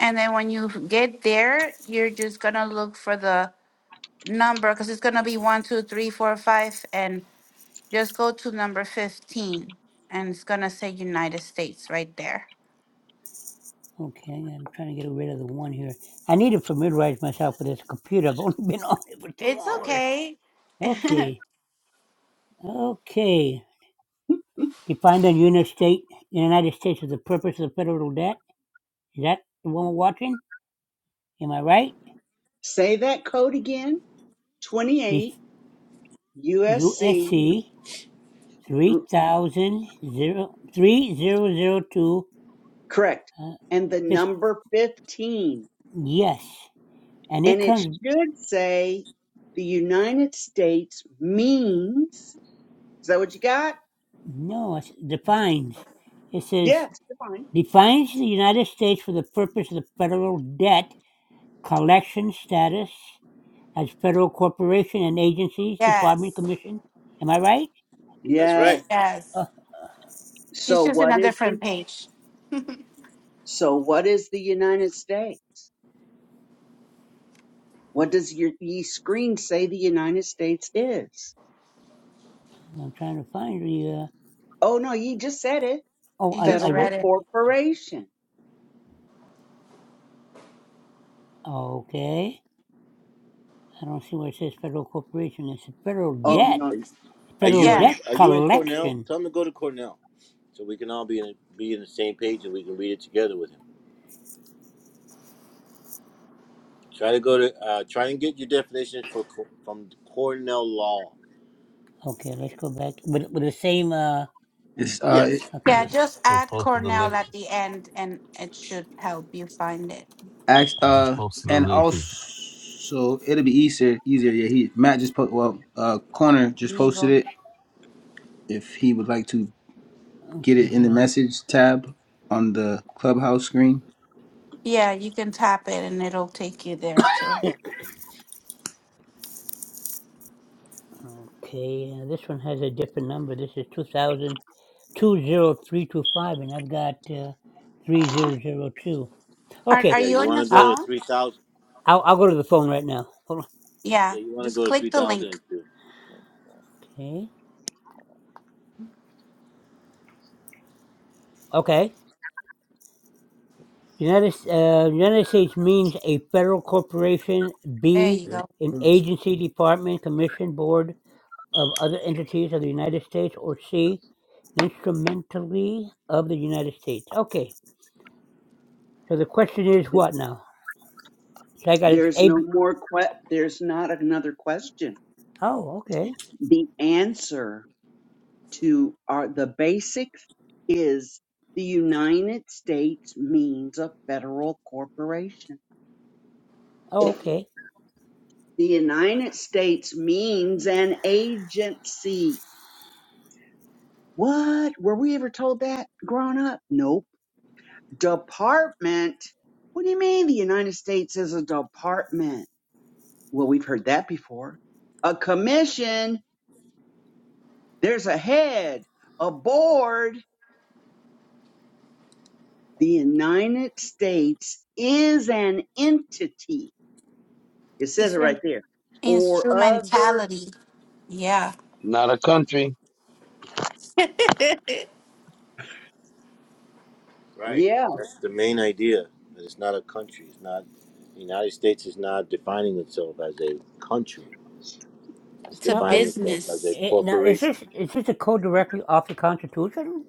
And then when you get there, you're just going to look for the number because it's going to be one, two, three, four, five, And just go to number 15. And it's going to say United States right there.
Okay, I'm trying to get rid of the one here. I need to familiarize myself with this computer. I've only been on it for two
It's
hours.
okay.
Okay, okay. Defined a unit state in the United States as the purpose of the federal debt. Is that the one we're watching? Am I right?
Say that code again.
The
28 USC.
USC 3000, 3002,
Correct.
uh,
And the
fif-
number 15.
yes. And it
And it
comes,
should say the United States means. Is that what you got?
no, it defines. It says
Yes, you're fine.
defines the United States for the purpose of the federal debt collection status as federal corporation and agencies, department,
yes.
commission. Am I right?
That's right.
Yes.
Yes.
Uh,
She's
So
just in
what
a
is the
different page.
so what is the United States? What does your ye screen say the United States is?
I'm trying to find the. Uh,
Oh no, you just said it.
oh,
You
I,
just
I. re-
read
Federal
it.
corporation.
Okay. I don't see where it says federal corporation. It's a federal
You,
Oh
debt.
no,
Are are
Federal
you in?
yeah.
debt
Are you in Cornell?
collection.
Tell him to go to Cornell, so we can all be in be in the same page and we can read it together with him. Try to go to. Uh, try and get your definition for Co- from Cornell Law.
Okay, let's go back with with the same. Uh,
It's uh,
Yes. Yeah.
okay.
Yeah.
Yes.
Just
I just
add
posted the
Cornell
link.
at the end and it should help you find it.
act
I just
uh,
posted the
and
link.
also it'll be easier, easier. Yeah, he Matt just put well, uh, corner just posted
Legal.
it. If he would like to get
Okay,
it in the
hold on.
message tab on the clubhouse screen,
Yeah. You can tap it and it'll take you there too.
Okay, uh, this one has a different number. This is 2000. two zero three two five, and I've got uh, three zero zero two.
Are
Okay,
Are
Yeah.
you
You
on
want
your
to
I
go to
phone?
three thousand.
I'll, I'll go to the phone right now. Hold on.
Yeah.
Yeah. You want to
Just
go to three
click the
thousand
link.
and two.
Okay. Okay. United uh, United States means a federal corporation.
There
B
you go.
an
I
agency, department, commission, board of other entities of the United States, or C instrumentally of the United States. Okay. So the question is what now? So I got it.
there's
A.
no
B-
more que- there's not another question.
Oh, okay.
The answer to our the basics is the United States means a federal corporation.
Oh, okay.
The United States means an agency. What? Were we ever told that growing up? Nope. Department? What do you mean the United States is a department? Well, we've heard that before. A commission, there's a head, a board. The United States is an entity It says it
It's
right
an
there. Or other,
instrumentality. Yeah.
Not a country.
it's
Right.
yeah,
That's the main idea. That it's not a country. It's not. The United States is not defining itself as a country. It's
a
Now, are,
defining itself as a
business.
Eh, now, is
corporation.
this is this a quote directly off the Constitution?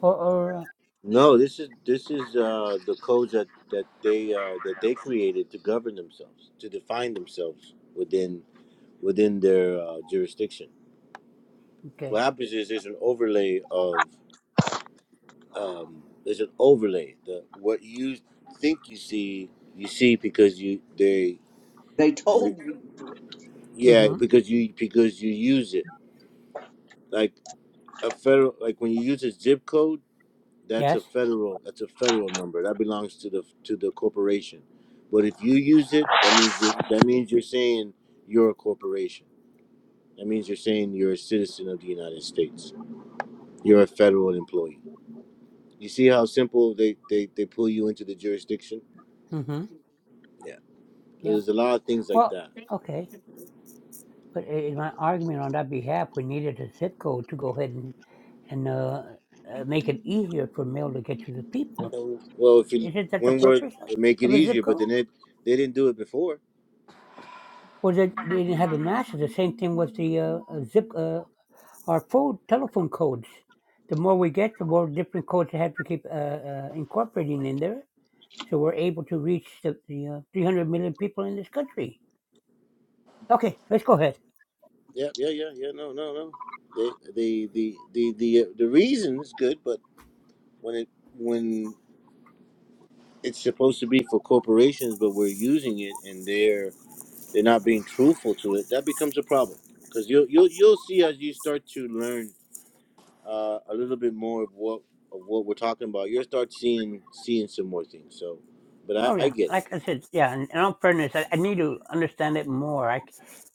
Or, or uh,
No, this is this is uh, the codes that that they uh, that they created to govern themselves, to define themselves within within their uh, jurisdiction. What
okay.
happens is there's an overlay of um, there's an overlay. The what you think you see, you see because you they
they
you,
told you.
yeah
Mm-hmm.
because you because you use it like a federal like when you use a zip code That's a
Yes.
federal. That's a federal number. That belongs to the to the corporation. But if you use it, that means you're, that means you're saying you're a corporation. That means you're saying you're a citizen of the United States. You're a federal employee. You see how simple they they, they pull you into the jurisdiction.
Mm-hmm.
Yeah.
Yeah.
There's a lot of things like
Well,
that.
okay. But i- in my argument on that behalf, we needed a zip code to go ahead and and uh, uh, make it easier for mail to get to the people.
And, Well, if you
Isn't that the
one word
purpose of,
would make it
of a zip
easier, but
code?
then it they didn't do it before.
Or that they didn't have the masses? The same thing with the uh, uh, zip uh, our phone telephone codes. The more we get, the more different codes they have to keep uh, uh, incorporating in there So we're able to reach the, the uh, 300 million people in this country. Okay, let's go ahead.
Yeah, yeah, yeah, yeah. No, no, no. They the the the the uh, the reason is good, but when it when it's supposed to be for corporations, but we're using it and they're they're not being truthful to it, that becomes a problem because you'll you'll you'll see as you start to learn uh, a little bit more of what of what we're talking about, you'll start seeing seeing some more things. So, but
Oh
I, I
yeah,
get it.
like I said, yeah. And in all fairness, I, I need to understand it more. I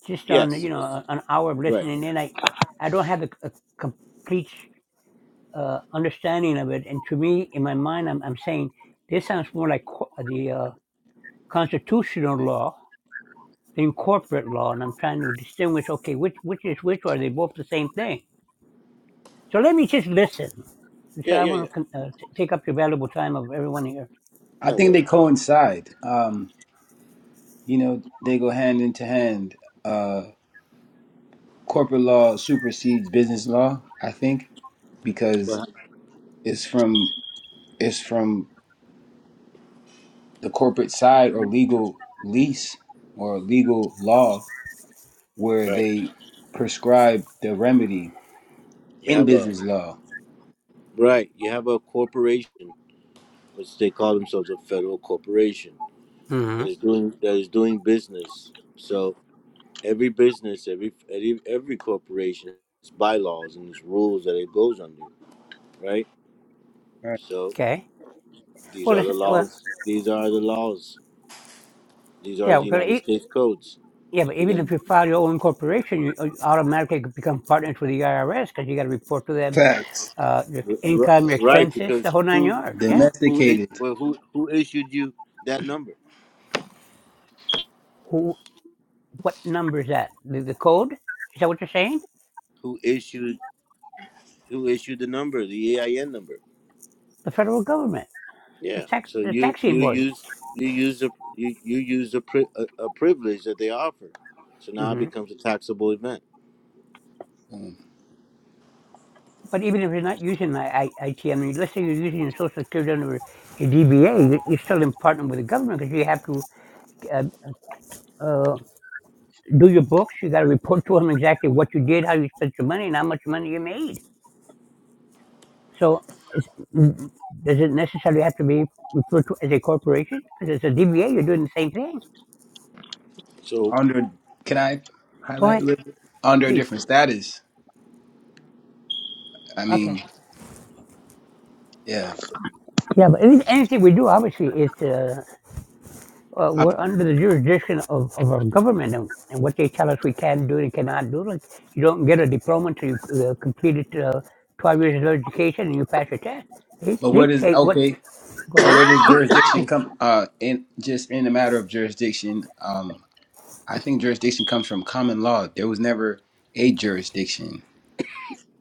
just on
Yes,
you
it's-
know an hour of
right.
listening in, I I don't have a, a complete uh, understanding of it. And to me, in my mind, I'm I'm saying this sounds more like co- the uh, constitutional law than corporate law. And I'm trying to distinguish. Okay, which which is which? Or are they both the same thing? So let me just listen. And so
Yeah,
I
yeah, yeah.
want to uh, t- take up your valuable time of everyone here.
No
think
worries.
they coincide. Um, you know, they go hand into hand. Uh, corporate law supersedes business law. I think because
Right.
it's from it's from the corporate side or legal lease or legal law where
right.
they prescribe the remedy
You
in
have a
business law.
right. You have a corporation, which they call themselves a federal corporation
hmm
that is doing that is doing business. So every business, every every, every corporation has bylaws and its rules that it goes under, right?
Right.
So
Okay.
these
Well,
are the
this, well,
laws. These are the laws. These are the
yeah, because
United
e-
States codes.
yeah,
If
but
you're
even
gonna
if you file your own corporation, you you automatically become partners with the IRS because you got to report to them
Facts.
uh, your
r- r-
income, your
right,
expenses, the
because
whole nine
who
yards.
who
Yeah.
who i-
Domesticated.
but who who issued you that number?
Who? What number is that? The, the code? Is that what you're saying?
Who issued who issued the number, the AIN number?
The federal government, the
Yeah.
tax,
So
the
you you
taxing board.
use you use a you, you use a, pri- a, a privilege that they offer. So now
Mm-hmm.
it becomes a taxable event.
Um,
But even if you're not using the I- T M, let's say you're using your Social Security under a DBA, you- are still in partnership with the government because you have to uh, uh, do your books. You got to report to them exactly what you did, how you spent your money, and how much money you made. So, it's, mm, does it necessarily have to be referred to as a corporation? Because it's a DBA, you're doing the same thing.
So
under, can I
Go
highlight a
ahead,
little bit? Under a
please.
different status. I
Okay.
mean, yeah.
Yeah, but anything we do obviously is to uh,
I,
we're under the jurisdiction of, of our government and, and what they tell us we can do and cannot do. Like you don't get a diploma until you uh, completed uh, 12 years of education and you pass your test. They
but where does,
dictate what.
okay,
Go
so
ahead.
where does jurisdiction come, uh, in just in the matter of jurisdiction, um, I think jurisdiction comes from common law. There was never a jurisdiction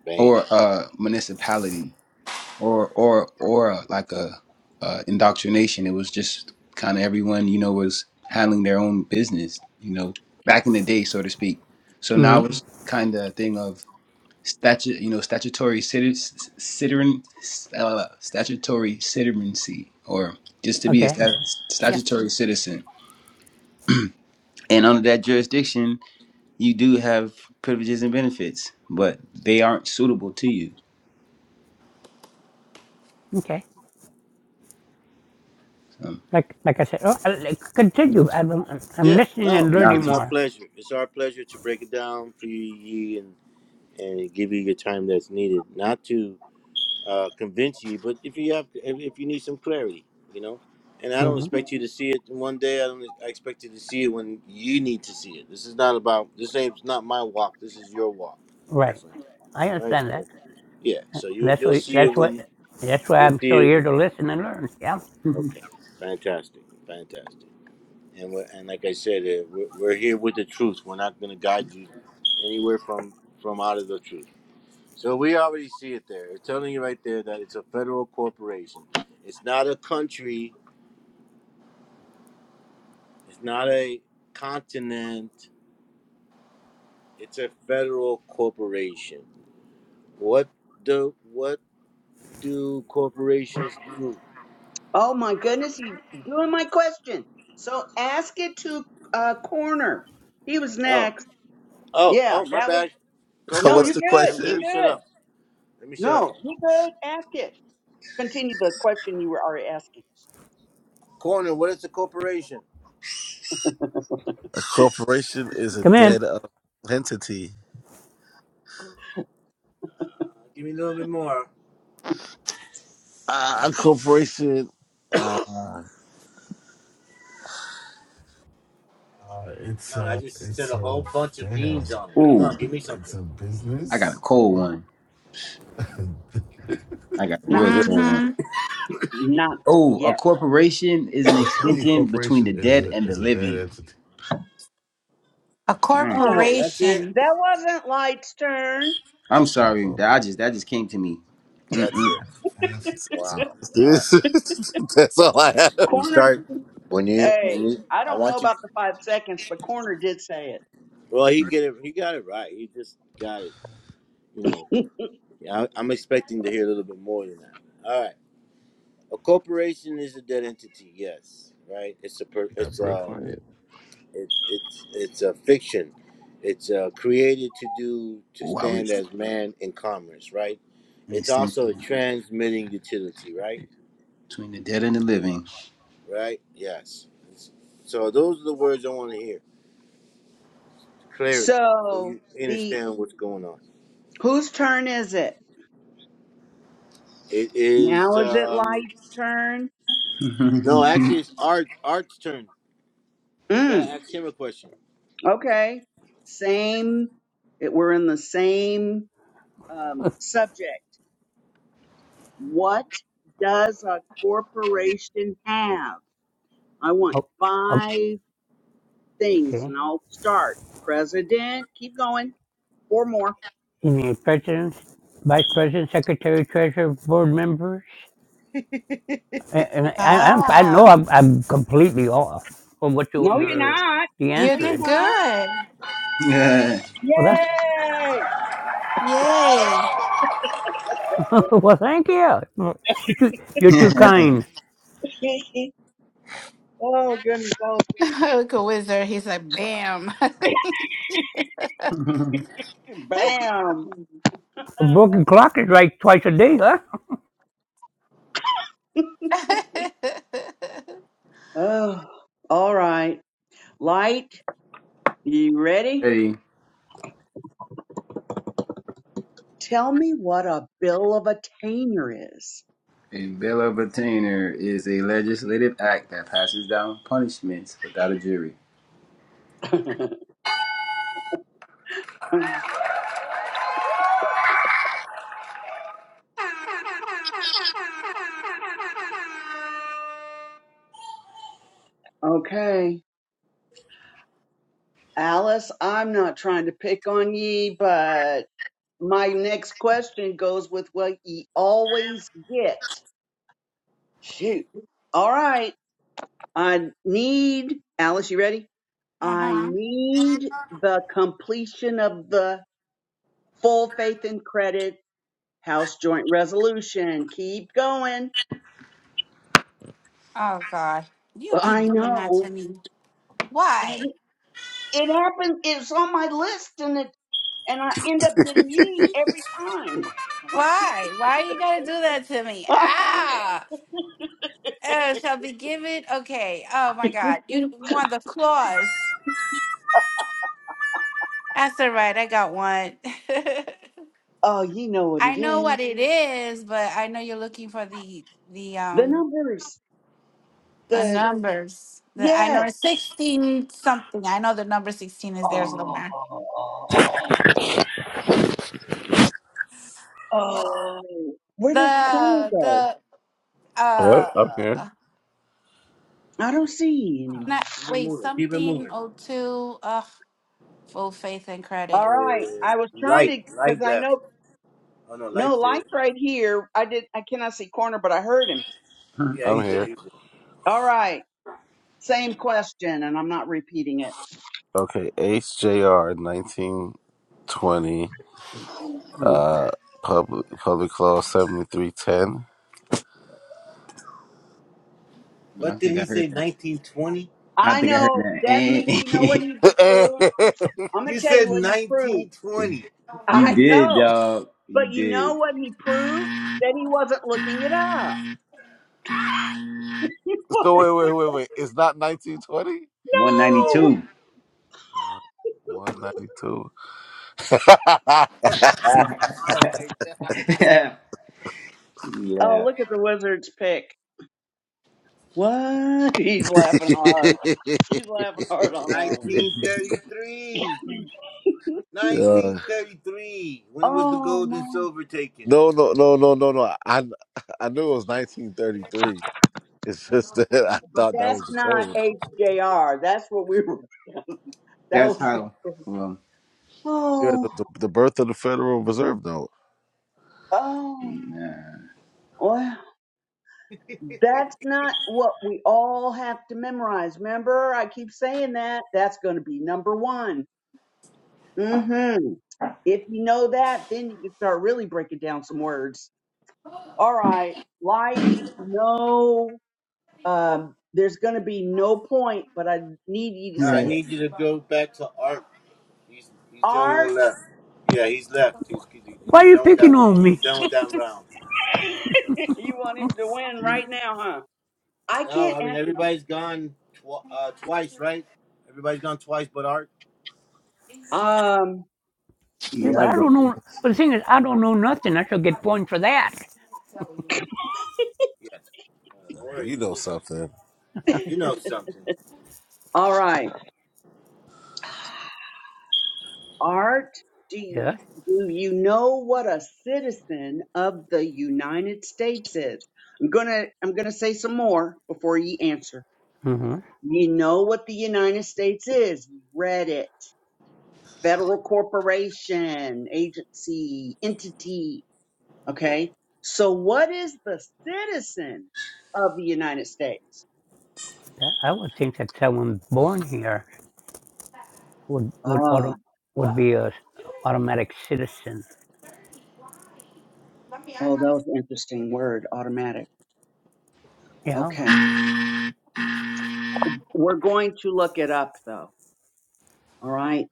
Bam.
or a municipality or or or uh, like a uh, indoctrination. It was just kind of everyone you know was handling their own business, you know, back in the day, so to speak. So
hmm
now it's kind of a thing of statute, you know, statutory citizen, citizen, uh, statutory citizenry, or just to be a
Okay.
stat-
Yeah.
statutory citizen. And under that jurisdiction, you do have privileges and benefits, but they aren't suitable to you.
Okay.
Um,
Like like I said, oh, I, like, continue. I'm, I'm
Yeah,
listening
no,
and
nah.
learning
it's our
more.
pleasure. It's our pleasure to break it down for you ye, and and give you your time that's needed, not to uh, convince you, but if you have if, if you need some clarity, you know. And I don't
hmm
expect you to see it in one day. I don't I expect you to see it when you need to see it. This is not about this ain't not my walk. This is your walk, my
Right.
friend.
I
All right.
understand
So,
that.
yeah. So
And
you
that's
you'll
why
see it
that's why
when
that's why
you'll
I'm
see
still
it.
here to listen and learn. Yeah.
Okay. Fantastic. Fantastic. and we're, and like I said, uh, we're, we're here with the truth. We're not going to guide you anywhere from from out of the truth. So we already see it there. It's telling you right there that it's a federal corporation. It's not a country. It's not a continent. It's a federal corporation. What do what do corporations do?
Oh my goodness, you doing my question. So ask it to uh, Corner. He was
Oh,
next.
oh,
Yeah,
oh, my
that was,
bad. Go
no,
for
What's
you
it.
the
Let,
good.
let me
You
let
question?
me shut
good.
up. Let me shut up.
No, you good. Ask it. Continue the question you were already asking.
Corner, what is a corporation?
A corporation is a
Come in.
dead uh, entity.
Give me a little bit more.
Uh, a corporation. Uh, Uh, it's
Come on, I
a.
just said
It's
a whole
a.
bunch of
Damn.
beans on it. Come
Ooh.
on, give me
It's
something.
a
I got a
business.
cold one. I got a
Not,
real cold one.
Mm-hmm.
not
Oh, a
yet.
corporation is an
Uh, to me, a
extension between the
corporation is
dead
a
and
is
the
a dead
living.
entity.
A
Mm.
Oh,
That's it.
corporation.
that wasn't Light's turn.
I'm
Uh,
sorry,
Um,
that I just that just came to me.
yeah,
That's
Mm-mm.
it.
that's,
Wow.
that's, that's all I have.
When you
Corner,
start, when you,
hey,
when you,
I
I
don't know
want you.
about the five seconds, but Corner did say it.
Well, he get it. He got it right. He just got it. You know, I, I'm expecting to hear a little bit more than that. All right. A corporation is a dead entity. Yes. Right. It's a. per
Got
It's
real
a.
quiet.
It, it's it's a fiction. It's uh, created to do to
Oh, I
stand
was
as man in commerce. Right.
an
It's also a
extension
transmitting utility. Right
between the dead and the living.
right? Yes. So those are the words I want to hear. Clarity. So
So
you
the
understand what's going on.
Whose turn is it?
It is
Now is it
um
Light's turn?
no, actually it's Art Art's turn. You gotta
Mm,
ask him a question.
okay. Same. It, we're in the same um, subject. What does a corporation have? I want
Oh, oh,
five things,
okay.
and I'll start. President. Keep going. Four more.
You mean president, vice president, secretary, treasurer, board members? And and I, I, don't- I know
Ah,
I'm, I'm completely off from what your,
No, you're
your
not.
the
you
No,
answer
you're
did
is.
not.
good.
Yeah.
Well, that's
Yay!
Yay.
well. Thank you. You're too, you're too kind.
oh goodness! Oh,
Look at Wizard. He's like, bam. uh-huh.
goodness. bam!
A broken clock is right twice a day, huh?
Oh, all right. Light, you ready?
Hey,
Tell me what a bill of attainder is.
a bill of attainder is a legislative act that passes down punishments without a jury.
Okay. Alice, I'm not trying to pick on ye, but my next question goes with what ye always get. Shoot. All right. I need, Alice, you ready? I need the completion of the full faith and credit House Joint Resolution. Keep going.
Oh, God. You keep
I
doing that to
know.
me.
I
Why?
It happens. It's on my list, and it and I end up getting ye every time.
Why? Why you gotta do that to me? Ah, uh, shall be given. Okay. Oh my God, you want the claws? That's all right. I got one.
oh, you know what
I
it
know
is.
what it is, but I know you're looking for the the
The
um
numbers.
the
The
numbers. The, I know
yes.
it's sixteen something. I know the number sixteen is there
Oh,
somewhere.
oh. Where did Corner
The
go?
the uh
What? I'm here.
I don't see you anymore.
not
Keep it
wait
moving. Keep it
something
moving.
oh two. Ugh, full faith and
All
credit.
right.
Uh,
I was trying
light,
to because
light
I
left.
know
Oh no,
no
light's there.
lights right here. I did. I cannot see Corner, but I heard him.
Huh.
Yeah,
I'm
he's there.
here.
He's there.
All right. Same question, and I'm not repeating it.
Okay, HJR 1920,
Ooh,
uh, public public law 7310.
I
What did
think I
he
heard
say?
that.
1920?
I
I
think I heard
know that me. You know
that.
what he just proved? I'm gonna tell you what he proved.
You
I
did,
know,
dog. You
but you know
did.
what he proved? That he wasn't looking it up.
so
Like,
wait, wait, wait, wait. It's not 1920.
no.
192.
One.
Like
Oh,
yeah.
look at the Wizards pick. What? He's laughing hard. He's laughing hard on that one.
192.
1933. 1933. When was the
Oh
gold and
my!
silver taken?
No, no, no, no, no, no. I I knew it was 1933. It's just that I
But
thought that
that's
was the
not
code.
HJR. That's what we were. That
That's
was.
how. Well,
Yeah, the,
Oh,
the, the birth of the Federal Reserve Note.
oh.
nah.
Well, that's not what we all have to memorize. Remember, I keep saying that. That's going to be number one Mm-hmm. If you know that, then you can start really breaking down some words. All right. Light, no, um, there's going to be no point, but I need you to
No, I
yeah,
say it.
need you to go back to Art. He's he's the only
Art,
one left. Yeah, he's left. He's and
Why
you're
are you
done with
picking
that.
on
You're
me?
done with that round.
you want him to win right now, huh? I
No,
can't
I mean
answer.
everybody's gone tw- uh, twice, right? Everybody's gone twice, but Art.
that. Um,
Yeah,
yeah.
but I
I've
don't
gone.
know. But the thing is, I don't know nothing. I shall get points for that.
Yeah. Uh, don't worry.
You know
Just
something.
you know something.
all right. Art, do
Yeah.
you, do you know what a citizen of the United States is? I'm going to, I'm going to say some more before you answer.
Mm-hmm.
You know what the United States is. You read it. Federal corporation, agency, entity. Okay. So what is the citizen of the United States?
That, I would think that someone born here would would
Ah,
auto, would be a s- automatic citizen.
oh, that was an interesting word, automatic.
Yeah.
Okay. We're going to look it up though. All right.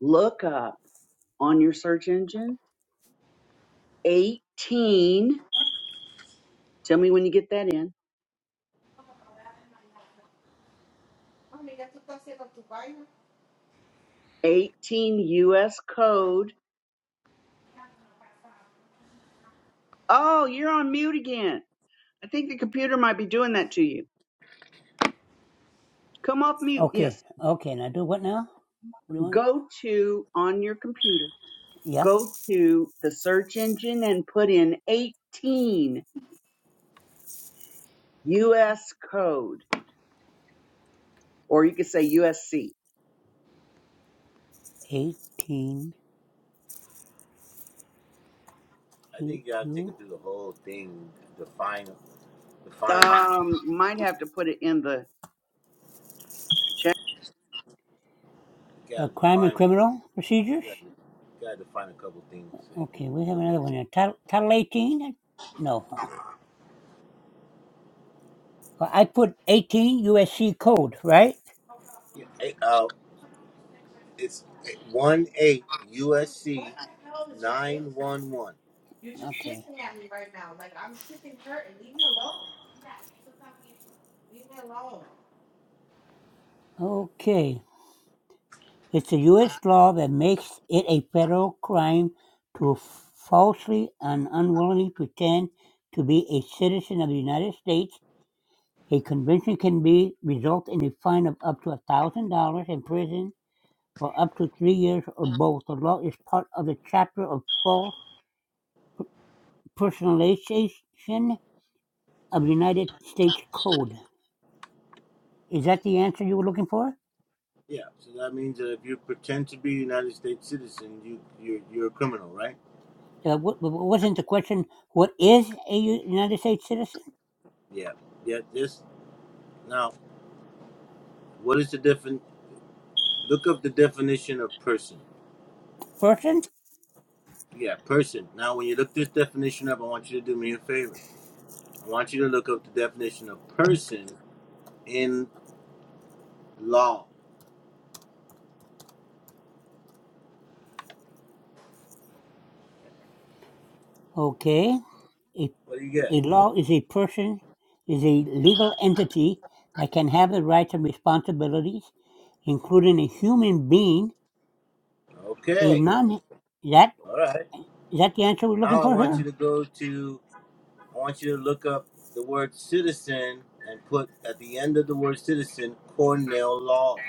Look up on your search engine 18. Tell me when you get that in. 18 US code. Oh, you're on mute again. I think the computer might be doing that to you. Come off mute.
Okay.
Yes.
Okay. Now do what now? What do you want?
Go to on your computer.
Yeah.
Go to the search engine and put in 18 US code, or you could say USC.
18.
I
You,
think you got to take
you.
him through the whole thing. Define, define.
Um, might have to put it in the
You got
Uh,
to
crime and
define what
criminal procedures.
you got. to define a couple things so he can.
Okay. We have
It'll make
another one
sense.
here. Title, title 18? No. huh? Well, I put 18 USC code, right?
Yeah. Hey, uh, It's one eight USC nine one one.
Okay. Okay. It's a U.S. law that makes it a federal crime to falsely and unwillingly pretend to be a citizen of the United States A conviction can be result in a fine of up to a thousand dollars in prison or up to three years or both. The law is part of the chapter of false personalization of the United States Code. Is that the answer you were looking for?
Yeah, so that means that if you pretend to be a United States citizen, you you're, you're a criminal, right?
Uh, w- wasn't the question what is a United States citizen
Yeah, yeah. This now, what is the different? Look up the definition of person.
person?
Yeah, person. Now, when you look this definition up, I want you to do me a favor. I want you to look up the definition of person in law.
Okay, a,
What do you
a
get?
law is a person is a legal entity that can have the rights and responsibilities, including a human being He's
Okay,
none. Is that
all right.
is that the answer we're looking
Now I
for
want
here?
you to go to I want you to look up the word citizen and put at the end of the word citizen Cornell Law.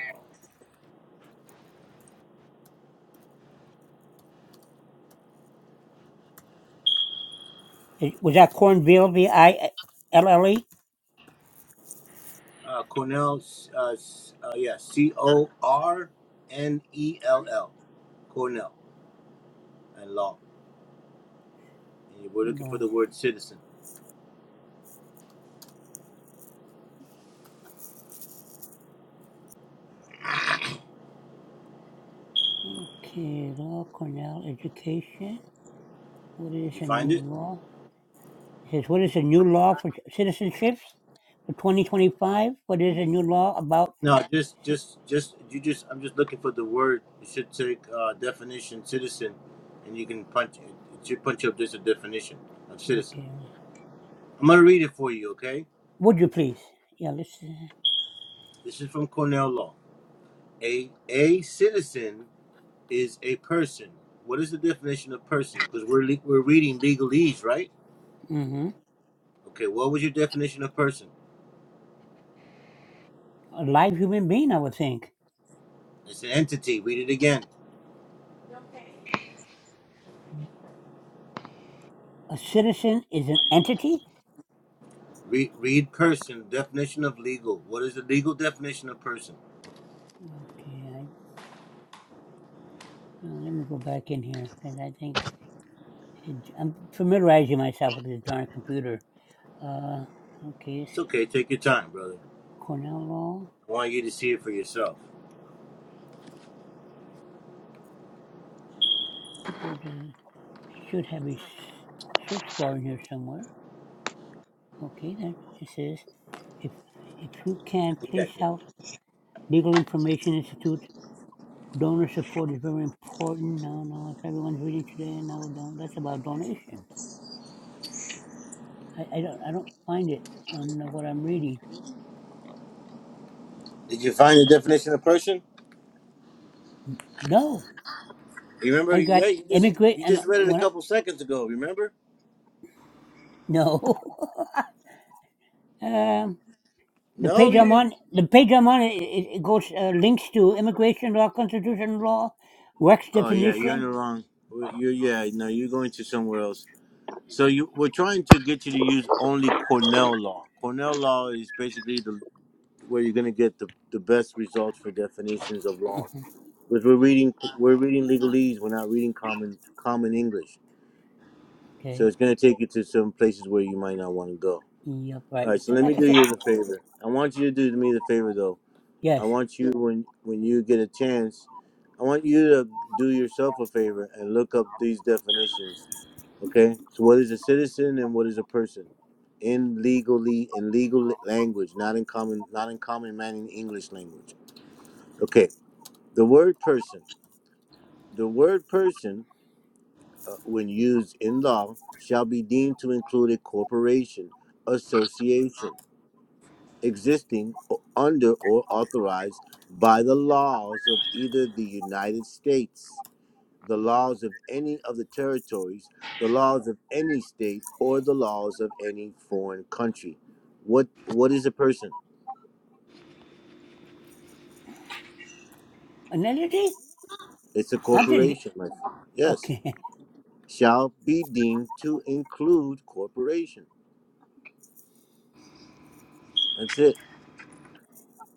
Is- Was that Cornville, V I L L E?
Uh, Cornell, uh, s- uh, yeah, C O R N E L L, Cornell and Law. And we're looking for the
No.
word citizen.
Okay, law, Cornell education. What is
Did you
a new
find it?
law? It says, what is a new law for citizenships for 2025? What is a new law about?
No, just, just, just, you just, I'm just looking for the word. You should take uh, definition citizen and you can punch it. should punch up just a definition of citizen.
Okay.
I'm going to read it for you, okay?
Would you please? Yeah, let's.
This is from Cornell Law. a a citizen is a person. What is the definition of person? Because we're le- we're reading legalese, right?
Mm-hmm.
Okay, what was your definition of person?
A live human being, I would think.
It's an entity. Read it again.
A citizen is an entity?
Read read person definition of legal. What is the legal definition of person?
Okay, I, uh, let me go back in here because I think. I'm familiarizing myself with this darn computer. Uh, okay, it's
It's okay. Take your time, brother.
Cornell Law.
I want you to see it for yourself.
What is it? It should have a search bar in here somewhere. Okay, then it says, if if you
I
can,
think I
please
did.
help. Legal Information Institute donor support is very important. No, no, if everyone's reading today, no, don't. That's about donations. I, I don't I don't find it on what I'm reading.
Did you find the definition of person?
No,
You remember?
I've got
Yeah, you just
immigrant.
you
Am,
just read it a
when I,
couple seconds ago. Remember?
no. um, The
No,
page
you
I'm
didn't.
on, the page I'm on, it, it it goes uh, links to immigration law, constitution law, works
Oh yeah, you're in the
definition.
wrong. You yeah, no, you're going to somewhere else. So you we're trying to get you to use only Cornell law. Cornell law is basically the where you're going to get the, the best results for definitions of law.
Mhm.
Because we're reading we're reading legalese, we're not reading common common English. So
Okay.
it's going to take you to some places where you might not want to go.
Yep.
All
Right.
right, so
So,
let
like
me
I
do
said,
you the favor. I want you to do me the favor though. I
yes.
want you when when you get a chance, I want you to do yourself a favor and look up these definitions. Okay? So what is a citizen and what is a person? In legally in legal language, not in common not in common man in English language. Okay. The word person. The word person uh, when used in law shall be deemed to include a corporation, association. existing o- under or authorized by the laws of either the United States, the laws of any of the territories, the laws of any state, or the laws of any foreign country. What what is a person?
Analogy?
It's a
I'm just g-
corporation. my friend. Yes,
okay.
shall be deemed to include corporation. That's it.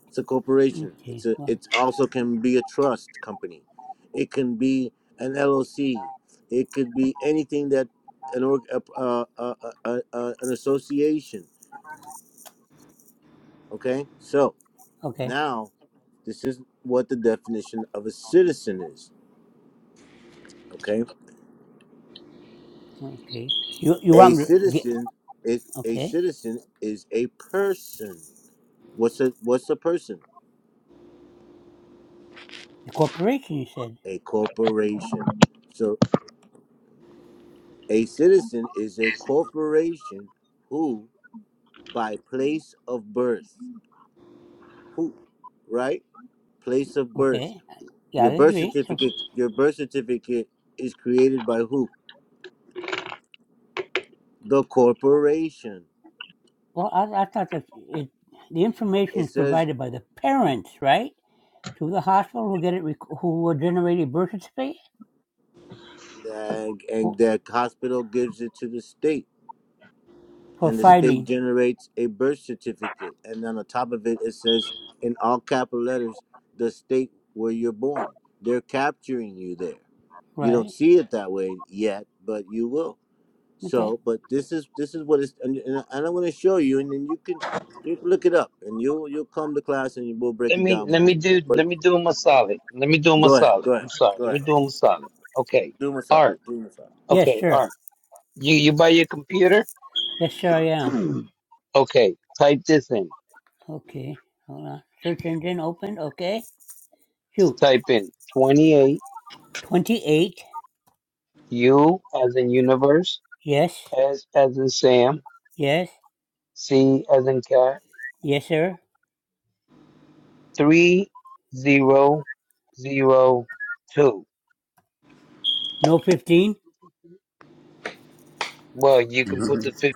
It's a corporation. It's
Okay.
a.
Well.
It also can be a trust company. It can be an LLC. It could be anything that an org, uh, uh, uh, uh, uh, an association. Okay, so
Okay.
now this is what the definition of a citizen is. Okay,
Okay. You you
a
want me to get
citizen is a
okay?
citizen is a person. What's a what's a person?
The corporation, you said.
A corporation. So a citizen is a corporation who by place of birth. Who, right? Place of birth.
Okay. Yeah,
Your
I
birth
agree. So,
certificate. Your birth certificate is created by who? The corporation.
well, I, I thought that it, the information
It
is
says,
provided by the parents, right, to the hospital who get it, rec- who will generate a birth certificate.
that, and the hospital gives it to the state,
for
and the state
filing,
generates a birth certificate. And then on top of it, it says in all capital letters, the state where you're born. They're capturing you there. You don't
right?
see it that way yet, but you will.
Okay.
So, but this is this is what it's and, and, and I'm going to show you, and then you can you can look it up, and you you'll come to class and you will break
Let
it
me
down
let
more.
me do
But
let me do him a solid. Let me do him a
go ahead,
solid.
go ahead,
I'm sorry.
go
Let me
ahead.
do him a solid. Okay.
Do massage,
Art.
do massage.
Yes,
Okay,
sir.
Art. You you buy your computer?
Yes, sir, I am.
okay. Type this in.
Okay. Hold on. Search engine open. Okay. Shoot.
type in twenty eight
28.
U as in universe,
Yes.
S as in Sam,
Yes.
C as in cat,
Yes, sir.
three zero zero two.
No 15.
Well, you can put
Mhm.
the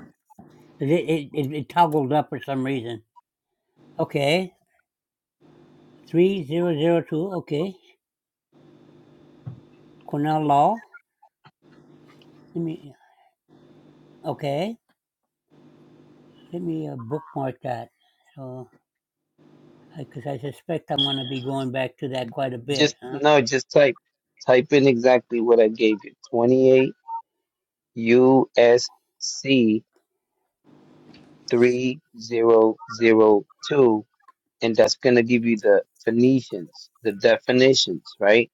It, it, it, it toggled up for some reason. Okay. 3002. Okay. Cornell Law. Let me, okay. Let me uh, bookmark that. So, because I 'cause I suspect I'm going to be going back to that quite a bit,
Just
huh?
no, just type type in exactly what I gave you. 28 USC 3002 and that's going to give you the Phoenicians, the definitions, right?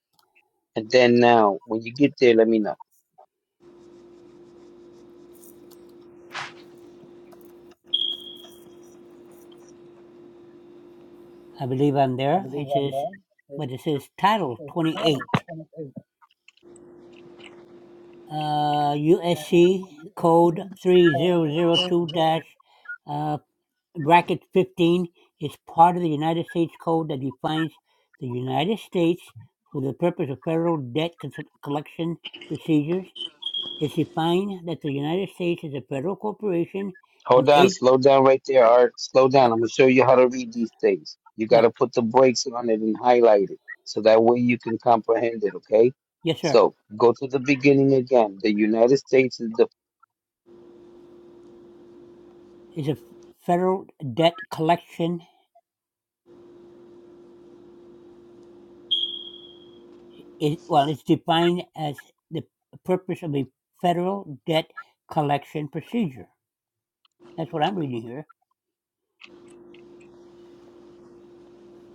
And then now when you get there let me know.
I believe I'm there. It says, but it says Title 28, uh, USC Code 3002 dash uh, bracket 15 is part of the United States Code that defines the United States for the purpose of federal debt cons- collection procedures. It's defined that the United States is a federal corporation and
Hold on,
eight,
slow down right there, Art. Slow
uh,
down. I'm gonna show you how to read these things. You
yeah,
gotta put the brakes on it and highlight it so that way you can comprehend it, okay?
yes, sir,
So go to the beginning again. The United States is the
is a federal debt collection Is well, it's defined as the purpose of a federal debt collection procedure. That's what I'm reading here.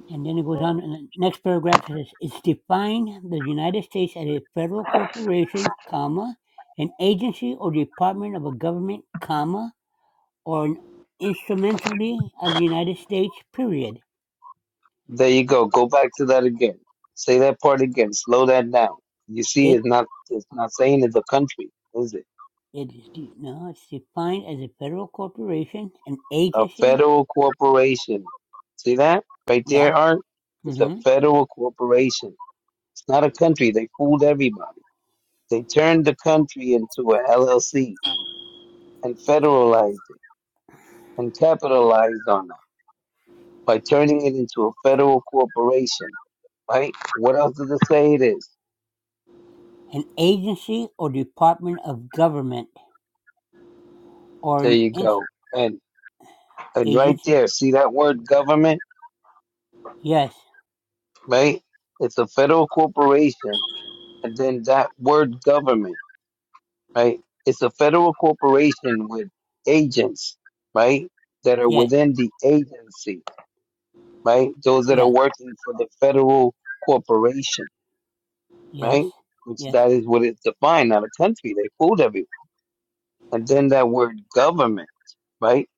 And then it goes on, and the next paragraph says, it's defined the United States as a federal corporation, comma, an agency or department of a government, comma, or an instrumentally of the United States, period.
There you go. Go back to that again. Say that part again. Slow that down. You see,
It,
it's not it's not saying it's a country, is it?
it is, de- no, it's defined as a federal corporation, an
A
agency,
federal corporation. See that right
yeah,
there, Art? It's
mm-hmm.
a federal corporation. It's not a country. They fooled everybody. They turned the country into a LLC and federalized it and capitalized on that by turning it into a federal corporation. Right? What else does it say it is?
An agency or department of government or
There
an
you
in-
go. And. And right
agency.
there, see that word government,
Yes,
right? It's a federal corporation. And then that word government, right? It's a federal corporation with agents, right? That are
yes,
within the agency, right? Those that are
yeah,
working for the federal corporation,
yes,
right? Which
yes,
that is what it's defined, not a country. They fooled everyone. And then that word government, right?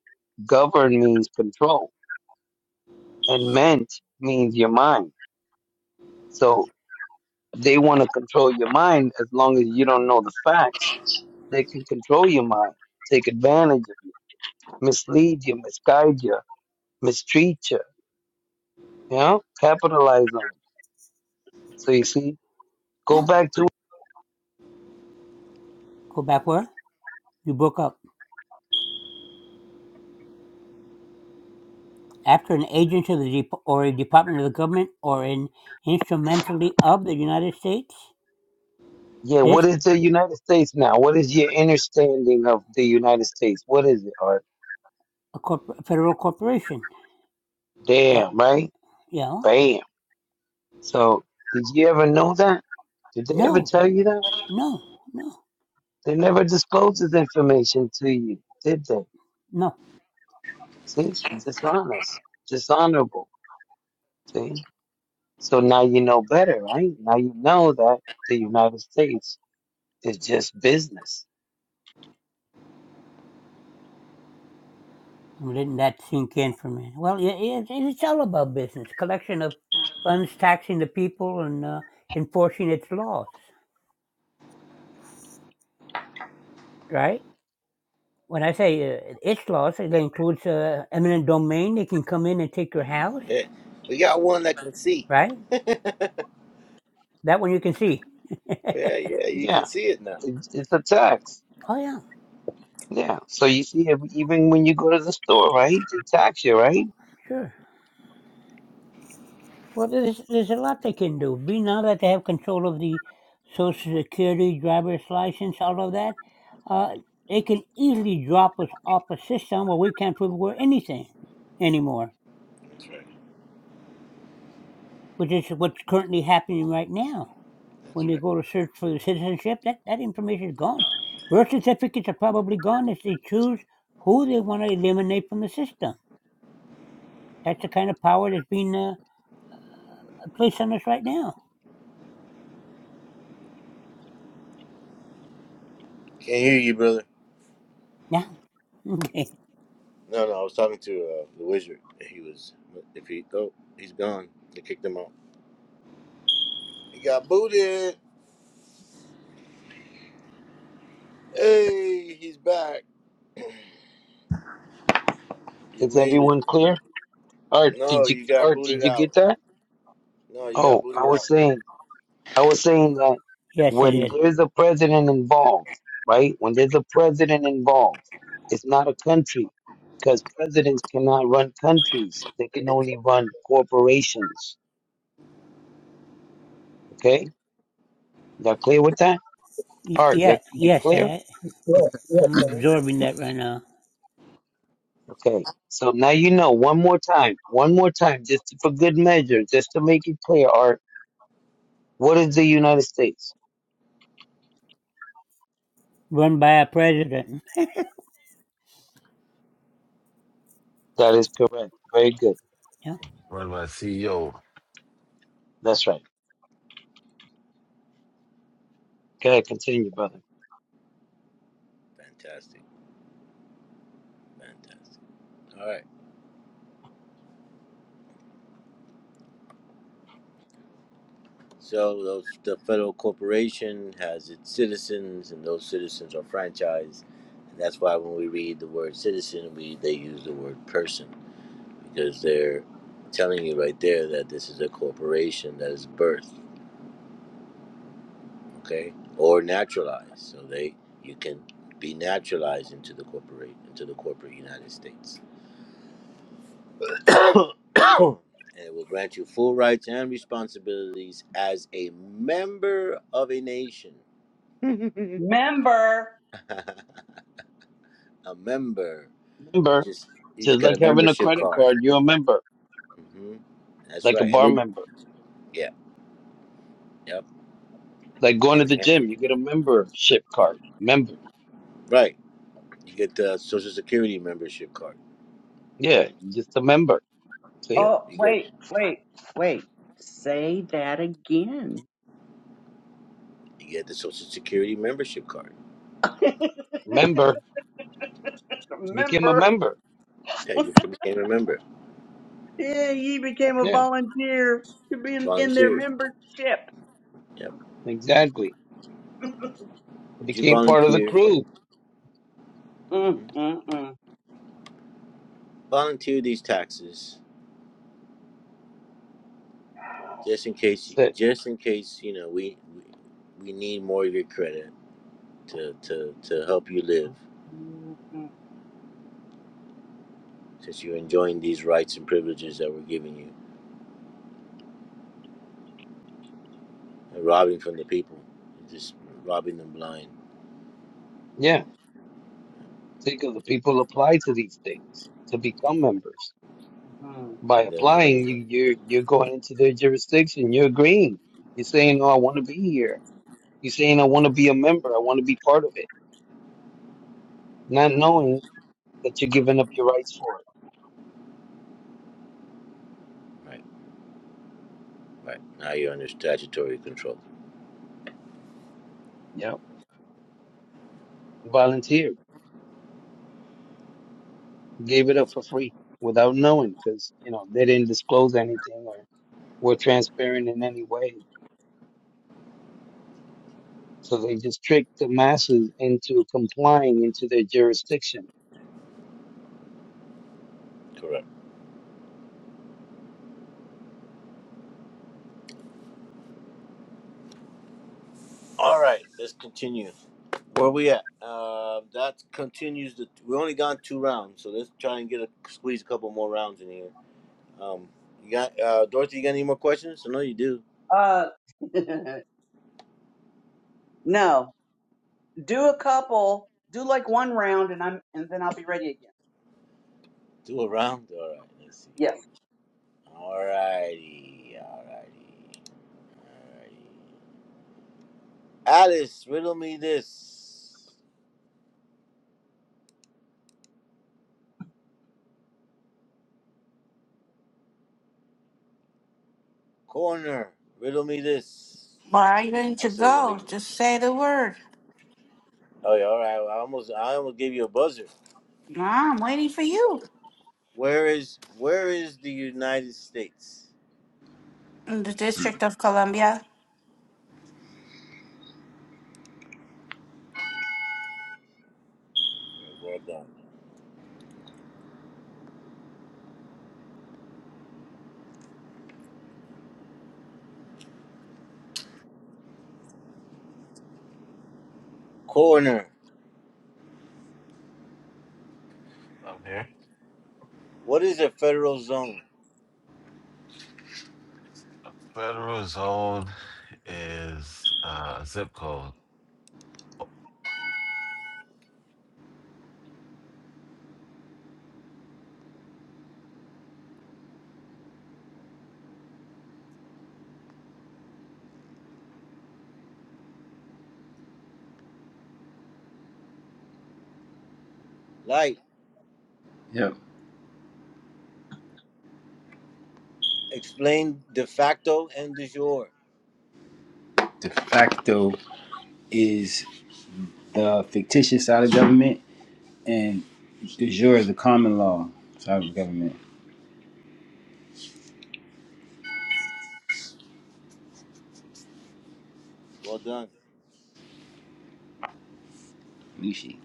Govern means control and meant means your mind. So they want to control your mind as long as you don't know the facts. They can control your mind, take advantage of you, mislead you, misguide you, mistreat you, you know, capitalize on you. So you see, go
yeah.
back to,
Go back where? You broke up. After an agency of the dep- or a department of the government or an instrumentally of the United States,
yeah,
this
what is the United States now? What is your understanding of the United States? What is it? Or
a corp- federal corporation. Uh,
damn, right?
yeah.
Bam. So did you ever know that? Did they ever
No,
tell you that?
no, no,
They never disclosed this information to you, did they?
no.
See, it's dishonest, dishonorable. See? So now you know better, right? Now you know that the United States is just business.
Well, didn't that sink in for me? Well, it, it, it's all about business collection of funds, taxing the people, and uh, enforcing its laws, right? When I say uh, its laws, it includes uh, eminent domain. They can come in and take your house,
Yeah, we got one that can see.
right? That one you can see.
Yeah, yeah, you can
Yeah,
see it now.
it's, it's a tax.
oh, yeah,
Yeah. So you see, ev- even when you go to the store, right, they tax you, right?
sure. Well, there's, there's a lot they can do. Be now that they have control of the Social Security, driver's license, all of that, uh, they can easily drop us off a system where we can't prove we're anything anymore, which is what's currently happening right now. When they go to search for citizenship, that, that information is gone. Birth certificates are probably gone if they choose who they want to eliminate from the system. That's the kind of power that's being uh, placed on us right now.
Can't hear you, brother.
Yeah. Okay.
No, no, I was talking to uh, the wizard. He was, if he go, he's gone. They kicked him out. He got booted. Hey, he's back. You
Is
made it.
everyone clear? Art,
No,
did you
you got
Art, did
booted
you
out.
get that?
No, you got
Oh, I
booted
was
out.
saying, I was saying that
Yes, it
when
is.
there's a president involved, right? When there's a president involved, it's not a country because presidents cannot run countries; they can only run corporations Okay, y'all clear with that?
Y-
All right,
yeah,
y'all, you
yes,
clear?
I, I'm absorbing that right now.
Okay. So now you know one more time, one more time, just for good measure, just to make it clear. Art, what is the United States?
Run by a president.
That is correct. Very good.
Yeah.
run by CEO?
That's right. Go ahead, continue, brother.
Fantastic, fantastic. All right. So those the federal corporation has its citizens, and those citizens are franchised, and that's why when we read the word citizen, we they use the word person because they're telling you right there that this is a corporation that is birthed, okay, or naturalized. So they you can be naturalized into the corporate into the corporate United States. Oh. and will grant you full rights and responsibilities as a member of a nation.
member.
a member. You
Member,
just you just
just
got a
like having a
membership
credit
card.
card, you're a member,
hmm That's
like a
right. And
bar
then
member,
yeah, yep.
like going to
And
the
then-
gym, you get a membership card. Member,
right, you get the Social Security membership card.
yeah, just a member. See,
Yep,
Oh,
you get
wait, wait, wait. Say that again.
you get the Social Security membership card.
member became a
member.
member.
Yeah, you became a member.
Yeah, he became a
Yeah,
volunteer to be in, in their
Volunteer.
membership.
Yep.
exactly.
Would you
Became part of the
volunteer?
crew.
Mm,
Mhm.
mm, mm.
Volunteer these taxes. just in case
That's it.
just in case you know we we need more of your credit to to to help you live
Mm, mm,
since you're enjoying these rights and privileges that we're giving you and robbing from the people just robbing them blind
Yeah. Think of the people apply to these things to become members.
mm.
By
and they don't know
applying,
anybody
you you're you're going into their jurisdiction. You're agreeing. You're saying, "Oh, I want to be here." You're saying, "I want to be a member. I want to be part of it," not knowing that you're giving up your rights for it.
right right now you're under statutory control
Yeah, you volunteered. You gave it up for free without knowing because you know they didn't disclose anything or were transparent in any way. So they just tricked the masses into complying into their jurisdiction.
correct all right let's continue where we at uh, that continues the we only gone two rounds so let's try and get a squeeze a couple more rounds in here um you got uh dorothy you got any more questions i know you do
Uh, no, do a couple, do like one round, and I'm, and then I'll be ready again.
Two around? Alright, let's see. Alrighty, alrighty, alrighty. Alice, riddle me this. Corner, riddle me this.
Where are you going to
Actually, let me.
go? Just say the word.
Oh yeah, all right. I almost, I almost gave you a buzzer.
No, I'm waiting for you.
Where is, where is the United States?
In the District of Columbia.
Very well done. Corner,
I'm here.
what is a federal zone?
A Federal zone is uh, a zip code.
Light,
yep.
explain de facto and de jure.
De facto is the fictitious out of government, and de jure is the common law out of government.
Well done.
Mishi.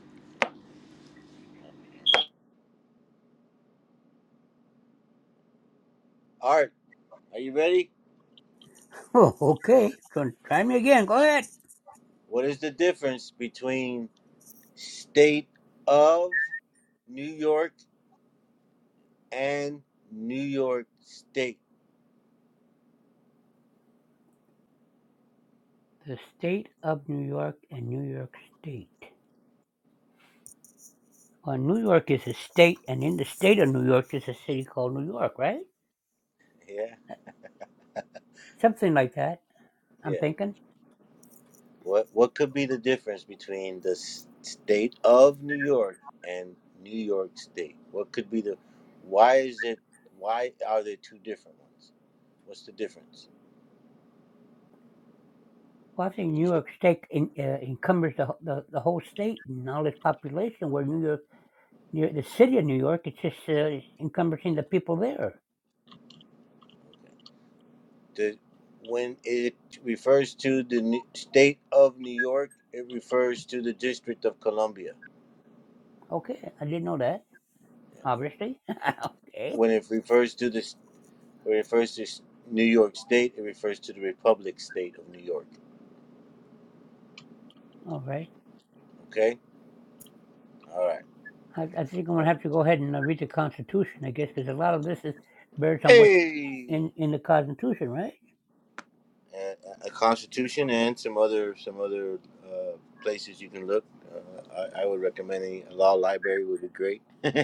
Art, are you ready?
Oh, okay. So try me again. Go ahead.
What is the difference between state of New York and New York State.
The state of New York and New York State. Well, New York is a state, and in the state of New York is a city called New York, right?
Yeah,
Something like that. I'm
yeah.
thinking.
What what could be the difference between the s- state of New York and New York State? What could be the why is it why are there two different ones? What's the difference?
Well, I think New
These are-
York State in, uh, encumbers the, wh- the the whole state and all its population. Where New York, near the city of New York, it's just uh, encompassing the people there.
okay. The when it refers to the New- state of New York, it refers to the District of Columbia.
Okay, I didn't know that.
Yeah.
obviously. okay.
When it refers to the When it refers to New York State, it refers to the Republic State of New York.
All right.
Okay? All right.
I, I think I'm going to
No.
have to go ahead and uh, read the Constitution, I guess, because a lot of this is based on what's
Hey!
in, in the Constitution, right?
A, a constitution and some other some other uh, places you can look. Uh, I, I would recommend a a law library would be great.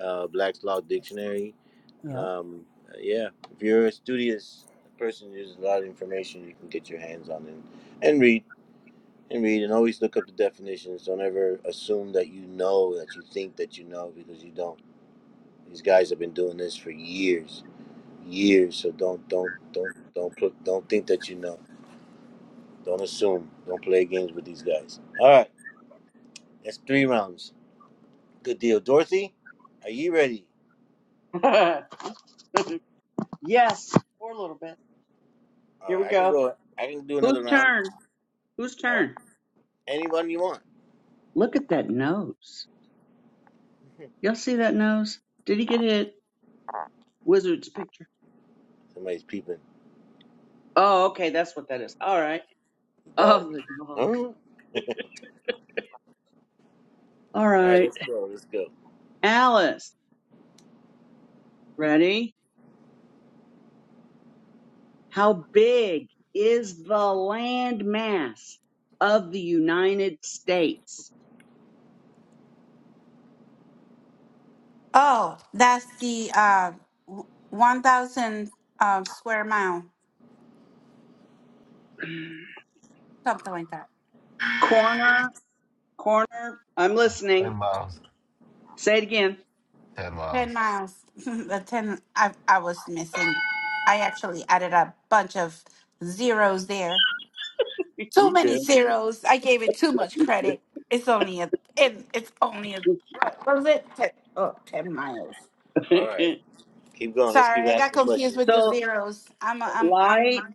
uh, Black's Law Dictionary.
Yeah.
Um, uh, yeah, if you're a studious person, there's a lot of information you can get your hands on and, and read. and read and always look up the definitions. Don't ever assume that you know that you think that you know because you don't. These guys have been doing this for years, years. So don't don't don't don't put, don't think that you know. Don't assume. Don't play games with these guys. All right, that's three rounds. Good deal, Dorothy. Are you ready?
Yes. yes, for a little bit.
All
Here
right,
we
I can
go.
go. I can do another
Whose
round.
turn? Whose
All right,
turn?
anyone you want.
Look at that nose. Y'all see that nose? Did he get it? Wizard's picture.
Somebody's peeping.
Oh, okay, that's what that is. All right.
The dog
Oh,
is.
the
Huh?
dog.
All
All
right,
right.
let's go. Let's go.
Alice, ready? How big is the land mass of the United States?
Oh, that's the uh, w- 1,000 uh, square mile, something like that.
Corner, corner. I'm listening.
Ten miles.
Say it again.
Ten
10
miles.
miles. the 10 I, I was missing. I actually added a bunch of zeros there. Too
You
many zeros. I gave it too much credit. It's only a, it, it's only a, what was it? 10, oh, ten miles.
All right,
good?
keep going. Let's
Sorry,
keep
I got
asking
confused
questions.
with the
So,
zeros. I'm, a, I'm,
why?
I'm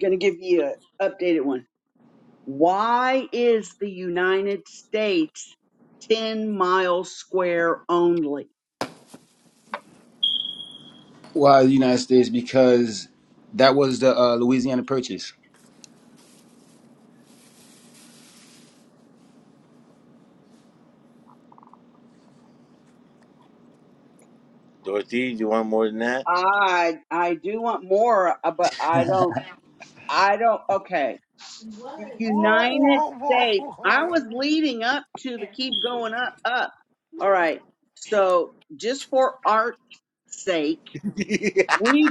Going to give you an updated one. Why is the United States 10 miles square only?
Why the United States? Because that was the uh, Louisiana Purchase.
Dorothy, do you want more than that?
I I do want more, uh, but I don't. I don't. Okay. The
Whoa,
United
whoa, whoa,
States. I was
whoa.
leading up to the keep going up, up. All right. So, just for art's sake, we.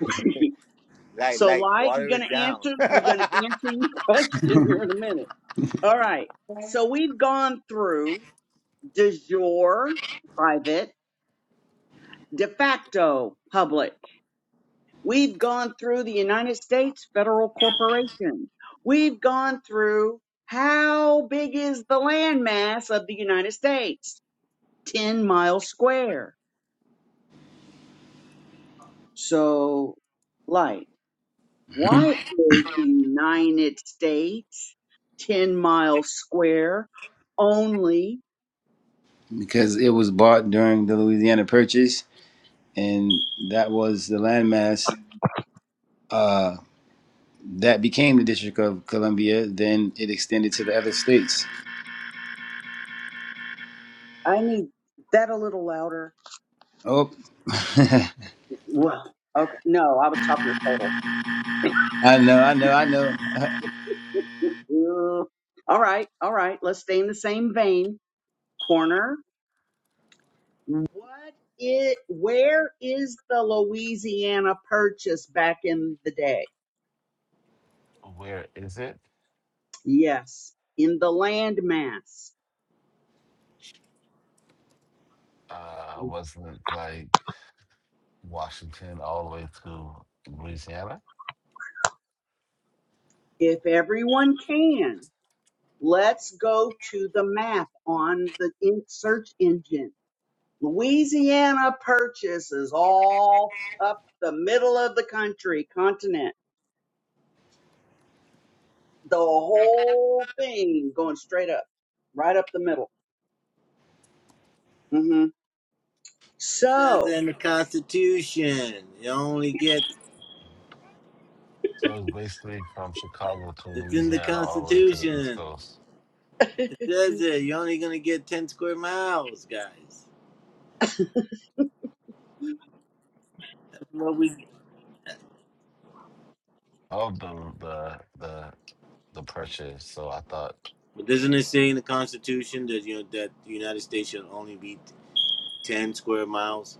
like,
so,
like,
Light,
water
you're
it
going to
down.
answer. You're going to answer your question here in a minute. All right. So we've gone through de jure, private, de facto, public. We've gone through the United States federal corporation. We've gone through how big is the landmass of the United States? 10 miles square. So, Light.
Mhm.
Why is the United States 10 mile square only?
because it was bought during the Louisiana Purchase, and that was the landmass. Uh, that became the District of Columbia. Then it extended to the other states.
I need that a little louder.
Oh,
Well, okay. No, I was talking to total.
I know, I know, I know.
all right, all right. Let's stay in the same vein. Corner. What it? Where is the Louisiana Purchase back in the day?
Where is it?
Yes, in the landmass.
Uh, wasn't it like Washington all the way to Louisiana?
If everyone can. Let's go to the map on the in search engine. Louisiana purchases all up the middle of the country, continent, the whole thing going straight up, right up the middle. hmm
It says
So,
in the Constitution, you only get.
So it's basically from Chicago to
It's in the
Louisiana all the way to the East
Constitution.
Coast
It says it. You're only gonna get ten square miles, guys. That's what we.
of the the the the pressure. So I thought,
But doesn't it say in the Constitution that you know that the United States should only be ten square miles?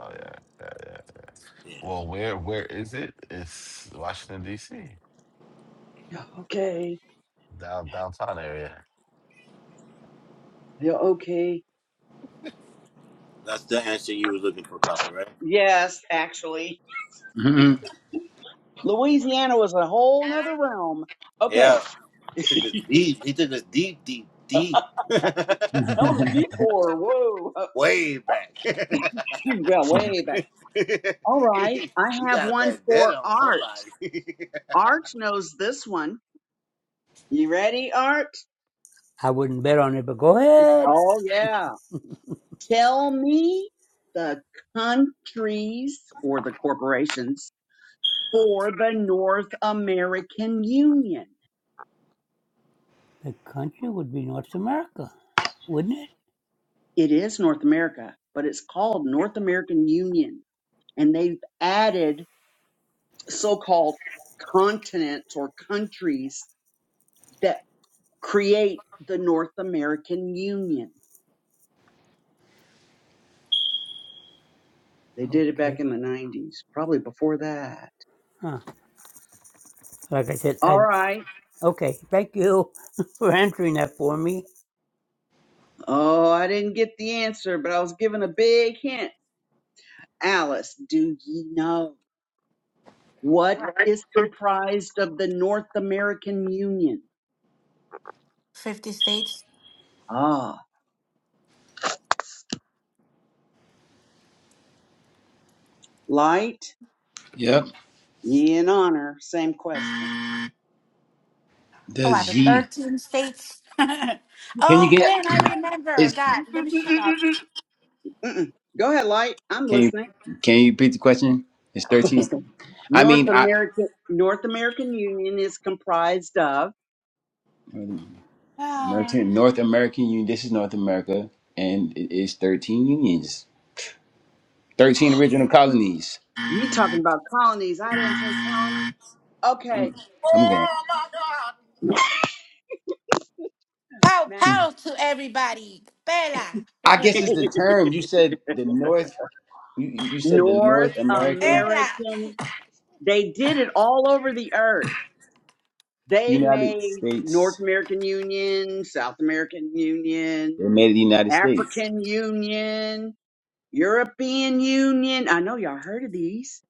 oh yeah, yeah, yeah.
Yeah,
Well, where where is it? It's Washington D.C.
okay,
down downtown area.
yeah, okay,
that's the answer you were looking for, Copper, right?
yes, actually,
Mhm.
Louisiana was a whole nother realm. Okay,
Yeah, took us
that
deep. He took us deep, deep, deep.
was a detour. Whoa, uh,
Way back.
you got way back. All right,
he
I have
got a
one for
vendetta on
art.
somebody.
Art knows this one. You ready, Art?
I wouldn't bet on it, but go ahead.
Oh, yeah. Tell me the countries or the corporations for the North American Union.
The country would be North America, wouldn't it?
It is North America, but it's called North American Union. And they've added so called continents or countries that create the North American Union. They did it back
Okay.
in the 90s, probably before that.
Huh. Like I said,
All
I
right.
okay. Thank you for answering that for me.
Oh, I didn't get the answer, but I was given a big hint. Alice, do ye know what is comprised of the North American Union?
50 states.
Ah, light,
yep.
ye and honor. Same question.
Oh, out
Does
of
ye?
13 states.
Can you
oh
get?
man, I remember.
It's
God, let me shut up.
Mm-mm. Go ahead, light. I'm
can you
listening.
can you repeat the question? It's thirteen. I
North
mean, I
American North American Union is comprised of.
North, North American Union. This is North America, and it is thirteen unions, thirteen original colonies.
You talking about colonies? I didn't say colonies. Okay,
I'm going.
Oh my God!
Ah, pow,
Matthew.
pow to everybody. Bella,
I guess it's the term you said. The North. You, you said the
North
North American.
Bella.
American. They did it all over the earth. They
United
made North
States.
American Union, South American Union,
They made it the United States.
African Union, European Union. I know y'all heard of these.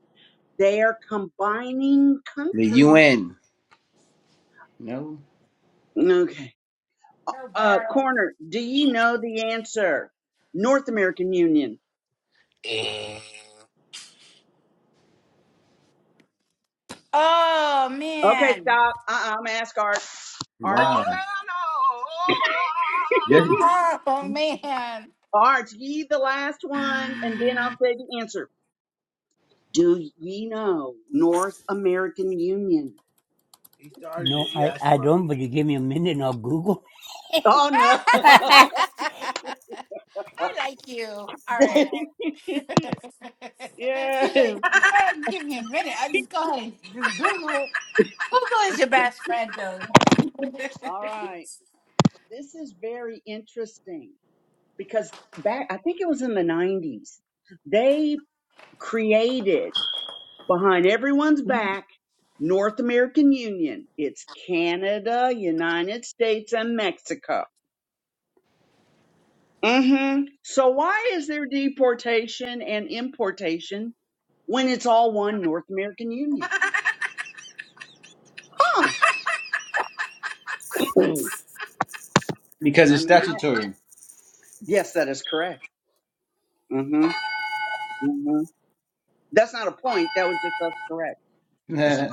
They are combining
The
country.
UN. No.
Okay. Uh, corner, do you know the answer? North American Union.
Mm.
Oh
Okay,
man.
stop. Uh-uh, I'm gonna ask Art. Art?
Wow. Just
Oh man.
Art, ye the last one, and then I'll say the answer. Do ye know North American Union?
he started
No,
it. You
I
asked
I
him.
don't.
already.
But you give me a minute, and I'll Google.
Oh
I
no.
like you. All right.
yes.
She's like, oh, give me a minute. I just go ahead and just Google it. Google is your best friend though.
All right. This is very interesting because back I think it was in the 90s. They created behind everyone's back North American Union. It's Canada, United States and Mexico. Mhm. So why is there deportation and importation when it's all one North American Union? Huh. I
because it's
mean, I,
statutory.
yes, that is correct. hmm hmm That's not a point. That was just us correct.
Nah,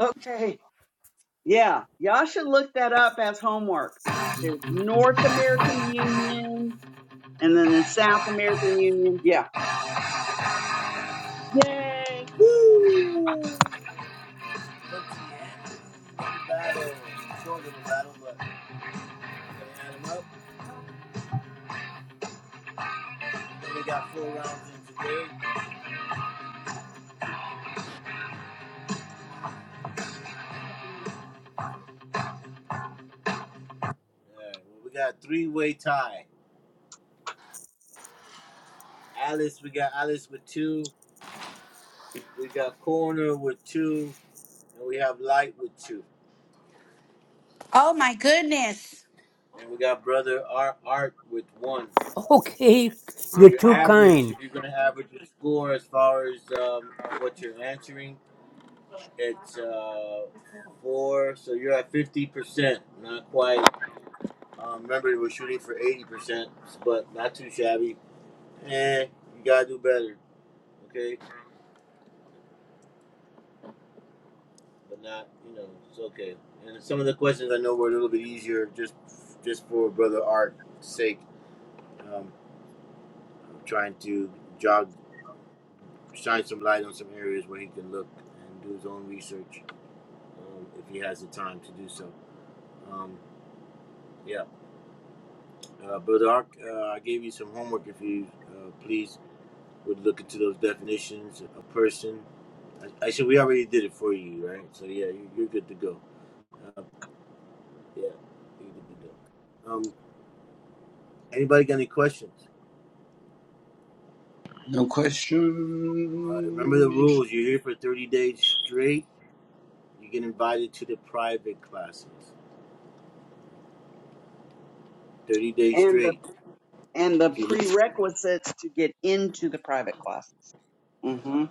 Okay. Yeah. Y'all should look that up as homework. There's North American Union and then the South American Union. Yeah. Yay.
Look to you. Battle, sort of a battle, but we're gonna add them up. Then we got four rounds in today. Alright, well, we got three way tie. Alice, we got Alice with two. We got Corner with two, and we have Light with two,
oh my goodness.
and we got Brother Art Art with one.
okay,
So
you're
your
too
average,
kind.
if you're going to average your score as far as um, what you're answering, it's uh, four. So you're at fifty percent, not quite. Um, remember, we were shooting for eighty percent, but not too shabby. Eh, you gotta do better, okay? But not, you know, it's okay. And some of the questions I know were a little bit easier, just just for brother Art's sake. Um, trying to jog, shine some light on some areas where he can look and do his own research. um, if he has the time to do so. Um, yeah, uh, Brother Ark, uh, I gave you some homework. If you uh, please would look into those definitions, a person. I, I said we already did it for you, right? So yeah, you, you're good to go. Uh, yeah, you're good to go. Um, anybody got any questions?
no
Uh, remember the
questions.
rules. You're here for 30 days straight. You get invited to the private classes. 30 days
And the,
straight.
and the
If you miss,
prerequisites to get into the private classes.
yeah,
hmm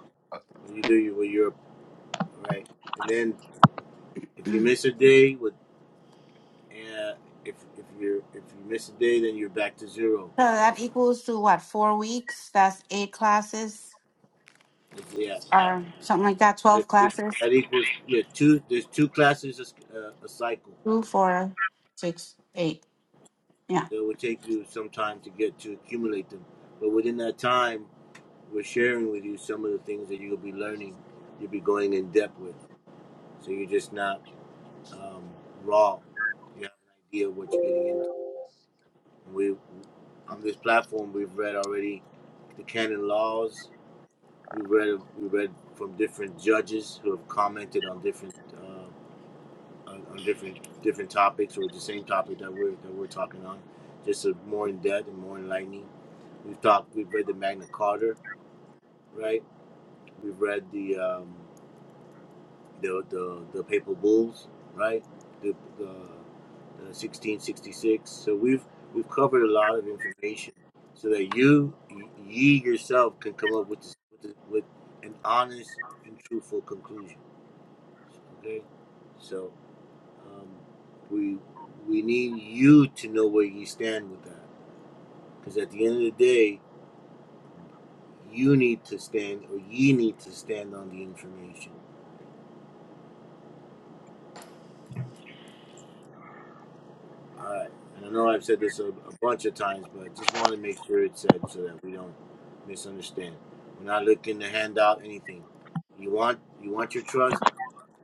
when you do, you well, you're right. And then if you miss a day, what and if if you if you miss a day, then you're back to zero.
So that equals to what, four weeks? That's eight classes
It's yeah.
or something like that,
That,
twelve
is,
classes.
that equals yeah two. There's two classes a, s- uh, a cycle,
Two, four, six, eight. Yeah.
so it would take you some time to get to accumulate them. But within that time, we're sharing with you some of the things that you'll be learning. You'll be going in depth with, so you're just not um, raw. You have an idea of what you're getting into. And we on this platform, we've read already the canon laws We read we read from different judges who have commented on different uh, on, on different different topics or the same topic that we're that we're talking on, just a more in depth and more enlightening. We've talked. We've read the Magna Carta, right? We've read the um, the the, the papal bulls, right? The, the, the 1666. So we've we've covered a lot of information, so that you ye yourself can come up with this, with, this, with an honest and truthful conclusion. Okay, so um, we we need you to know where you stand with that, because at the end of the day, you need to stand or ye need to stand on the information. All right. And I know I've said this a, a bunch of times, but I just want to make sure it's said so that we don't misunderstand. We're not looking to hand out anything. You want you want your trust.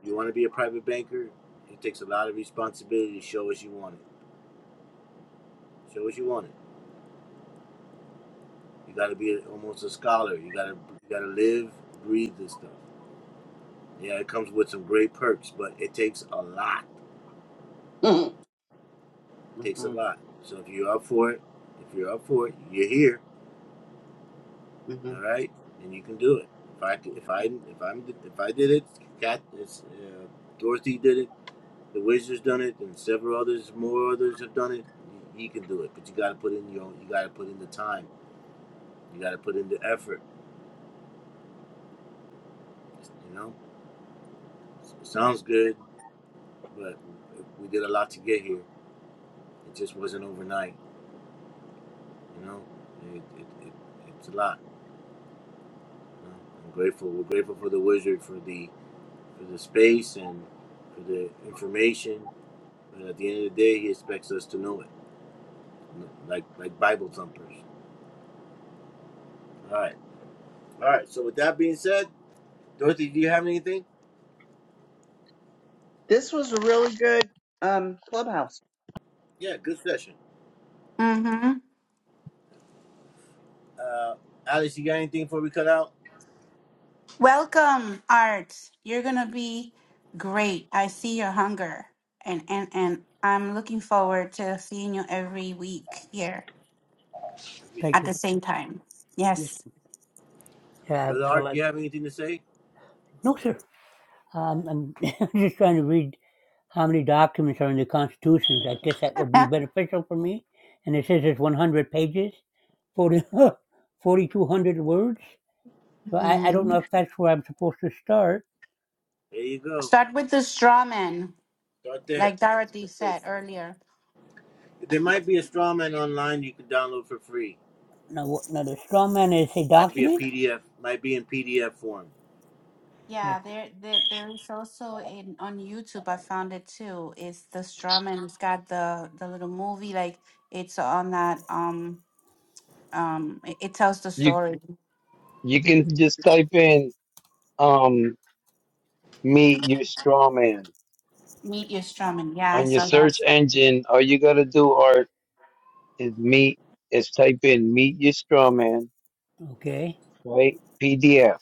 You want to be a private banker. It takes a lot of responsibility to show us you want it. Show us you want it. You got to be a, almost a scholar. You got to you got to live, breathe this stuff. Yeah, it comes with some great perks, but it takes a lot.
hmm
It takes a
hmm
lot. So if you're up for it, if you're up for it, you're here. All right, and you can do it. If I if I if I'm if I did it, Cat, it's, uh, Dorothy did it, the Wizards done it, and several others, more others have done it. You, you can do it, but you got to put in your own. You got to put in the time. You got to put in the effort. You know, it sounds good, but we did a lot to get here. It just wasn't overnight. You know, it, it, it it's a lot. You know? I'm grateful. We're grateful for the Wizard for the for the space and for the information And at the end of the day, he expects us to know it, like like Bible thumpers. All right, all right. So with that being said, Dorothy, do you have anything?
This was a really good um, clubhouse.
Yeah, good session.
Mm-hmm.
Uh, Alice, you got anything before we cut out?
Welcome, Art. You're gonna be great. I see your hunger, and and and I'm looking forward to seeing you every week here
Thank
at
you.
the same time. Yes.
Yeah.
Brother
Well,
Ark,
I,
you have anything to say?
no, sir. Um, I'm just trying to read how many documents are in the Constitution. I guess that would be beneficial for me. And it says it's 100 pages, 40, forty-two hundred words. So I, I don't
Hmm.
know if that's where I'm supposed to start.
There you go.
Start with the straw man,
Start there.
like
That's a
Dorothy
good
said
place.
earlier.
There might be a straw man online you can download for free.
Now, what- now the straw man is a
Might be a
document.
PDF. Might be in PDF form.
Yeah,
Okay,
there, there, there's also in on YouTube. I found it too. It's the straw man. It's got the the little movie. Like it's on that. Um, um, it, it tells the
You
story.
you can just type in um meet your straw man
Meet your straw man. Yeah, I
on your
saw that.
search engine all you gotta do art is meet is type in meet your straw man
okay.
right pdf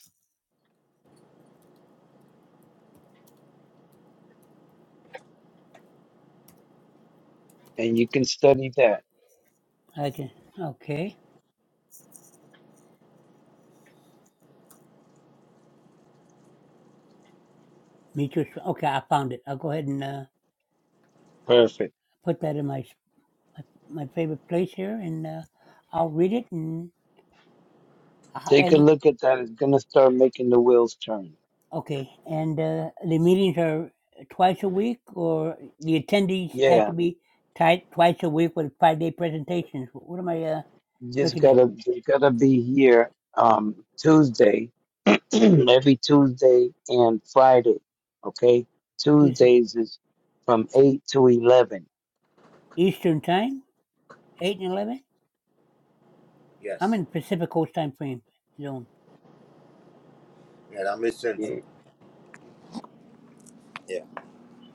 and you can study that
I can. Okay, me too. So, Okay, I found it. I'll go ahead and uh,
perfect
put that in my my, my favorite place here, and uh, I'll read it and uh,
take a
and.
look at that it's gonna start making the wheels turn
Okay, and uh, the meetings are twice a week, or the attendees has to
yeah
be tied twice a week with five-day presentations. Wh- What am I uh,
just
looking at?
gotta you gotta be here um tuesday every tuesday and friday okay
Tuesday,
tuesdays is from 8 to 11
Eastern time, eight and eleven. I'm
Yes.
in Pacific Coast time frame zone.
Yeah, I'm in
yeah
Central. Yeah.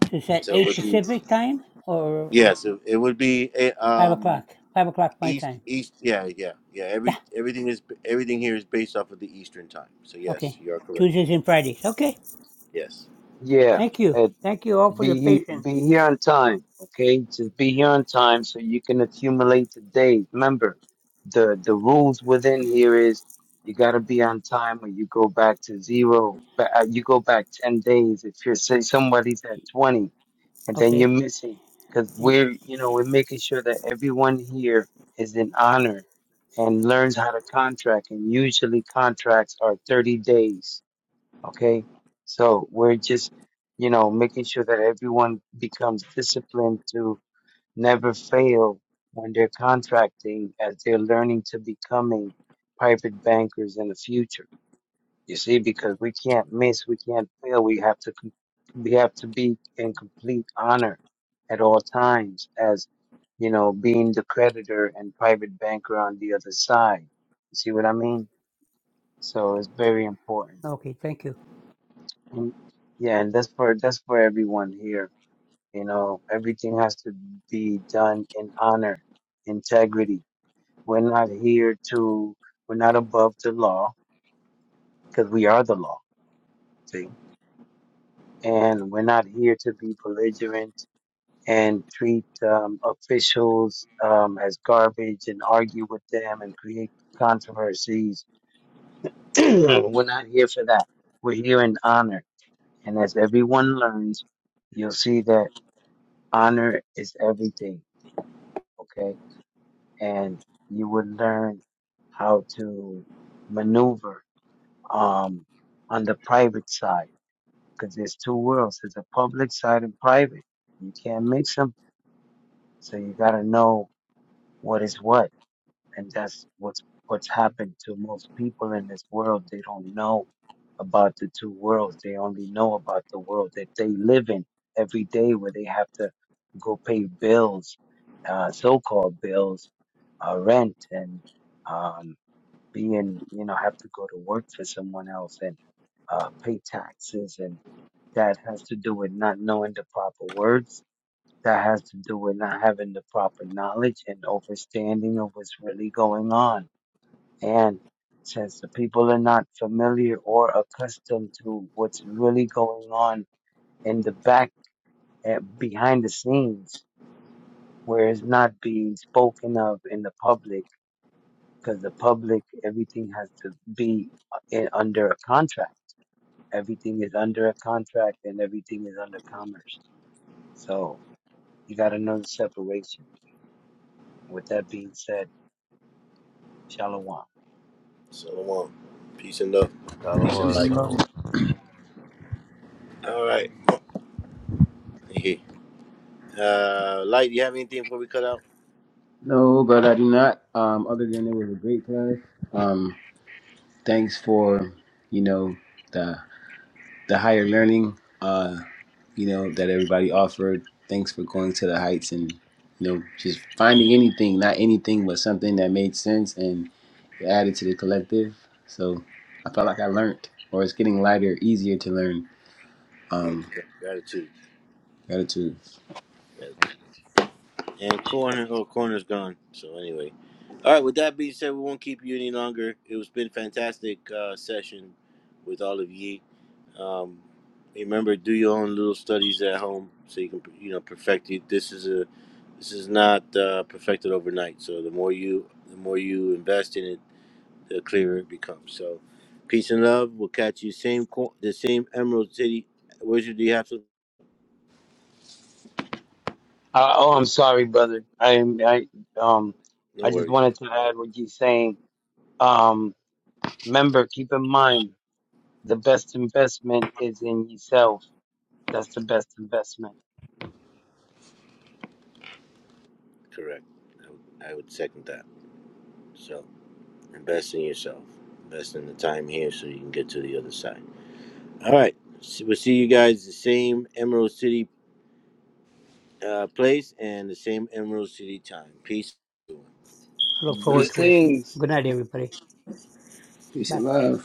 So it's at
So it
eight
would be.
Pacific time or
Yeah. So it would be a,
five
um
o'clock. Five o'clock my
East,
time.
East, yeah, yeah, yeah.
Yeah.
Every everything is everything here is based off of the Eastern time. So yes,
Okay.
you are correct.
Tuesdays and Fridays. Okay.
Yes.
yeah
Thank you.
At
Thank you all for
Be
your
be
patience.
here on time, okay? Just be here on time so you can accumulate the days. Remember, the the rules within here is you got to be on time or you go back to zero. Ba- uh, You go back ten days if you're say somebody's at twenty and then you're
Okay.
missing because
And,
we're you know we're making sure that everyone here is in honor and learns how to contract and usually contracts are thirty days Okay. So we're just, you know, making sure that everyone becomes disciplined to never fail when they're contracting as they're learning to becoming private bankers in the future. You see, because we can't miss, we can't fail. We have to, com- we have to be in complete honor at all times as, you know, being the creditor and private banker on the other side. You see what I mean? So it's very important.
okay. Thank you.
And yeah, and that's for that's for everyone here. You know, everything has to be done in honor, integrity. We're not here to we're not above the law because we are the law. See, and we're not here to be belligerent and treat um, officials um, as garbage and argue with them and create controversies. we're not here for that. We're here in honor, and as everyone learns, you'll see that honor is everything, okay? And you would learn how to maneuver um, on the private side because there's two worlds. There's a public side and private. You can't mix them, so you got to know what is what and that's what's what's happened to most people in this world. They don't know about the two worlds. They only know about the world that they live in every day, where they have to go pay bills, uh, so-called bills, uh, rent, and um, being you know have to go to work for someone else and uh, pay taxes, and that has to do with not knowing the proper words that has to do with not having the proper knowledge and understanding of what's really going on. And since the people are not familiar or accustomed to what's really going on in the back, eh, behind the scenes, where it's not being spoken of in the public, because the public, everything has to be uh, in, under a contract. Everything is under a contract and everything is under commerce. So you got to know the separation. With that being said, Shalom.
Shalom. Peace and love.
Shallow
Peace
Thank
and
you
water,
so
light.
shallow
much.
All right. Uh, light. You have anything before we cut out?
No, but I do not. Um, other than it was a great class. Um, thanks for you know the the higher learning, uh, you know, that everybody offered. Thanks for going to the heights and, you know, just finding anything, not anything, but something that made sense and added to the collective. So I felt like I learned, or it's getting lighter, easier to learn.
Mm,
Um,
Gratitude.
gratitude.
Gratitude. And corner, oh, corner's gone. So anyway, all right. With that being said, we won't keep you any longer. It was been fantastic uh, session with all of ye. Um, remember, do your own little studies at home so you can you know perfect it. This is a this is not uh, perfected overnight. So the more you the more you invest in it, the clearer it becomes. So peace and love. We'll catch you same co- the same Emerald City. Wizard, do you have to?
Uh, oh, I'm sorry, brother. I am. I um.
No
I just
worries.
wanted to add what you're saying. Um. Remember, keep in mind, the best investment is in yourself. That's the best investment.
Correct. I would, I would second that. So. Invest in yourself. Invest in the time here so you can get to the other side. All right. So we'll see you guys the same Emerald City uh, place and the same Emerald City time. Peace.
I look forward
Peace,
to it.
Blessings.
Good night,
peace,
everybody.
peace
Bye.
and love.